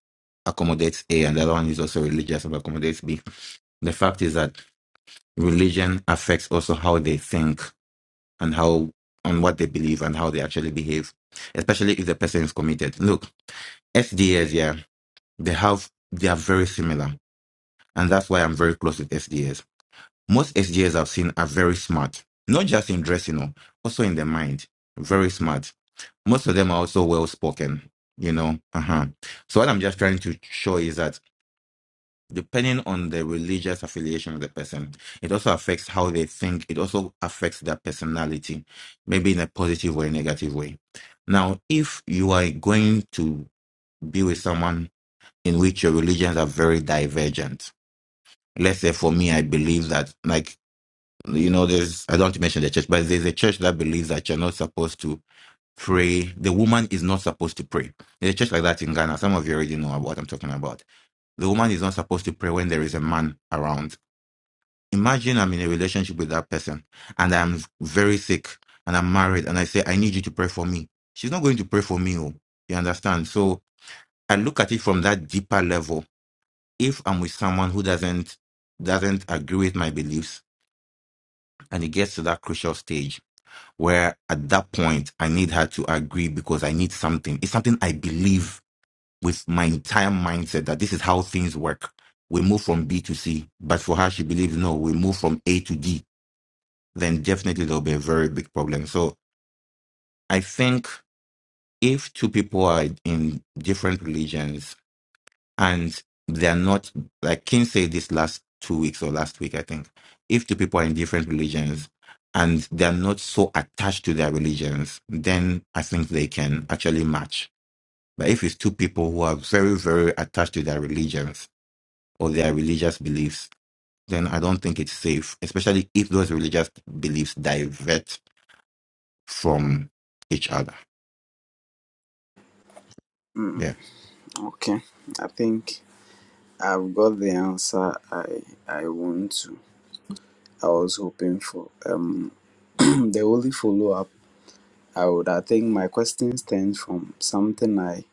G: accommodates A and the other one is also religious and accommodates B The fact is that religion affects also how they think and how on what they believe and how they actually behave, especially if the person is committed. Look, SDS, yeah, they have they are very similar, and that's why I'm very close with SDS. Most SDAs I've seen are very smart, not just in dressing, oh, also in their mind, very smart. Most of them are also well spoken, you know. Uh huh. So what I'm just trying to show is that depending on the religious affiliation of the person, it also affects how they think. It also affects their personality, maybe in a positive or a negative way. Now, if you are going to be with someone in which your religions are very divergent, let's say for me, I believe that, like, you know, there's, I don't want to mention the church, but there's a church that believes that you're not supposed to pray. The woman is not supposed to pray. There's a church like that in Ghana. Some of you already know what I'm talking about. The woman is not supposed to pray when there is a man around imagine I'm in a relationship with that person and I'm very sick and I'm married and I say, I need you to pray for me. She's not going to pray for me. Oh, you understand? So I look at it from that deeper level. If I'm with someone who doesn't doesn't agree with my beliefs and it gets to that crucial stage where at that point I need her to agree because I need something. It's something I believe with my entire mindset that this is how things work. We move from B to C, but for her, she believes no, we move from A to D then definitely there'll be a very big problem. So I think if two people are in different religions and they're not, like King said this last two weeks or last week, I think, if two people are in different religions and they're not so attached to their religions, then I think they can actually match. But if it's two people who are very, very attached to their religions or their religious beliefs, then I don't think it's safe, especially if those religious beliefs divert from each other. Yeah.
M: Okay, I think I've got the answer I I want to. I was hoping for um [clears throat] the only follow up. I would. I think my question stems from something I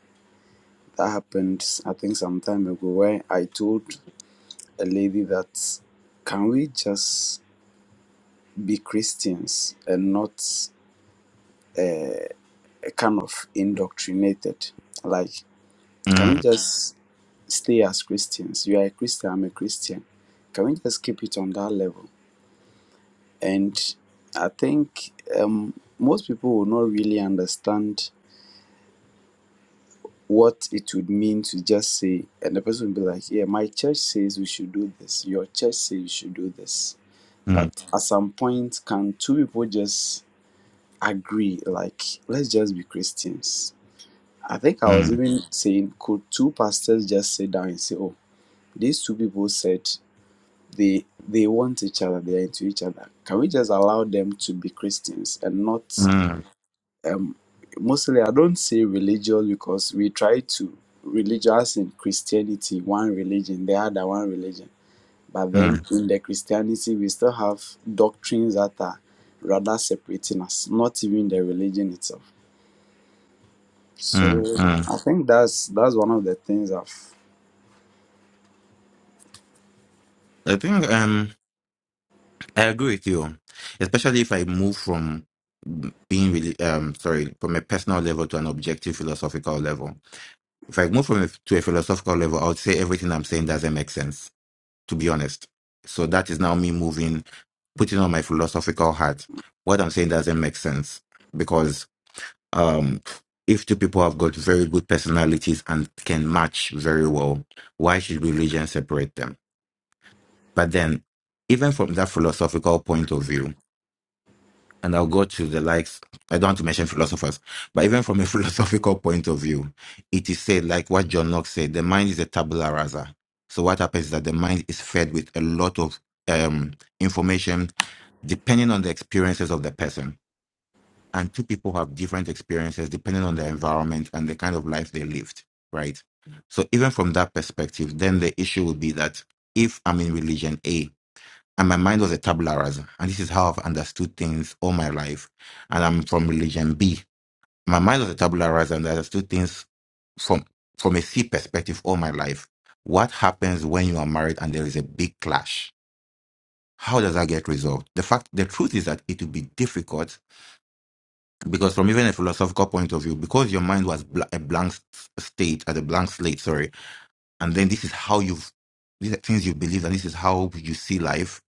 M: that happened. I think some time ago where I told a lady that can we just be Christians and not uh, kind of indoctrinated? like. Can we
G: Mm,
M: just stay as Christians? You are a Christian, I'm a Christian. Can we just keep it on that level? And I think um, most people will not really understand what it would mean to just say, and the person will be like, Yeah, my church says we should do this. Your church says you should do this.
G: mm,
M: But at some point, can two people just agree, like, let's just be Christians? I think I was
G: mm,
M: even saying, could two pastors just sit down and say, oh, these two people said they they want each other they are into each other can we just allow them to be christians and not
G: mm,
M: mostly i don't say religious because we try to religious in christianity one religion the other one religion but then
G: mm,
M: in the christianity we still have doctrines that are rather separating us not even the religion itself so
G: mm, mm.
M: i think that's that's one of the things i've
G: I think um I agree with you, especially if I move from being really um sorry from a personal level to an objective philosophical level. If I move from a, to a philosophical level, I would say everything I'm saying doesn't make sense. To be honest, so that is now me moving, putting on my philosophical hat. What I'm saying doesn't make sense because. um if two people have got very good personalities and can match very well, why should religion separate them? But then, even from that philosophical point of view, and I'll go to the likes, I don't want to mention philosophers, but even from a [laughs] philosophical point of view, it is said, like what John Locke said, the mind is a tabula rasa. So what happens is that the mind is fed with a lot of um, information depending on the experiences of the person and two people have different experiences depending on their environment and the kind of life they lived, right? So even from that perspective, then the issue would be that if I'm in religion A and my mind was a tabula rasa, and this is how I've understood things all my life, and I'm from religion B, my mind was a tabula rasa and I understood things from from a C perspective all my life. What happens when you are married and there is a big clash? How does that get resolved? The fact, the truth is that it will be difficult because from even a philosophical point of view, because your mind was bl- a blank s- state, at a blank slate, sorry, and then this is how you've, these are things you believe, and this is how you see life,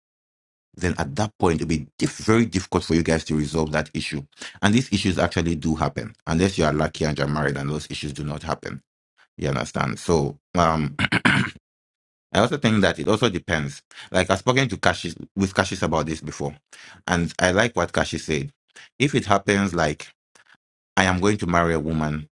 G: then at that point, it'll be diff- very difficult for you guys to resolve that issue. And these issues actually do happen, unless you are lucky and you're married, and those issues do not happen. You understand? So, um, [clears throat] I also think that it also depends. Like I've spoken to Kashis with Kashis about this before, and I like what Kashi said. If it happens, like I am going to marry a woman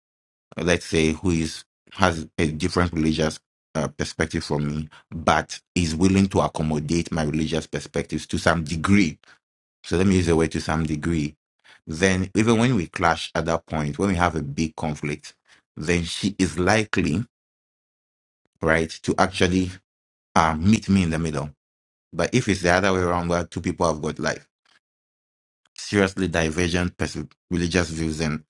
G: let's say, who is has a different religious uh, perspective from me, but is willing to accommodate my religious perspectives to some degree. So let me use the word to some degree. Then, even when we clash at that point, when we have a big conflict, then she is likely, right, to actually uh, meet me in the middle. But if it's the other way around, where two people have got like seriously divergent pers- religious views, and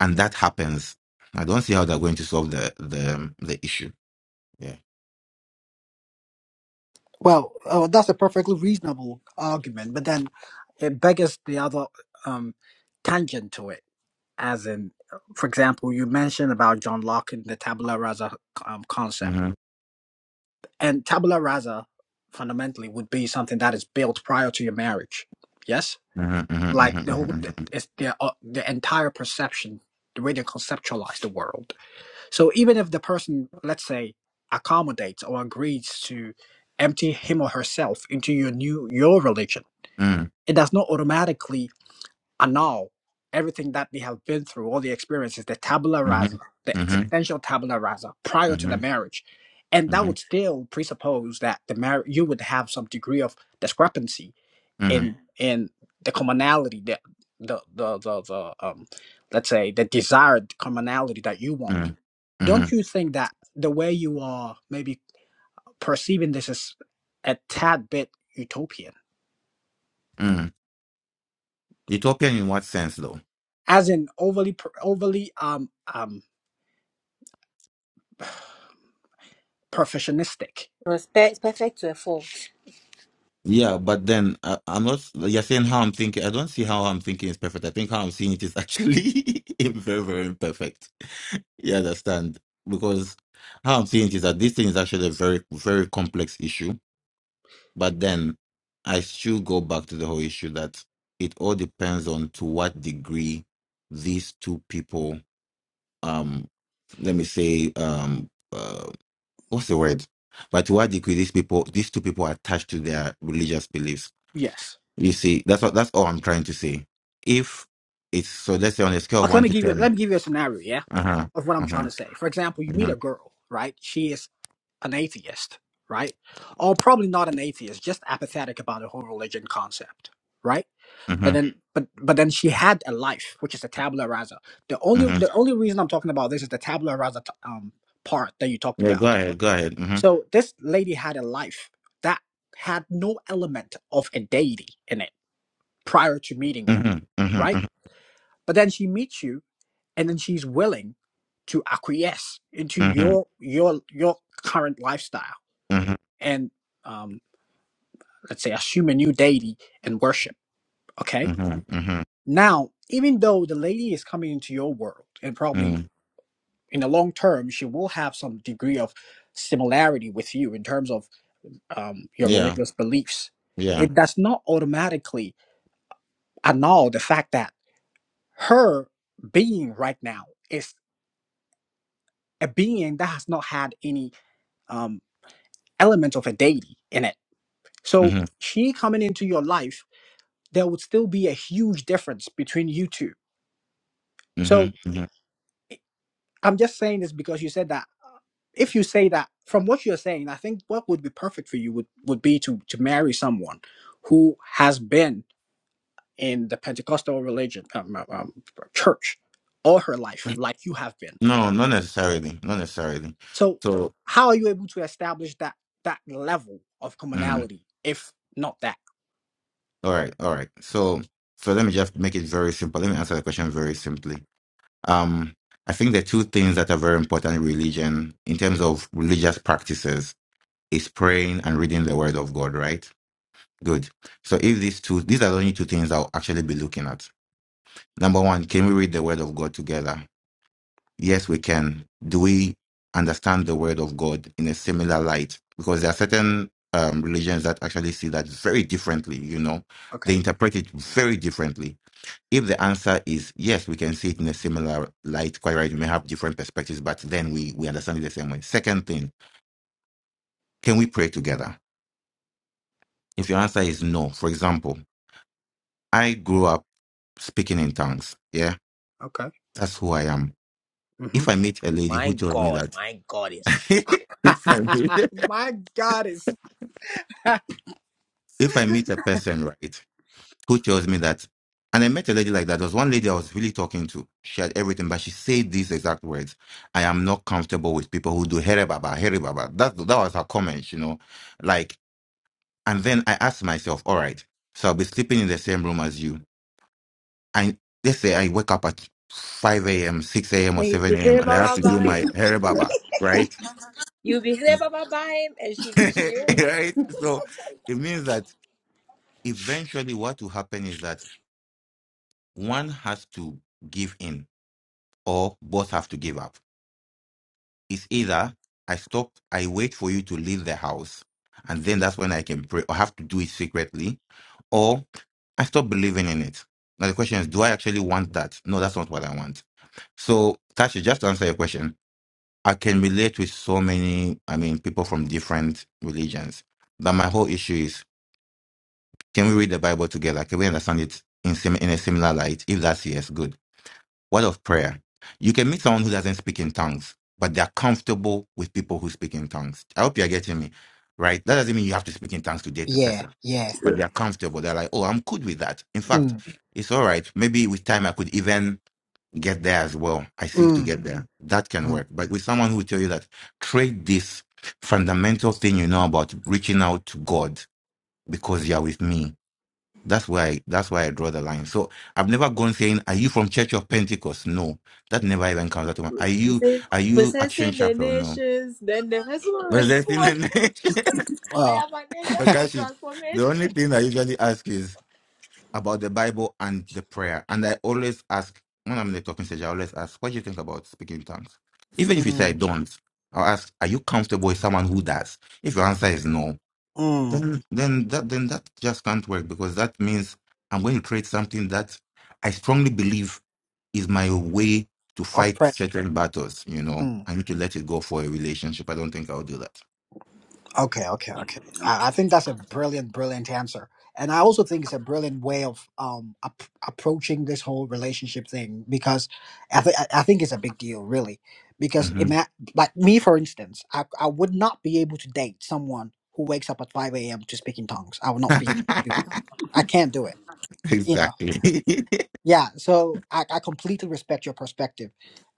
G: and that happens, I don't see how they're going to solve the the the issue. Yeah.
A: Well, oh, that's a perfectly reasonable argument, but then it beggars the other um, tangent to it. As in, for example, you mentioned about John Locke and the tabula rasa um, concept.
G: Mhm,
A: And tabula rasa fundamentally would be something that is built prior to your marriage. Yes?
G: mhm, mhm,
A: Like
G: mhm,
A: the whole,
G: mhm,
A: it's the, uh, the entire perception, the way they conceptualize the world. So even if the person, let's say, accommodates or agrees to empty him or herself into your new, your religion,
G: mhm,
A: it does not automatically and now, everything that they have been through, all the experiences, the tabula rasa,
G: mhm,
A: the
G: mhm, mhm,
A: existential tabula rasa prior to the marriage. And that
G: mhm,
A: would still presuppose that the marriage you would have some degree of discrepancy
G: mhm,
A: in in the commonality, the the the the, the um let's say the desired commonality that you want.
G: mhm,
A: Don't
G: mhm,
A: you think that the way you are maybe perceiving this is a tad bit utopian?
G: mhm. Utopian in what sense, though?
A: As in overly per- overly um um [sighs] perfectionistic
H: it was per- perfect to a fault.
G: Yeah, but then uh, I'm not. You're saying how I'm thinking. I don't see how I'm thinking is perfect. I think how I'm seeing it is actually [laughs] very, very imperfect. You understand? Because how I'm seeing it is that this thing is actually a very, very complex issue. But then I still go back to the whole issue that it all depends on to what degree these two people um let me say um uh, what's the word but to what degree these people these two people are attached to their religious beliefs
A: yes
G: you see that's what that's all i'm trying to say if it's so let's say on a scale of
A: okay let
G: one
A: me
G: to
A: give you
G: ten
A: let me give you a scenario yeah
G: uh-huh
A: of what i'm trying
G: uh-huh
A: to say for example you meet
G: uh-huh
A: a girl right She is. an atheist, right? Or probably not an atheist, just apathetic about the whole religion concept, right? But
G: uh-huh
A: then, but but then she had a life, which is the tabula rasa. The only
G: uh-huh
A: the only reason I'm talking about this is the tabula rasa t- um, part that you talked
G: yeah
A: about.
G: go
A: Right.
G: ahead go ahead uh-huh
A: So this lady had a life that had no element of a deity in it prior to meeting you,
G: uh-huh uh-huh uh-huh
A: right? But then she meets you, and then she's willing to acquiesce into
G: uh-huh
A: your your your current lifestyle
G: uh-huh
A: and um, let's say assume a new deity and worship. Okay.
G: uh huh. Uh huh. Uh huh.
A: Now, even though the lady is coming into your world, and
G: Uh
A: probably in the long term, she will have some degree of similarity with you in terms of um, your
G: yeah
A: religious beliefs,
G: yeah
A: it does not automatically annul the fact that her being right now is a being that has not had any um, element of a deity in it. So
G: uh-huh
A: she coming into your life there would still be a huge difference between you two So
G: uh-huh uh-huh
A: i- am just saying this because you said that. If you say that, from what you're saying, I think what would be perfect for you would, would be to to marry someone who has been in the Pentecostal religion um, uh, um, church all her life, like you have been.
G: no not necessarily not necessarily
A: So
G: so
A: how are you able to establish that that level of
G: mm.
A: commonality if not that?
G: All right, all right. So, so let me just make it very simple. Let me answer the question very simply. Um, I think the two things that are very important in religion, in terms of religious practices, is praying and reading the Word of God. Right? Good. So, if these two, these are the only two things I'll actually be looking at. Number one, can we read the Word of God together? Yes, we can. Do we understand the Word of God in a similar light? Because there are certain um, religions that actually see that very differently. You know, they
A: Okay.
G: interpret it very differently if the answer is yes, we can see it in a similar light. Quite right, we may have different perspectives, but then we, we understand it the same way. Second thing, can we pray together? If your answer is no, for example, I grew up speaking in tongues. Yeah,
A: Okay.
G: that's who I am.
A: hmm
G: If I meet a lady who
N: My
G: told me
N: God,
G: that,
N: my Goddess!
G: [laughs] if I meet, [laughs]
A: [laughs] My God is
G: if I meet a person, right? who tells me that. And I met a lady like that. There was one lady I was really talking to. She had everything, but she said these exact words. I am not comfortable with people who do here baba, here baba. That, that was her comment, you know. Like, and then I asked myself, all right, so I'll be sleeping in the same room as you. And let's say I wake up at 5 a.m., 6 a.m. or
H: you
G: 7
H: be
G: a.m.
H: here,
G: and I have
H: baba,
G: to do my
H: buying.
G: here baba, right?
H: you be here, baba, buying, and she'll
G: [laughs]
H: be chilled.
G: right? So it means that eventually what will happen is that one has to give in or both have to give up. It's either I stop, I wait for you to leave the house, and then that's when I can pray, or have to do it secretly, or I stop believing in it. Now the question is, do I actually want that? No, that's not what I want. So, Tashi, just to answer your question, I can relate with so many, I mean, people from different religions. That my whole issue is, can we read the Bible together? Can we understand it in, sim- in a similar light? If that's yes, good What of prayer? You can meet someone who doesn't speak in tongues, but they're comfortable with people who speak in tongues. I hope you're getting me, right? That doesn't mean you have to speak in tongues to date a
A: yeah,
G: person,
A: yeah.
G: but they're
M: yeah
G: comfortable. They're like, oh, I'm good with that. In fact,
A: Mm,
G: it's all right. Maybe with time I could even get there as well. I seek to
A: mm,
G: get there. That can
A: mm.
G: work. But with someone who will tell you that trade this fundamental thing you know about reaching out to God because you're with me that's why I, that's why I draw the line. So I've never gone saying, "Are you from Church of Pentecost?" No, that never even comes out to my. Are
H: You
G: you
H: say,
G: are you Action
H: possessing the
G: Chapel? No,
H: nations, then the person will
G: but there's still a
H: respond,
G: [laughs]
H: I
A: Well,
H: am an
G: the
H: agent of
G: question. The only
H: transformation.
G: thing I usually ask is about the Bible and the prayer, and I always ask when I'm in the talking stage. I always ask, "What do you think about speaking in tongues?" Even if you say I
A: mm,
G: don't, I'll ask, "Are you comfortable with someone who does?" If your answer is no,
A: mm.
G: then then that then that just can't work because that means I'm going to create something that I strongly believe is my way to fight
A: Off
G: certain battles. You know,
A: Mm,
G: I need to let it go for a relationship. I don't think I'll do that.
A: okay, okay, okay. I, I
M: okay
A: think that's a brilliant, brilliant answer, and I also think it's a brilliant way of um ap- approaching this whole relationship thing because I think I think it's a big deal, really, because
G: hmm
A: ima- like me, for instance, I I would not be able to date someone who wakes up at five a.m. to speak in tongues. I would not be. Able to. I can't do it.
G: [laughs]
A: You know.
G: exactly.
A: Yeah, so I, I completely respect your perspective.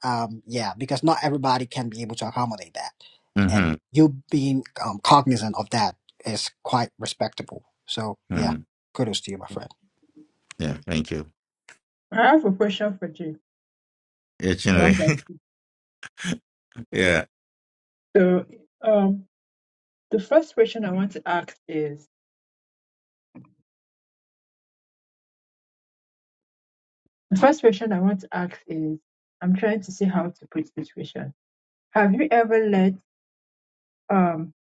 A: Um, yeah, because not everybody can be able to accommodate that.
G: [laughs]
A: And
G: hmm
A: you being um, cognizant of that is quite respectable. So, yeah,
G: hmm
A: kudos to you, my friend. [laughs]
G: Yeah. Thank you.
K: I have a question for you.
G: Yeah.
K: Robert.
G: Chinwe. [laughs] yeah.
K: So, um, the first question I want to ask is the first question I want to ask is I'm trying to see how to put this question. Have you ever let um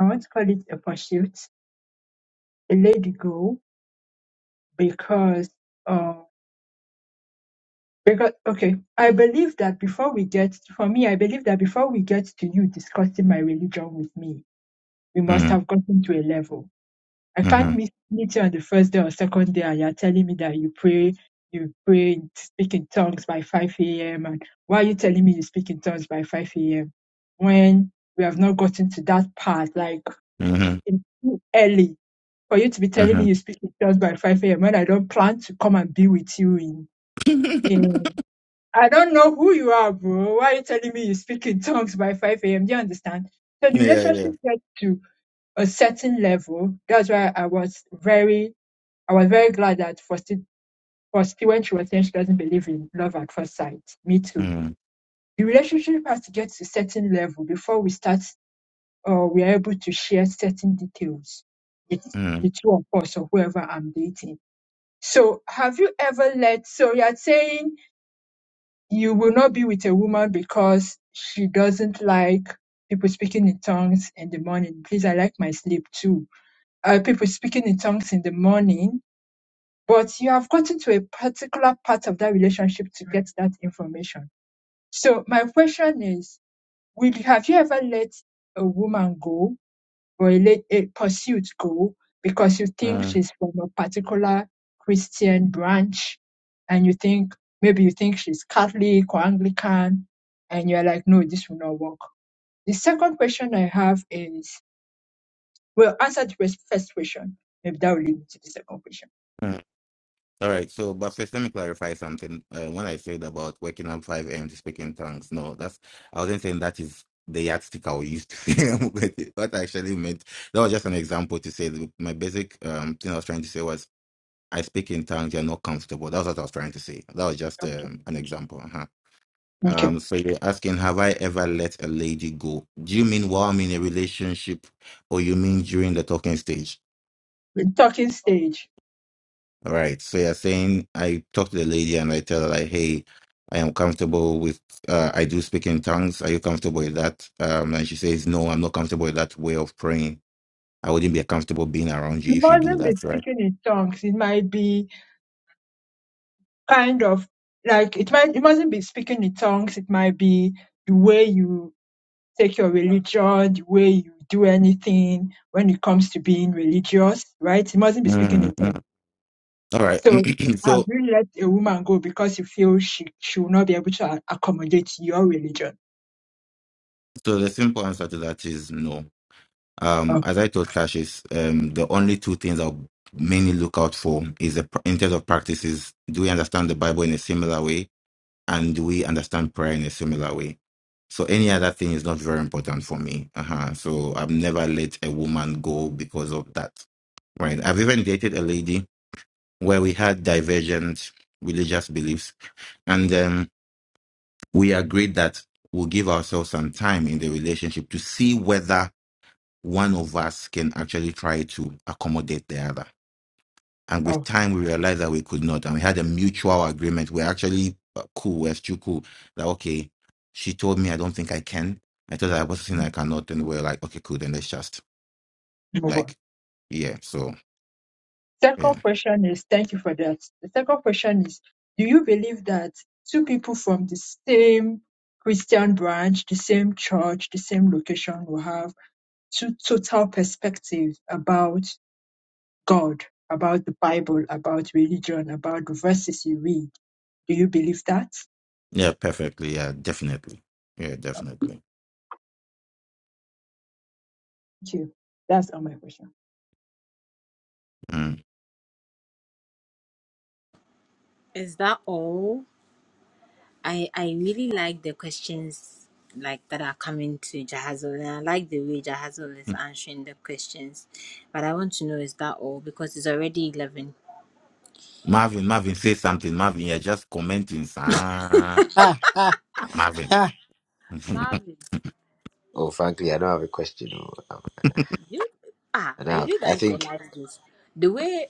K: I want to call it a pursuit a lady go because um because okay I believe that before we get for me I believe that before we get to you discussing my religion with me we must
G: hmm
K: have gotten to a level I can't
G: hmm
K: meet, meet you on the first day or second day, and you're telling me that you pray, you pray, and speak in tongues by 5 a.m. And why are you telling me you speak in tongues by 5 a.m. when we have not gotten to that part? Like
G: hmm
K: it's too early for you to be telling me
G: hmm
K: you speak in tongues by 5 a.m. when I don't plan to come and be with you in.
G: [laughs]
K: in I don't know who you are, bro. Why are you telling me you speak in tongues by 5 a.m.? Do you understand? So the
G: yeah.
K: relationship
G: Yeah.
K: gets to a certain level. That's why I was very I was very glad that Fosti, Fosti when she was saying she doesn't believe in love at first sight, me too. The relationship has to get to a certain level before we start or uh, we are able to share certain details with
G: hmm
K: the two of us or whoever I'm dating. So have you ever let, so you're saying you will not be with a woman because she doesn't like people speaking in tongues in the morning. Please, I like my sleep too. Uh, people speaking in tongues in the morning but you have gotten to a particular part of that relationship to get that information. So my question is, will you, have you ever let a woman go or a, le- a pursuit go because you think she's from a particular Christian branch and you think maybe you think she's Catholic or Anglican and you're like, no, this will not work. The second question I have is, well, answer the first first question. Maybe that will lead me to the second question.
G: hmm All right, so but first, let me clarify something. Uh, when I said about waking up 5 a.m. to speak in tongues, no, that's I wasn't saying that is the yardstick I will use to [laughs] say what I actually meant. That was just an example to say that my basic um thing I was trying to say was I speak in tongues, you're not comfortable. That's what I was trying to say. That was just um, an example. Uh-huh.
K: Okay.
G: Um, so you're asking, have I ever let a lady go? Do you mean while I'm in a relationship or you mean during the talking stage?
K: The Talking stage.
G: All right. So you're saying I talk to the lady and I tell her like, "Hey, I am comfortable with. Uh, I do speak in tongues. Are you comfortable with that?" Um, and she says, "No, I'm not comfortable with that way of praying. I wouldn't be comfortable being around you
K: It
G: if you do
K: mustn't be
G: that, right?"
K: speaking in tongues. It might be kind of like it might it mustn't be speaking in tongues. It might be the way you take your religion, the way you do anything when it comes to being religious, right? It mustn't be speaking
G: Mhm.
K: in tongues.
G: All right.
K: So
G: [clears throat]
K: have
G: so,
K: you let a woman go because you feel she she will not be able to a- accommodate your religion?
G: so the simple answer to that is no. Um,
K: Oh,
G: as I told Cassius, um, the only two things I'll mainly look out for is the, pr- in terms of practices. Do we understand the Bible in a similar way? and we understand prayer in a similar way. So any other thing is not very important for me. Uh-huh. So I've never let a woman go because of that. Right. I've even dated a lady where we had divergent religious beliefs, and um, we agreed that we'll give ourselves some time in the relationship to see whether one of us can actually try to accommodate the other And with
K: okay.
G: time, we realized that we could not. And we had a mutual agreement. We're actually uh, cool. We're still cool. That, okay, she told me I don't think I can. I told her I was saying I cannot. And we're like, okay, cool. Then let's just,
K: Move on.
G: like, yeah. So,
K: Second
G: yeah.
K: question is, thank you for that. The second question is, do you believe that two people from the same Christian branch, the same church, the same location will have two total perspectives about God, about the Bible, about religion, about the verses you read? Do you believe that?
G: Yeah, perfectly. Yeah, definitely. Yeah, definitely.
K: Thank you. That's all my question.
G: Mm.
H: Is that all? I I really like the questions like that are coming to Jahazul and I like the way Jahazul is
G: Mm.
H: answering the questions. But I want to know is that all because it's already eleven.
G: Marvin, Marvin, say something. Marvin, you're just commenting. sir.
A: Ah, ah,
G: Marvin.
A: ah.
H: Marvin,
N: Oh, frankly, I don't have a question. oh, um,
H: do you, ah,
N: I don't
H: have
N: have.
H: you
N: I
H: guys
N: think,
H: realize this? The way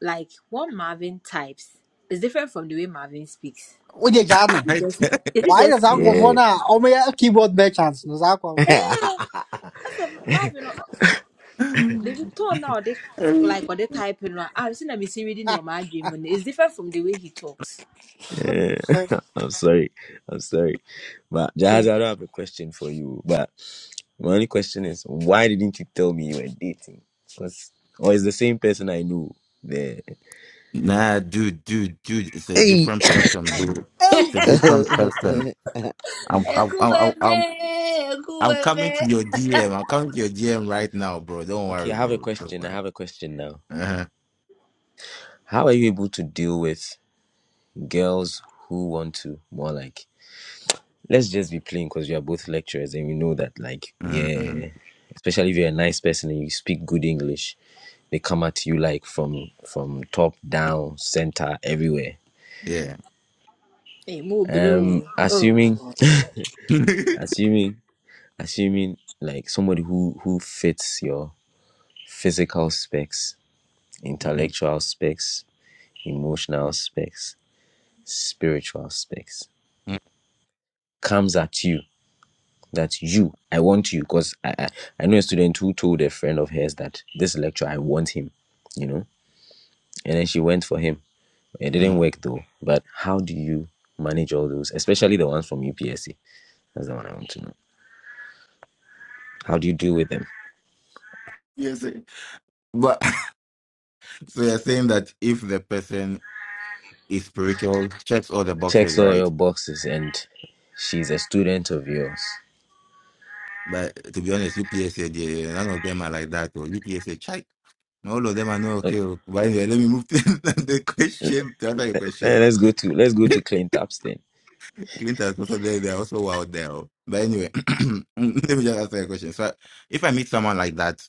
H: like what Marvin types is different from the way Marvin speaks.
A: Uje
H: Is
A: jano.
H: it just is it
A: Why does
H: just
A: Uncle
H: you?
N: yeah.
A: Fona omea keyboard merchants? No, Zakwa.
H: Eh, I
N: [laughs]
H: said Marvin oh, the tone now they
G: [laughs] [laughs]
H: like or they typing I've seen a reading what my dream is different from the way he talks.
N: Yeah.
A: [laughs]
N: [laughs] I'm sorry. I'm sorry. But Jahaz, I don't have a question for you. But my only question is, why didn't you tell me you were dating? Because, or it's the same person I knew there.
G: Nah, dude, dude, dude, it's a
N: Hey.
G: different person, bro.
A: Hey!
G: It's a
N: [coughs]
G: different person. I'm, I'm, I'm, I'm, I'm
D: Ekuwebe,
G: I'm coming to
D: ekuwebe.
G: your DM. I'm coming to your DM right now, bro. Don't
N: Okay,
G: worry,
N: I have a
G: bro. Don't
N: question. I
G: worry.
N: have a question now.
G: Uh-huh.
N: How are you able to deal with girls who want to more like? let's just be plain because we are both lecturers and we know that like
G: Mm-hmm.
N: yeah especially if you're a nice person and you speak good english they come at you like from from top down center everywhere
G: Yeah.
H: Hey, mo
N: um
H: bro.
N: assuming
H: Oh.
G: [laughs]
N: assuming assuming like somebody who who fits your physical specs intellectual specs emotional specs spiritual specs comes at you that you i want you because I, I i know a student who told a friend of hers that this lecture i want him you know and then she went for him it didn't
G: mm-hmm.
N: work though but how do you manage all those especially the ones from upsc that's the one i want to know how do you deal with them
G: Yes, eh. but [laughs] so you're saying that if the person is spiritual, checks all the boxes,
N: checks all
G: right?
N: your boxes and she's a student of yours
G: But to be honest, UPSA, they- none of them are like that. Or UPSA, check. All of them are not
N: okay,
G: okay. oh. But anyway, let me move to [laughs] the question, the other
N: eh,
G: question.
N: let's go to let's go
G: [laughs]
N: to clint tapstein
G: Clinton has also there, they're also out there. oh. But anyway, [clears throat] let me just answer your question. So if I meet someone like that,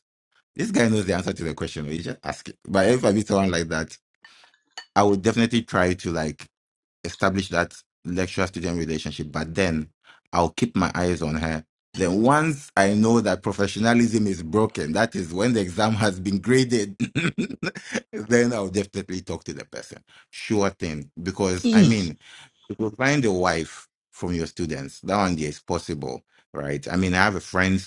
G: this guy knows the answer to the question. He just ask it. But if I meet someone like that, I would definitely try to like establish that lecturer student relationship, but then I'll keep my eyes on her. Then once I know that professionalism is broken, that is when the exam has been graded, [laughs] then I'll definitely talk to the person. Sure thing. Because I
N: Eee.
G: mean, you will find a wife from your students. That one there is possible, right? I mean, I have a friend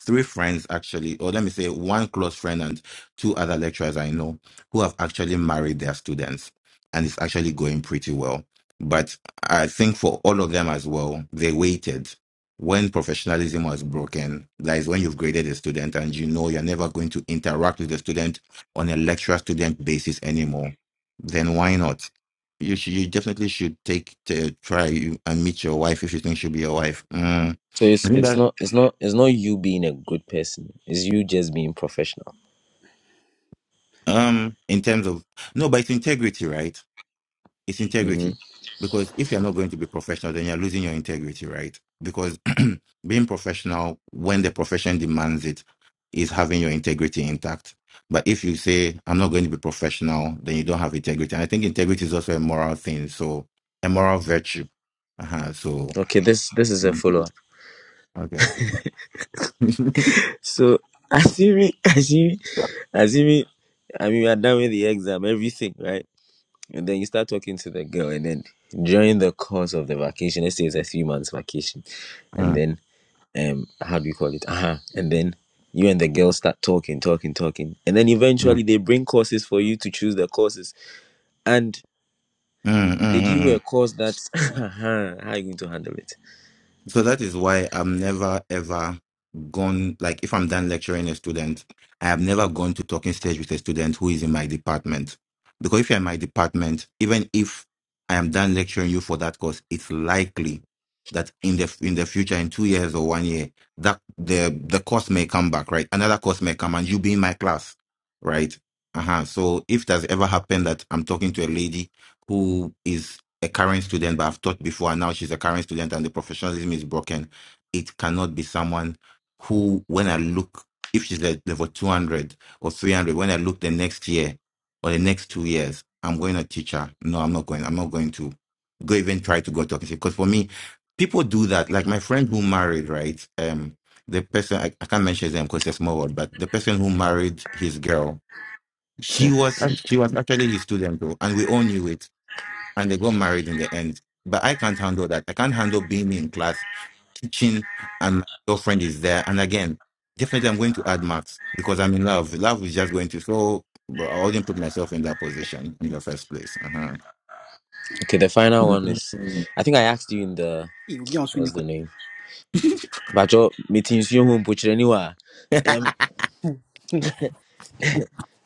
G: three friends actually, or let me say one close friend and two other lecturers I know who have actually married their students, and it's actually going pretty well. But I think for all of them as well, they waited. When professionalism was broken, that is when you've graded a student and you know you're never going to interact with the student on a lecturer student basis anymore, then why not? You, should, you definitely should take to try you and meet your wife if you think she'll be your wife. Mm.
N: so it's it's not it's not it's not you being a good person it's you just being professional
G: Um, in terms of no, but it's integrity, right? It's
N: hmm
G: integrity because if you're not going to be professional, then you're losing your integrity, right? Because [clears throat] being professional when the profession demands it is having your integrity intact. But if you say I'm not going to be professional, then you don't have integrity. And I think integrity is also a moral thing, so a moral virtue. Uh-huh, so
N: okay this this is a
G: mm,
N: follow-up
G: okay.
N: So [laughs] assuming assuming assuming I mean we are done with the exam, everything, right? And then you start talking to the girl and then during the course of the vacation, let's say it's a three months vacation, and
G: [laughs] Mm,
N: then um how do you call it? Uh-huh. And then you and the girl start talking, talking, talking. And then
G: mm,
N: eventually they bring courses for you to choose the courses. And
G: mm,
N: they
G: mm, mm,
N: give you a course that [laughs] how are you going to handle it?
G: so that is why I'm never ever gone like if I'm done lecturing a student, I have never gone to talking stage with a student who is in my department. Because if you're in my department, even if I am done lecturing you for that course, it's likely that in the in the future, in two years or one year, that the the course may come back, right? Another course may come and you be in my class, right? Uh-huh. So if it ever happened that I'm talking to a lady who is a current student, but I've taught before, and now she's a current student, and the professionalism is broken. It cannot be someone who, when I look, if she's at level 200 or 300, when I look the next year or the next two years, I'm going to teach her. No, I'm not going. I'm not going to go even try to go talk. Because for me, people do that. Like my friend who married, right? Um, the person I, I can't mention his name because it's a small word, but the person who married his girl, she was she was actually his student, though, and we all knew it and they got married in the end. But I can't handle that. I can't handle being in class, teaching, and my girlfriend is there. And again, definitely I'm going to add marks because I'm in love. Love is just going to so bro, I wouldn't put myself in that position in the first place. Uh-huh.
N: Okay, the final one is
G: [laughs]
N: I think I asked you in the
A: Hey, Obi answer any
N: what's the
A: question.
N: name? But your meetings you won't put anywhere. Um,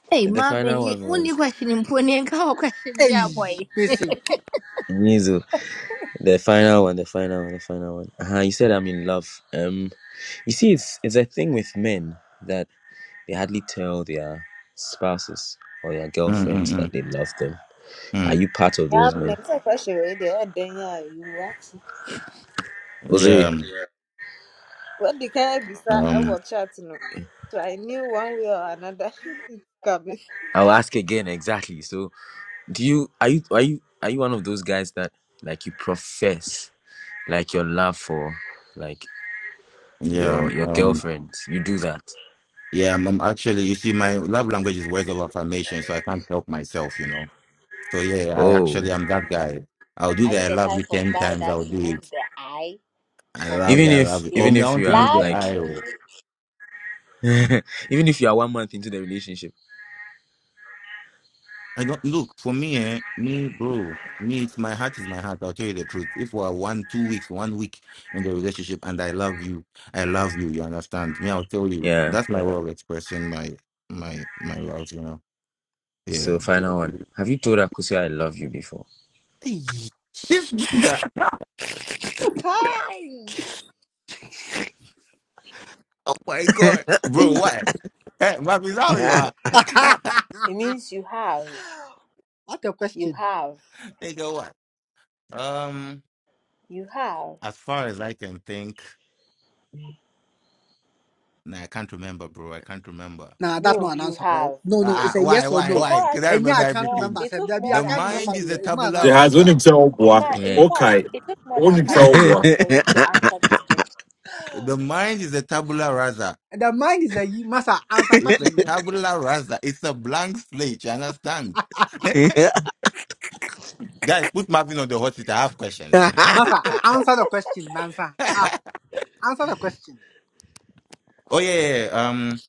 D: Hey
N: the
D: Marvin,
N: final
D: you
N: one
D: only
N: was
D: question in Pony and cow question
A: Hey,
D: there boy.
A: Messi.
N: Nizo. The final one, the final one, the final one. Uh-huh, you said I'm in love. Um, you see, it's it's a thing with men that they hardly tell their spouses or their
G: Mm, mm,
N: girlfriends
G: mm,
N: that they love them. Are
G: mm.
N: you part of
L: Yeah,
N: those
L: I'm
N: men?
L: not so question. You ask
N: Jose,
G: Yeah.
L: What the guy beside? I
G: Um
L: was chatting. no. So I knew one way or another [laughs] it's coming.
N: I'll ask again exactly. So, do you are you are you are you one of those guys that like you profess like your love for like
G: yeah.
N: your your
G: Um
N: girlfriend? You do that.
G: yeah, I'm, I'm actually you see my love language is words of affirmation, so I can't help myself, you know. So yeah, I
N: Oh,
G: actually am that guy. I'll do
H: Are you
G: that I
H: the
G: love
H: type
G: you
H: of
G: ten
H: guy
G: times,
H: that
G: I'll do it
H: removes the I
G: I
H: from
G: love
H: there?
G: it.
N: even
G: I
H: You
N: if
G: love it. Oh,
N: even
H: say,
G: me, I
N: if
G: want
N: you
G: to
N: are
G: move
H: love
G: the
N: like,
H: you.
G: aisle.
N: [laughs] even if you are one month into the relationship,
G: I don't look for me, eh? Me, bro. Me, it's my heart is my heart. I'll tell you the truth. If we're one, two weeks, one week in the relationship, and I love you, I love you. You understand me? I'll tell you.
N: yeah.
G: That's my way of expressing my my my love. You know? Yeah.
N: So final one. Have you told Akusi I love you before?
A: Hey.
G: This nigga. [laughs]
L: Kai!
G: Oh my god, bro. What? [laughs] Hey, but how you are. [laughs]
A: [laughs]
H: It means you have,
A: what a
H: you
A: question.
H: have,
G: nigga, what? Um,
H: you have.
G: as far as I can think, nah, I can't remember, bro. I can't remember.
A: Nah, that's not
H: No,
A: an
H: you
A: answer, bro.
H: have.
A: No, no, it's
G: Uh,
A: a
G: uh, why,
A: yes or
G: why,
H: So
A: no.
G: why?
H: for us,
G: Because I
H: it
A: And yeah,
G: remember
A: I
H: took
A: can't
H: more.
A: remember,
G: everything.
H: It
A: Sam.
H: took
A: There be,
H: more
A: I
G: The
H: than
A: can't
H: three
A: remember.
G: mind is
A: There.
G: a
H: seconds.
A: It's not an
G: tabula
A: answer.
F: Jehaz,
G: rasa.
F: wonim
H: In my,
F: sɛ
H: in
N: Yeah.
H: fact,
F: Okay.
H: it took more than
F: Only wonim sɛ
H: five seconds
F: ɔboa
H: for you to answer this question.
G: [laughs]
A: [gasps]
G: the mind is a tabula rasa.
A: And the mind is that you must answer
G: It's a
A: question, no?
G: tabula rasa. It's a blank slate. You understand?
N: [laughs]
G: Guys, put Marvin on the hot seat. I have questions. [laughs]
A: Masa, answer the question, Nansa.
G: oh
A: Ah,
G: yeah,
A: answer the question.
G: yeah. yeah. Um,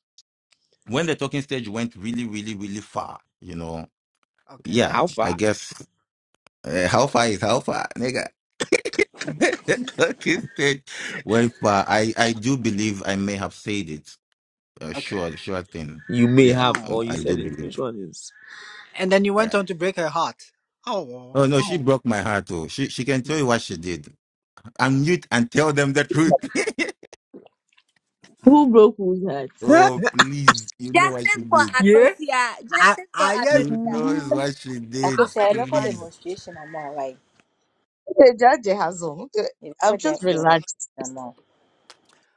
G: when the talking stage went really, really, really far, you know.
A: Okay.
G: Yeah,
N: How
G: I
N: far?
G: guess. Uh, how far is how far, nigga? [laughs] The talking stage went far. I I do believe I may have said it Uh,
A: Okay.
G: sure, sure thing.
N: You may
G: Yeah,
N: have,
A: Oh.
G: um,
N: or you
G: I do
N: said it. Which
G: believe.
N: one is?
A: And then you went on to break her heart. Oh.
G: Oh no, she broke my heart. Oh, she she can tell you what she did. Unmute and tell them the truth. [laughs]
A: Mm.
I: Who broke whose heart?
G: oh please, you know what she
D: Justice for
G: did.
A: Yeah.
D: Akosia.
A: I
D: Justice for
A: I yeah.
G: She
D: Akosia.
A: hoo,
G: knows
A: hoo.
G: what she
H: I
A: I
H: could
G: did.
A: feel
H: say, I
A: the
H: look at
A: wide.
G: Please.
H: demonstration amount, right?
I: Hey, Judge Hazel,
H: I
I: I'm
H: look at
I: just
H: demonstration
I: relaxed.
H: amount.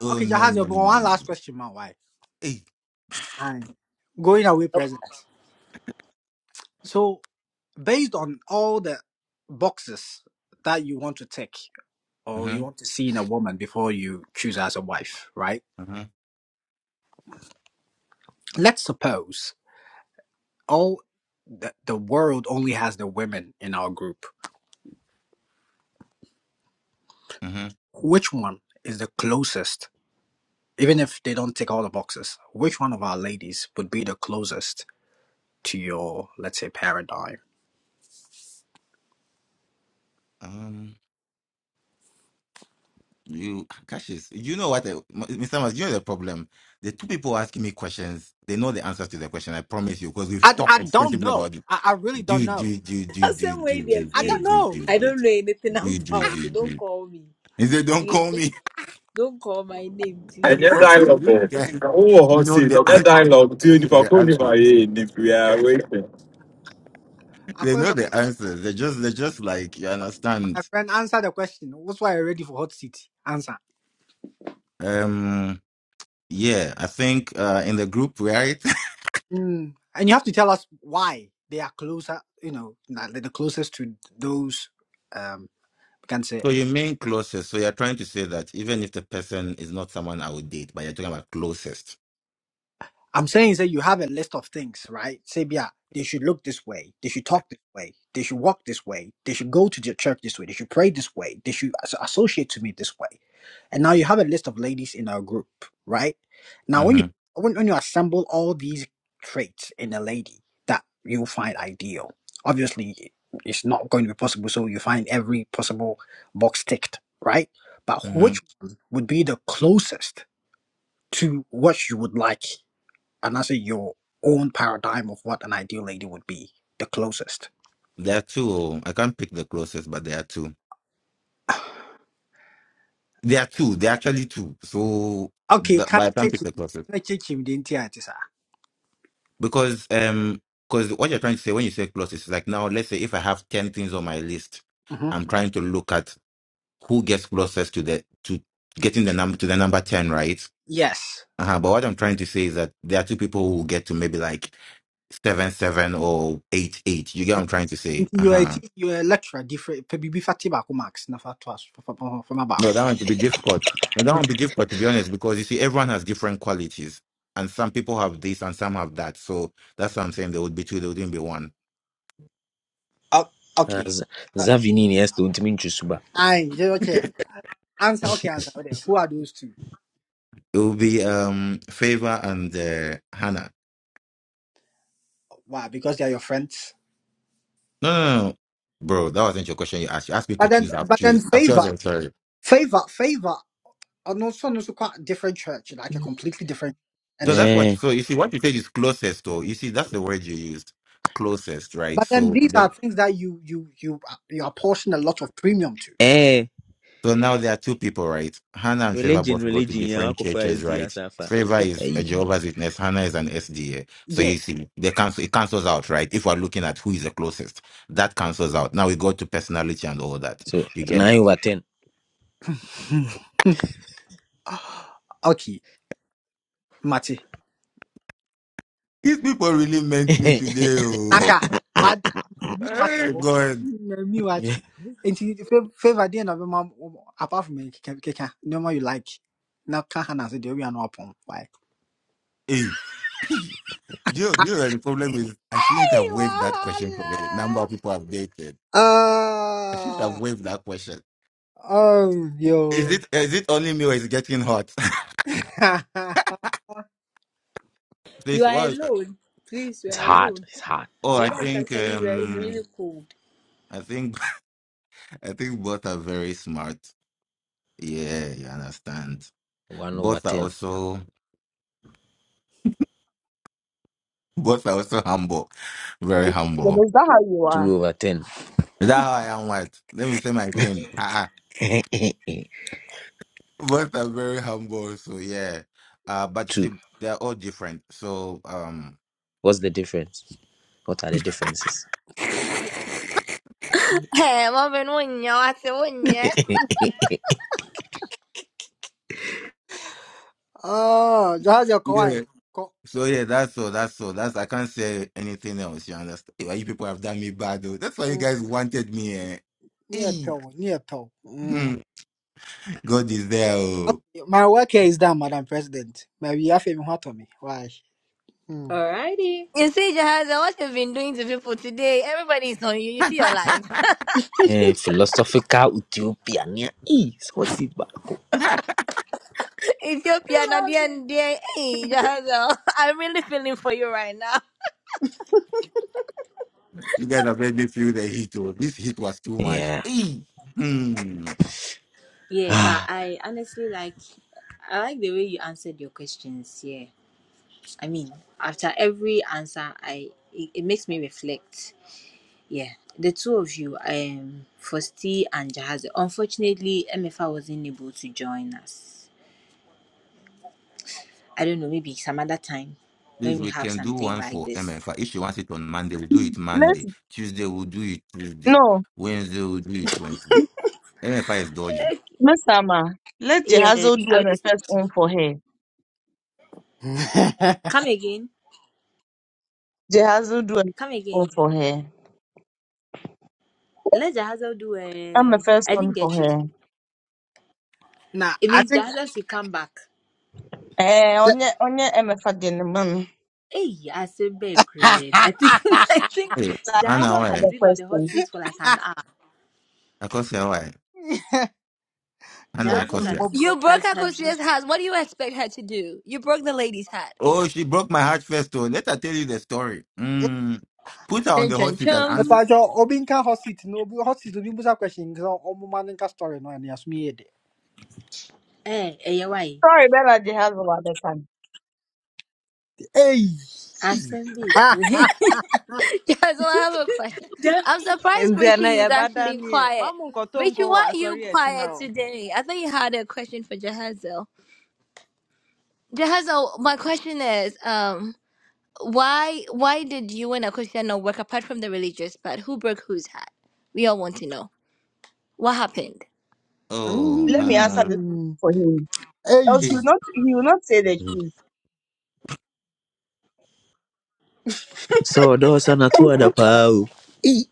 G: Oh
A: Okay,
G: no
A: Jahaz,
G: no
A: one
G: no
A: one
G: no.
A: last question, my wife.
G: Hey.
A: Aye. Going away
H: [laughs]
A: present. So based on all the boxes that you want to tick or
G: Uh-huh.
A: you want to see in a woman before you choose her as a wife, right?
G: Uh-huh.
A: Let's suppose all the, the world only has the women in our group.
G: Uh-huh.
A: Which one is the closest? Even if they don't tick all the boxes, which one of our ladies would be the closest to your, let's say, paradigm?
G: Um. You, Cassius, you know what, I, Mr. Mas, you know the problem. The two people asking me questions, they know the answers to the question. I promise you, because we've
A: I, I
G: talked
A: don't
G: extensively about
A: know.
G: this.
A: I, I really don't
G: Dude,
A: know.
G: dude, dude, dude,
H: Same
G: dude,
H: way
G: dude,
H: there,
G: dude,
A: I don't
G: dude,
H: please.
G: dude,
A: know.
G: dude,
H: I
G: dude.
H: don't know anything [laughs]
G: Dude, dude,
H: about it.
G: dude,
H: Don't
G: dude.
H: call me.
G: He said, don't call me.
H: Don't call my name,
G: [laughs] I
F: ɛnyɛ
H: please.
G: promise you,
F: dialogue
G: those
F: o
G: guys
F: Na wowɔ hɔ
G: know
F: se
G: the
F: ɛnyɛ
G: answer
F: dialogue nti
G: to
F: onipa
G: the
F: ko nim
G: answer.
F: ayɛ ni biaa wei
A: I
G: They
A: got
G: know the answers. They're just, they're just like, you
A: but
G: understand.
A: my friend answer the question. What's why you're ready for hot seat? Answer.
G: Um, yeah, I think uh, in the group, right?
A: Mm. And you have to tell us why they are closer. You know, like, they're the closest to those. Um, we can
G: [laughs]
A: say
G: so you mean closest. So you're trying to say that even if the person is not someone I would date, but you're talking about closest.
A: I'm saying say you have a list of things, right? Say yeah, they should look this way, they should talk this way, they should walk this way, they should go to the church this way, they should pray this way, they should as- associate to me this way. And now you have a list of ladies in our group, right? Now when you
G: Mm-hmm.
A: when, when you assemble all these traits in a lady that you find ideal, obviously it's not going to be possible, so you find every possible box ticked, right? But
G: Mm-hmm.
A: which one would be the closest to what you would like? and I say your own paradigm of what an ideal lady would be, the closest.
G: There are two. oh, I can't pick the closest, but there are two. There are two. There are actually two. So
A: Okay,
G: the,
A: can
G: but I
A: I
G: can't
A: teach
G: pick
A: him?
G: the closest
A: Can I teach him the entire
G: because um because what you're trying to say when you say closest is like now let's say if I have ten things on my list,
A: mm-hmm.
G: I'm trying to look at who gets closest to the to getting the number to the number ten right.
A: Yes.
G: Uh-huh. But what I'm trying to say is that there are two people who will get to maybe like seven seven or eight eight. You get what I'm trying to
A: Nti
G: say? Uh
A: you are a
G: huh.
A: te- you are a lecturer different. Pe bibi fati baako marks na fa to aso fa fa fa ma
G: No,
A: baako.
G: that one could be difficult. No, that
A: Hmm.
G: one would be difficult to be honest, because you see, everyone has different qualities, and some people have this and some have that. So that's what I'm saying. There would be two. There wouldn't be one.
A: Oh,
N: Uh,
A: okay.
N: Z-
A: Uh,
N: Zavini ni esto untimi nchusuba.
A: I okay. Answer okay answer. Okay. Who are those two?
G: It would be um favor and uh, Hannah.
A: Wow, because they are your friends.
G: No, no, no, no. bro, that wasn't your question. You asked. You asked me to
A: But then
G: choose. I've
A: but then
G: choose. I've
A: favor
G: chosen. Sorry.
A: favor favor. And also, also quite different church, like a completely different. And
G: So
A: she.
G: that's
N: Eh,
G: what. So you see, what you said is closest. Though you see, that's the word you used. Closest, right?
A: But then
G: So
A: these
G: the,
A: are things that you you you you apportion a lot of premium to.
N: eh.
G: So now there are two people, right? Hannah and Favor
N: Religion,
G: both go to
N: religion. Yeah,
G: different
N: wako far is
G: churches,
N: the
G: right?
N: asafa.
G: Favor is a
N: Hey.
G: Jehovah's Witness, Hannah is an SDA. So
A: Yeah.
G: you see, they cancel it cancels out, right? If we're looking at who is the closest, that cancels out. Now we go to personality and all that.
N: So
G: You get
N: nine over ten.
A: [sighs] [laughs] okay, Mate.
G: these people really
N: [laughs]
G: meant me
N: yeah.
G: today. Oh
A: Naga, what me what
G: Hey,
A: Oh.
G: God.
A: me what nti fa- favor deɛ na bɛma wo- apart from keka keka nneɛma you like Now, can ha na sɛ deɛ wobia no apɔn why
G: Hey. [laughs] Do you,
A: ah
G: do you know the problem is I shouldn't have waived that question for
L: Wahala!
G: the number of people I've dated. I shouldn't have
A: ah,
G: waived that question.
A: um
G: Is
A: yo
G: it is it only me or is it getting hot?
A: [laughs]
G: [laughs]
H: You
G: Please,
H: are
G: what?
H: alone. Please, you
N: It's
H: are
N: hard.
H: alone.
N: It's hard.
G: Oh,
N: It's
H: The
G: I
N: hard.
H: weather is
G: think
H: actually very,
G: um
H: really cold.
G: I think [laughs] I think both are very smart. Yeah, you understand.
N: One over
G: Both are
N: ten.
G: also [laughs] both are also humble. Very
I: Hey,
G: humble.
I: Megan, is that how you are?
N: Two over ten.
G: Is that how I am white? Let me say my thing. [laughs] Ah, ah.
N: [laughs]
G: both are very humble, so yeah. Uh but you
N: two.
G: see they're all different. So um
N: What's the difference? What are the differences?
D: Hey Marvin, wunya, what's it, wunya?
N: [laughs]
A: oh jahaja kɔwae
G: Yeah.
A: kɔ
G: So yeah, that's so that's so That's I can't say anything else, you understand? Why you people have done me bad though. That's why you
A: mm,
G: guys wanted me eh?
A: ne yɛ
G: Eh.
A: pɛw ne yɛ pɛw
G: Hmm. God is there. Oh.
A: My work here is done, Madam President. Maybe you have him hot on me. Why? Hmm.
H: Alrighty.
D: You see, Jahaza, what you've been doing to people today, everybody's on you. You see your life.
N: Eh, philosophical Ethiopian. Is what's it? ba?
D: Ethiopian at the end there. Hey, Jahazel, [laughs] I'm really feeling for you right now.
G: You guys have made me feel the heat. Oh. This heat was too much.
N: Yeah.
G: Hey! Hmm.
H: Yeah, but
N: Ah.
H: I honestly like I like the way you answered your questions. Yeah. I mean, after every answer I it, it makes me reflect. Yeah. The two of you, um Fosti and Jahazi. Unfortunately, MFA wasn't able to join us. I don't know, maybe some other time when
G: Please,
H: we
G: we
H: have
G: can do
H: something
G: one
H: like
G: for
H: this.
G: MFA. If she wants it on Monday, we'll do it Monday.
I: Let
G: Tuesday, we'll do it Tuesday.
I: no,
G: Wednesday, we'll do it Wednesday. MFA is dodgy.
I: Miss Sama, let
H: Yes,
I: Jehazel do
H: I'm
I: an first
H: listening
I: one for her.
A: [laughs]
H: Come again.
I: Jehazel do an
H: Come
I: first
H: again.
I: one for her.
H: Let Jahazel do
I: I'm a
H: a.
I: first
H: I
I: one
H: didn't
I: for
H: get you.
I: her.
A: Nah,
H: It
A: I
H: means
A: think
H: Jahazel should come back.
I: Eh, onye onye MFA din man.
H: Hey, I said back really. I think [laughs] I
A: [laughs]
H: think
G: Hey,
I: So I
G: Anna,
H: Jahazel
I: have
H: has
G: why?
I: a
H: been on the hot
I: question.
H: seat for like an hour.
G: Akosia, why? Anna,
A: depending
H: Jahazel
A: on
G: Akosia.
A: who
H: has
D: You
A: bro.
D: broke
H: has
D: Akosia's
H: has.
D: hat. What do you expect her to do? You broke the lady's hat.
G: Oh, she broke my heart first. Oh, let her tell you the story. Hmm. Put her on
D: Chum
G: the
D: chum
G: hot seat and answer.
D: chum.
A: Mepacho obi nka hot seat no obi hot seat obi busa question nka omo man nka story no and asumi ye de.
H: Eh, hey, why?
I: Sorry, Bella Jehazel at the time.
A: Hey.
H: I
G: Hey.
H: said back
A: [laughs]
D: [laughs] Jahazel, I have a question.
H: [laughs] Ja-
D: I'm surprised
L: Nti ɛnɛ
D: Richie is
L: yɛbɛda
D: actually
L: ne yɛ
D: quiet.
L: mamu nkɔtɔnkɔ
D: Richie,
L: wɔ
D: why are you
L: asɔre akyi na
D: quiet today? I thought you had a question for Jahazel. Jahazel, my question is, um, why why did you and Akosia not work apart from the religious part? Who broke whose hat? We all want to know. What happened?
G: Oh,
I: Let me answer
G: Hannah.
I: this
A: Mm.
I: for him.
A: Hey.
I: Else
G: Hey.
I: he will not he will not say the
N: mm.
I: truth.
N: So those are not what
I: [laughs]
N: about. Eh.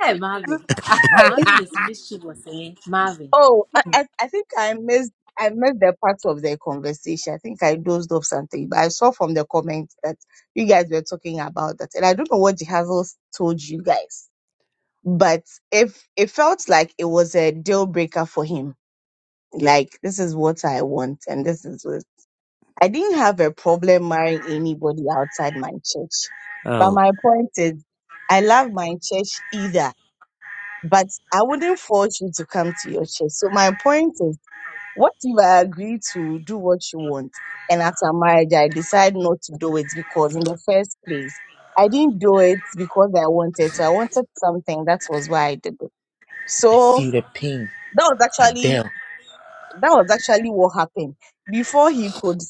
H: Hey, Marvin. Marvin is mischievous. Eh? Marvin,
I: Oh, I, I I think I missed I missed the part of the conversation. I think I dozed off something, but I saw from the comments that you guys were talking about that, and I don't know what Jehazels told you guys, but if it felt like it was a deal breaker for him, like this is what I want, and this is what I didn't have a problem marrying anybody outside my church, but
N: Oh,
I: my point is, I love my church either, but I wouldn't force you to come to your church. So my point is What if I agree to do what you want and after marriage I decide not to do it because in the first place I didn't do it because I wanted to. I wanted something. That was why I did it.
N: I
I: So
N: feel the pain.
I: that was actually
N: Adele.
I: that was actually what happened. Before he could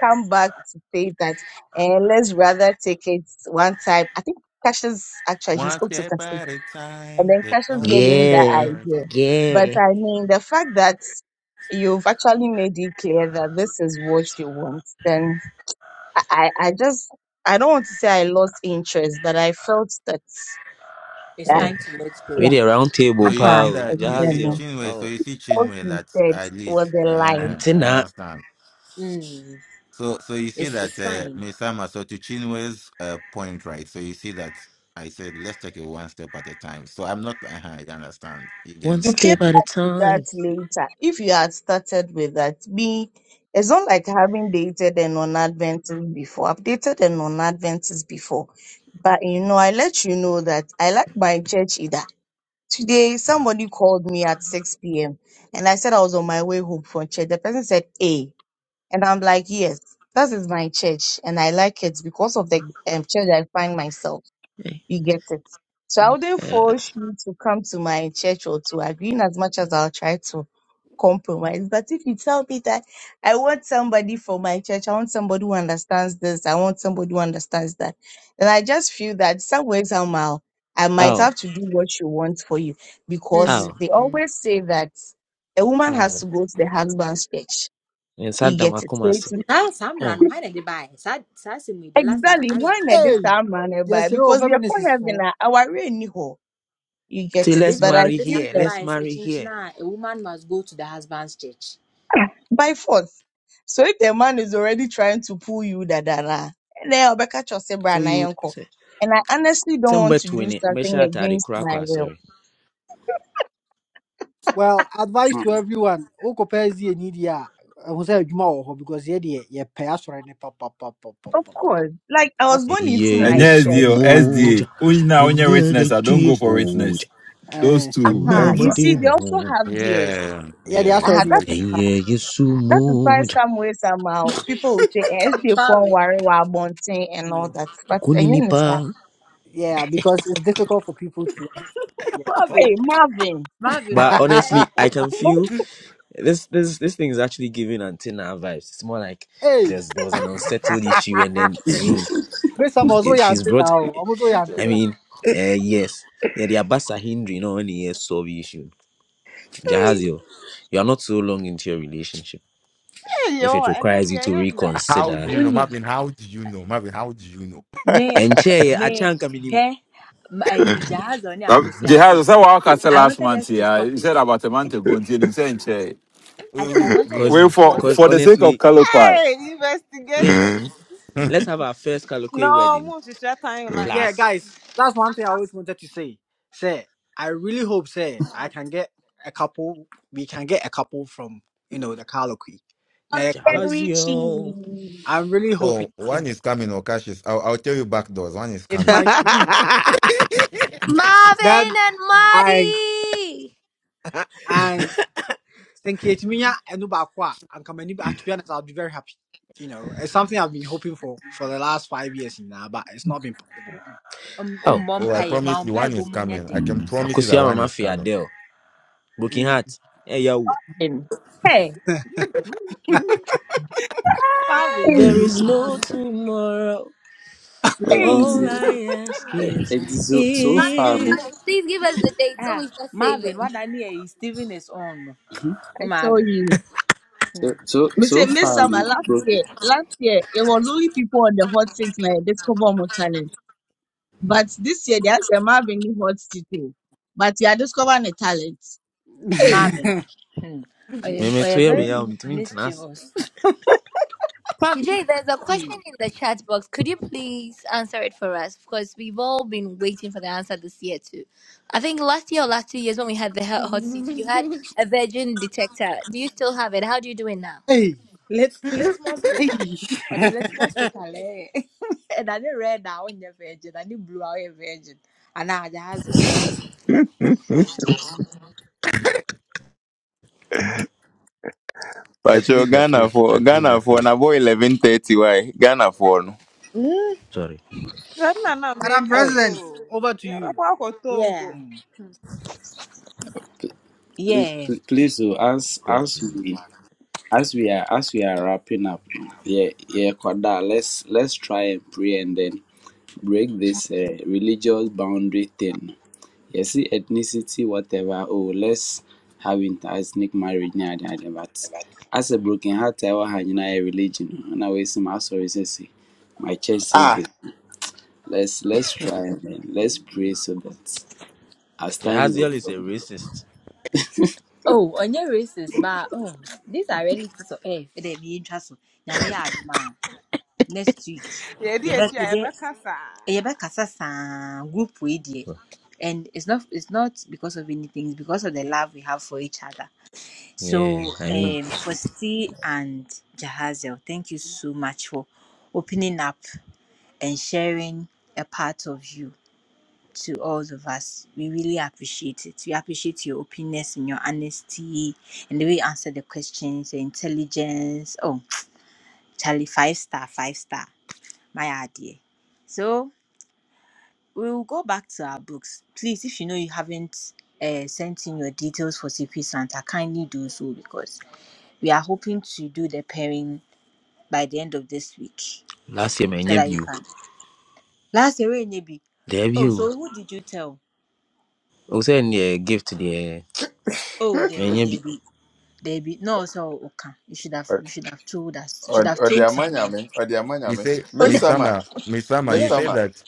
I: come back to say that and let's rather take it one time. I think Cassius actually he
G: One
I: spoke to
G: step
I: Cassius
G: at a
I: and
G: time.
I: then
G: There's
I: Cassius
G: no
I: gave
G: need to
I: him that
N: Yeah.
G: rush.
I: idea. But
N: Yeah.
I: I mean, the fact that you've actually made it clear that this is what you want, then I, I I just, I don't want to say I lost interest, but I felt that,
H: it's
I: uh,
N: Eh,
H: time to let us
I: yeah,
N: We
H: go.
N: the round
G: So
N: table,
G: you
I: uh-huh,
G: see
N: pal.
G: that you see
I: exactly.
N: Jazio.
G: Chinwe. So
N: Oh. Oh,
G: you see
I: What
G: Chinwe
I: you
G: that
I: said
G: at least
I: was a lie.
G: uh,
N: Antenna.
G: I understand.
H: Mm,
G: So so you see
H: it's
G: that
H: it's
G: uh,
H: fine.
G: Misama. So to Chinwe's uh, point, right? So you see that I said let's take it one step at a time. So I'm not. Uh, I understand. You get
N: one
I: You
G: me.
I: came
N: step
G: Thank
N: at a
I: back
G: you.
I: to that
N: time.
I: later. If you had started with that, me, it's not like having dated a non-Adventist before. I've dated a non-Adventist before, but you know, I let you know that I like my church either. Today, somebody called me at 6 p.m. and I said I was on my way home from church. The person said, "Hey," and I'm like, "Yes, that is my church, and I like it because of the um, church I find myself."
N: Eh,
I: You get it. So I wouldn't
N: eh.
I: force you to come to my church or to agree in as much as I'll try to compromise. But if you tell me that I want somebody from my church, I want somebody who understands this, I want somebody who understands that, then I just feel that somewhere, somehow, I might
N: Oh.
I: have to do what she wants for you because
H: Hmm.
N: Oh.
I: they always say that a woman has
N: Oh.
I: to go to the husband's church.
N: Inside
I: You
N: the
I: get it. So
N: Makumasi.
I: it's
H: That's
N: Oh.
H: Samran. Why did they buy? That's me. The last time
I: exactly
H: I
I: why na
H: asked.
I: this
A: Hey.
I: time man eh, by
A: Yes, you know
I: because you're
A: feminists
I: heaven, our real You get
N: Say,
I: it.
N: let's
H: Baby,
I: But
H: why
I: I
H: did
N: marry
H: this
I: feel
N: here,
H: happen
I: that
N: let's
H: by
N: marry
H: such
N: here.
H: a a woman must go to the husband's church?
I: by force. So if the man is already trying to pull you dadara, then I'll catch your zebra
N: So
I: and I
N: you
I: uncle.
N: say,
I: And I honestly don't want
N: somewhere
I: to
N: to
I: do
N: win it. Make
I: something
N: sure that the
I: against
N: crack
I: my
N: was
I: will.
N: sorry.
A: Well, advice to everyone. Who pɛ zi eni di a, ɛho sɛ adwuma wɔ hɔ because yɛ pop pop pop pop
I: Of
A: papapapapapa.
I: course. Like I was
N: And
I: born
A: Asɔre.
N: Yeah,
I: into my
N: you
F: ɛnyɛ
N: so
I: sex.
F: sda o
N: much.
F: sda wonyina a
N: And
F: wonyɛ
N: yeah, the
F: witness I don't
N: tree
F: go
A: Mm.
F: for
N: much.
F: witness those
A: Eh,
N: Na
F: two
I: Uh-huh.
N: mama
I: You
F: Emfa.
I: see,
N: de
I: they
N: me
I: also
N: home.
I: have theirs.
G: Yeah,
A: Yɛde
G: yeah,
A: asɔre
G: yeah
I: Uh-huh.
A: ne
I: That,
A: yɛpɛ.
G: Richard.
N: And yeah, you so
I: that is why
N: much.
I: some way, somehow, people will say, eh, it's the phone
H: Marvin,
I: worry about bunting and all
A: Mm.
I: that. But, and
N: Kuni
I: you understand?
N: pa.
A: Yeah, because it's difficult for people to. Yeah.
G: [laughs]
H: Marvin,
I: Hey, Marvin.
H: Marvin,
N: But
H: oh, hey,
N: honestly,
A: [laughs]
N: I can
I: [laughs] Who
N: feel this this this thing is actually giving antenna vibes. It's more like
A: hey,
N: there's there was an unsettled issue, and then I mean,
A: Miss, I'm also
N: it, she's
A: yanting
N: brought.
A: now. I'm also yanting
N: I
G: Richard.
A: now.
N: mean, uh, yes, yeah, the Abasa Hindri, no, only yes, solve the issue.
H: hey,
N: Jahazio, you are not so long into your relationship.
L: Hey
N: If
L: yo,
N: it
L: wɔ ɛnɛ
N: requires you
L: deɛ
N: to
L: yɛnda.
G: How do
N: reconsider,
G: you know,
H: Uni,
G: Marvin? How do you know, Marvin? How do you know?
H: me,
N: and chair
H: me,
N: achanka minim,
H: hey, my, the husband, I could see
F: Jihad, i said
H: seven.
F: what I said
H: I
F: last
H: wanted
F: month
H: us to
F: yeah.
H: stop
F: you
H: it.
F: said about a
H: I,
F: month ago nti ɛnim sɛ Che.
H: I, I
G: Oh,
H: wanted us
N: cause,
H: to
F: wait
G: please.
F: for
H: pause.
N: cause
F: for the sake of
N: honestly,
F: color quiet
L: Hey,
N: yes,
L: investigators!
G: [laughs]
N: let's have our first
L: No,
N: Kalokwe
L: Na
N: wedding
L: ɔmo hyehyɛ
A: Yeah,
L: timelines.
N: plus
A: guys, that's one thing I always wanted to say. Say, I really hope, say, I can get a couple. We can get a couple from you know the Colloquy.
I: was
A: Now, Colloquy.
I: Richie?
N: Jahazio.
A: I'm really hoping.
G: Oh, one is coming, Okashis. I'll, I'll tell you back doors. One is
A: it's
N: [laughs]
G: coming.
A: my dream
G: [laughs]
A: that
D: Marvin and
H: Hmm.
A: I
D: Marty.
A: I think it me yeah, and Ubaqua and come to be honest, I'll be very happy. You know, it's something I've been hoping for for the last five years now, but it's not been possible.
H: Um, um,
N: oh,
H: mom
G: Oh, I
A: Uh,
H: pie,
G: promise
H: mom
G: you,
H: pie,
G: one is
H: bumunya
G: coming. I
H: ding.
G: can
E: Mm.
G: promise you that
N: akusia
G: one
N: mama
G: is coming.
N: fiadel, booking
A: mm,
N: hat. hey yo.
I: Hey.
H: Marvin,
N: There
I: Hey.
N: is no tomorrow.
M: Oh,
I: Hey,
M: and
N: All
M: so,
N: I ask
M: eh,
N: is
M: and so, so
D: Marvin
M: far,
D: and
M: no.
D: Marty,
N: if.
D: please give us the date so
H: ah,
D: we start
H: Marvin,
D: saving.
H: what I need is Stephen is on.
M: Mhm.
H: Oh,
I: I tell
H: Marvin,
I: you.
H: hmm.
M: So, so,
I: Me say,
M: so
I: Miss
M: far,
I: Summer,
M: um,
I: last
M: bro,
I: year, last year, it was only people on the hot seat that discover more talent. But this year, there's a Marvin Lee hot seat too. But you are discovering the talent. Hey,
H: Marvin,
A: [laughs]
H: hmm. Oh, you're,
N: Me me
H: oh, you're
N: toye me
H: very
N: ya umi tumi
H: mischievous. [laughs]
D: Prof J, there's a question
A: mm.
D: in the chat box. Could you please answer it for us? Because we've all been waiting for the answer this year too. I think last year or last two years when we had the
G: [laughs]
D: hot hot seat, you had a virgin detector. Do you still have it? How do you do it now?
A: hey,
H: Let litmus paper.
A: hey,
H: Or the
A: [laughs]
H: litmus paper lay. [laughs] And I need red now in your virgin. I need blue out your virgin. And I has him.
G: I
E: But your
G: plead the
E: Ghana
G: fifth.
E: for
G: I plead
E: Ghana
G: the
E: for na
G: fifth.
E: boy eleven thirty why Ghana for no.
H: Mm.
N: Sorry.
L: Ɛnna na
A: but I'm
L: meka
H: Oh,
L: yi
A: president.
L: o.
A: Over to you.
L: Yɛbɛkɔ akɔtɔ nko.
H: yeah.
A: Mm.
M: please,
H: Yeah.
M: please, oh, as as
N: Question.
M: we as we are as we are wrapping up, mm, yeah, yeah, Kwada, let's let's try and pray and then break this uh, religious boundary thing. You see, ethnicity, whatever. Oh, let's have ethnic marriage near the other, but as a broken heart, I will have a religion. And I will say, my sorry, says he. my church says
E: Ah!
M: this. Let's let's try and then let's pray so that as time
N: Jahazio
M: goes
N: is a
M: on.
N: racist.
H: Oh, on your races, but oh, these are realities of earth. They be interesting. Nyame adma. Next week.
L: Yɛdi
H: Yebe
L: akyi a
H: yebe
L: yɛbɛka
H: yebe kasa sa group we dear. And it's not it's not because of anything, it's because of the love we have for each other. So,
N: Yeah, I mean,
H: um, Fosti and Jahazel, thank you so much for opening up and sharing a part of you to all of us. We really appreciate it. We appreciate your openness and your honesty and the way you answer the questions, your intelligence. Oh, Charlie, five star, five star, my idea. So, we will go back to our books. Please, if you know you haven't uh, sent in your details for CP Santa, kindly do so because we are hoping to do the pairing by the end of this week so
N: last year, my
H: that you
N: nephew,
H: can. Last year, maybe.
N: the
H: oh,
N: debut.
H: so who did you tell?
N: Also, in the gift, the
H: Oh,
E: Or
N: my
H: Debbie,
N: nephew,
H: Debbie, Debbie. No, so okay, you should have, you should have told us. You
E: or
H: should have
E: the
H: told someone. [laughs]
E: amanyame, odi
G: He
E: amanyame.
G: say,
H: Oh,
E: Miss
H: no.
G: Miss
E: Sama,
G: Summer, Miss Summer,
E: Miss
G: he said
H: yeah,
E: Sama,
G: that,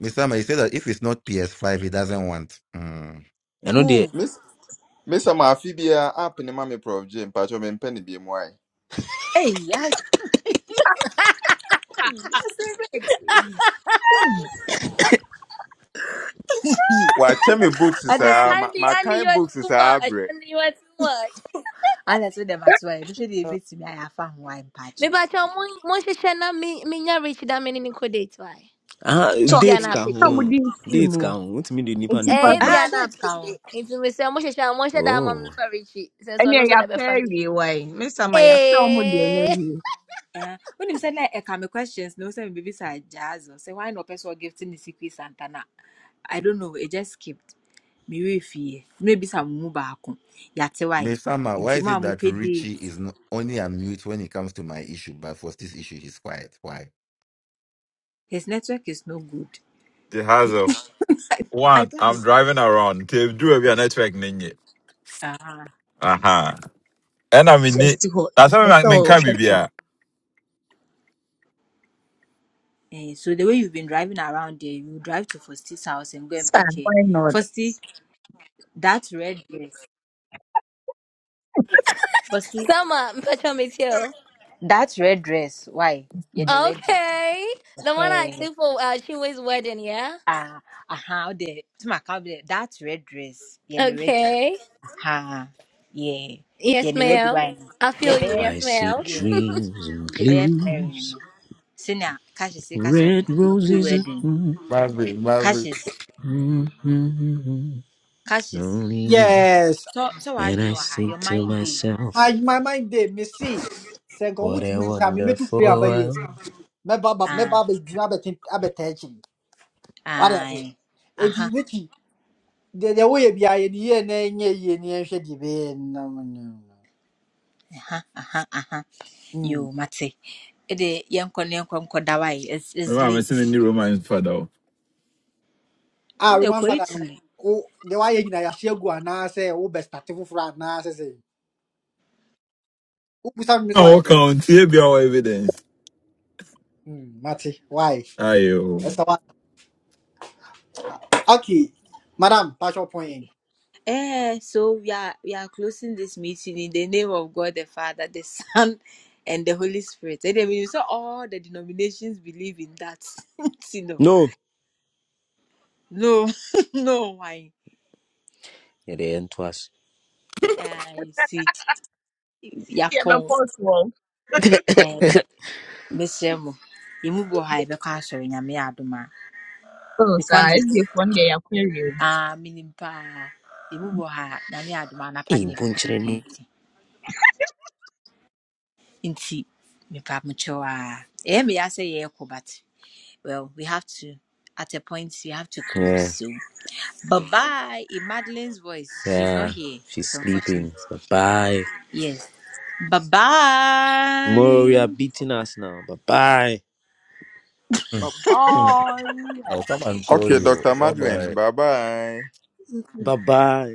G: Miss Summer, he said that if it's not PS5, he doesn't want. Mm.
N: I know the
H: who?
E: Miss Miss Sama, afibia app ni ma me Prof J, mpacho me mpeni bi mwai.
H: Hey, I Hey,
E: Well, Wakyɛ me books is
D: Eh,
E: uh,
H: Anderson,
E: my
D: Andy,
E: my
D: Andy, you
E: kind
D: are
E: books is
D: too
E: saa
D: much.
E: abrɛ.
D: Andy, you are too much.
H: Anderson, the matter. I usually a bit to me. I have found why
D: Me
H: patcho.
D: ba chon mo mo sheshe na mi mi rich da me ni ko date why.
N: ah
D: E
I: so
D: bia
N: dates
D: na
N: can
D: pick it.
N: home,
I: somebody free
N: dates can
I: mo.
N: home. What me the nipa
I: It's a
N: ni code
D: Eh,
I: person.
H: Ah,
D: bia
N: date?
D: na
H: that's how.
D: apeke. Nti me se mo hwehwe a mo hwehwe da ama me
N: Oh,
D: fa Richie. Se so
I: And yeah,
D: no so
I: you're
D: na be fa me.
I: carry why. Miss Summer, you're proud of your
D: Eh,
I: name.
H: Yeah. When you said like, I come questions, no, some babies are jazz. Or Say why no person give to the secret Santana. I don't know. It just skipped. merɛ fie na mebisa mo mu baako yɛate wae
G: Miss Summer, why
H: nti
G: is
H: mo a
G: it that
H: mopɛ date
G: Richie is no- only on mute when it comes to my issue, but for this issue, he's quiet? Why?
H: his network is no good he,
F: Jehaz,
H: [laughs] I, I
F: one
H: thought he,
F: i'm driving around nti do baabi a network no nye
H: ah,
F: aha And I ɛna menni
I: First hot.
F: na sɛ
I: That's
F: mema-
I: all.
F: menka biribia
H: eh, so the way you've been driving around there you drive to Fosti's house and go and
I: Sir,
H: pick her
I: why not?
H: Fosti that red dress Fosti
D: Sama, mpacha me tell.
H: that red dress why yɛne ready
D: Okay. The one I
H: eh,
D: took for uh, Chinwe's wedding, yeah?
H: ah, aha wode tim my car. that red dress yɛne ready
D: Okay.
H: ha yeah
D: Yes,
H: yɛne ready
D: ma'am.
H: wine
D: I feel you.
H: yɛbɛyɛ
N: I
D: Yes,
H: ne
N: see
D: ma'am.
H: yeah
N: dreams and
H: yɛbɛyɛ pairing
N: blues,
H: no senior. cashes ka sɛ ɔpɛ
N: red
H: colloquial
N: roses.
H: wedding
N: mm,
G: Marvin, Marvin.
H: cashes
G: [coughs]
N: mm, mm, mm, mm,
H: cashes
N: Only you
A: Yes,
H: So, so
N: and I
H: wɔadwene wɔ ha
N: say
H: your
N: to
H: mind dey
N: myself,
A: my my mind day, Missy. Sen kon
N: what
A: wuti
N: a
A: mi sisa Me metu pray
N: wonderful
A: about you.
N: world.
A: Me ba me
H: ah
A: ba be jina be tin What is
H: ae aha
A: it? deɛ deɛ woyɛ biara yɛde yie na ɛnyɛ yie na yɛnhwɛ deɛ ɛbɛyɛ nam no
H: aha aha aha
A: Mm.
H: yo mate ɛde yɛnkɔ ne yɛnkɔ nkɔ It's it's is
F: mema a mese
H: late
F: menni roman fada o
A: ah
H: ɛde
A: roman
H: kɔ
A: fada no
H: italy
A: wo deɛ na ya share go na say, yɛahye best anaasɛ wobɛstate na say say. wobusa me me
F: na
A: so ayɛ
F: wɔka
A: dɛn
F: o ntie bia our evidence
A: Mm, mate why
F: ayo
A: ɛsɛ wa okay madam patch point
H: Eh, so we are we are closing this meeting in the name of God the Father, the Son, [laughs] and the Holy Spirit. And then when you say all the denominations believe in that, [laughs] you know,
N: No.
H: no, [laughs] no, why?
N: Yeah, the end was.
H: I see.
I: Yeah, but
H: yapon
I: first of all,
H: eh
N: [laughs]
H: mesrɛ mo yɛmu bi wɔ ha a yɛbɛkɔ asɔre nyame yɛ adom
I: oh,
H: we can
I: sir,
H: be
I: it's the one day you carry.
H: ah menim paa yɛmu bi wɔ ha a nyame yɛ adom a anapa na yɛbɛkɔ yɛdi
N: [coughs]
H: nti nti mepa mekyɛw a ɛyɛ meyɛ sɛ yɛrekɔ but well we have to at a point we have to close
N: Yeah,
H: so bye bye in madeline's voice she's
N: Yeah,
H: not here
N: she's
H: it's
N: sleeping.
H: unfortunate
N: Bye bye.
H: yes bye
N: Tomorrow we
H: bye
N: are beating us now. Bye bye.
G: Hmm. Hmm.
L: Bye-bye.
G: oh, someone troll
E: Okay,
G: you.
E: Dr.
G: Bye bye.
E: Madeline, bye bye.
N: Bye bye.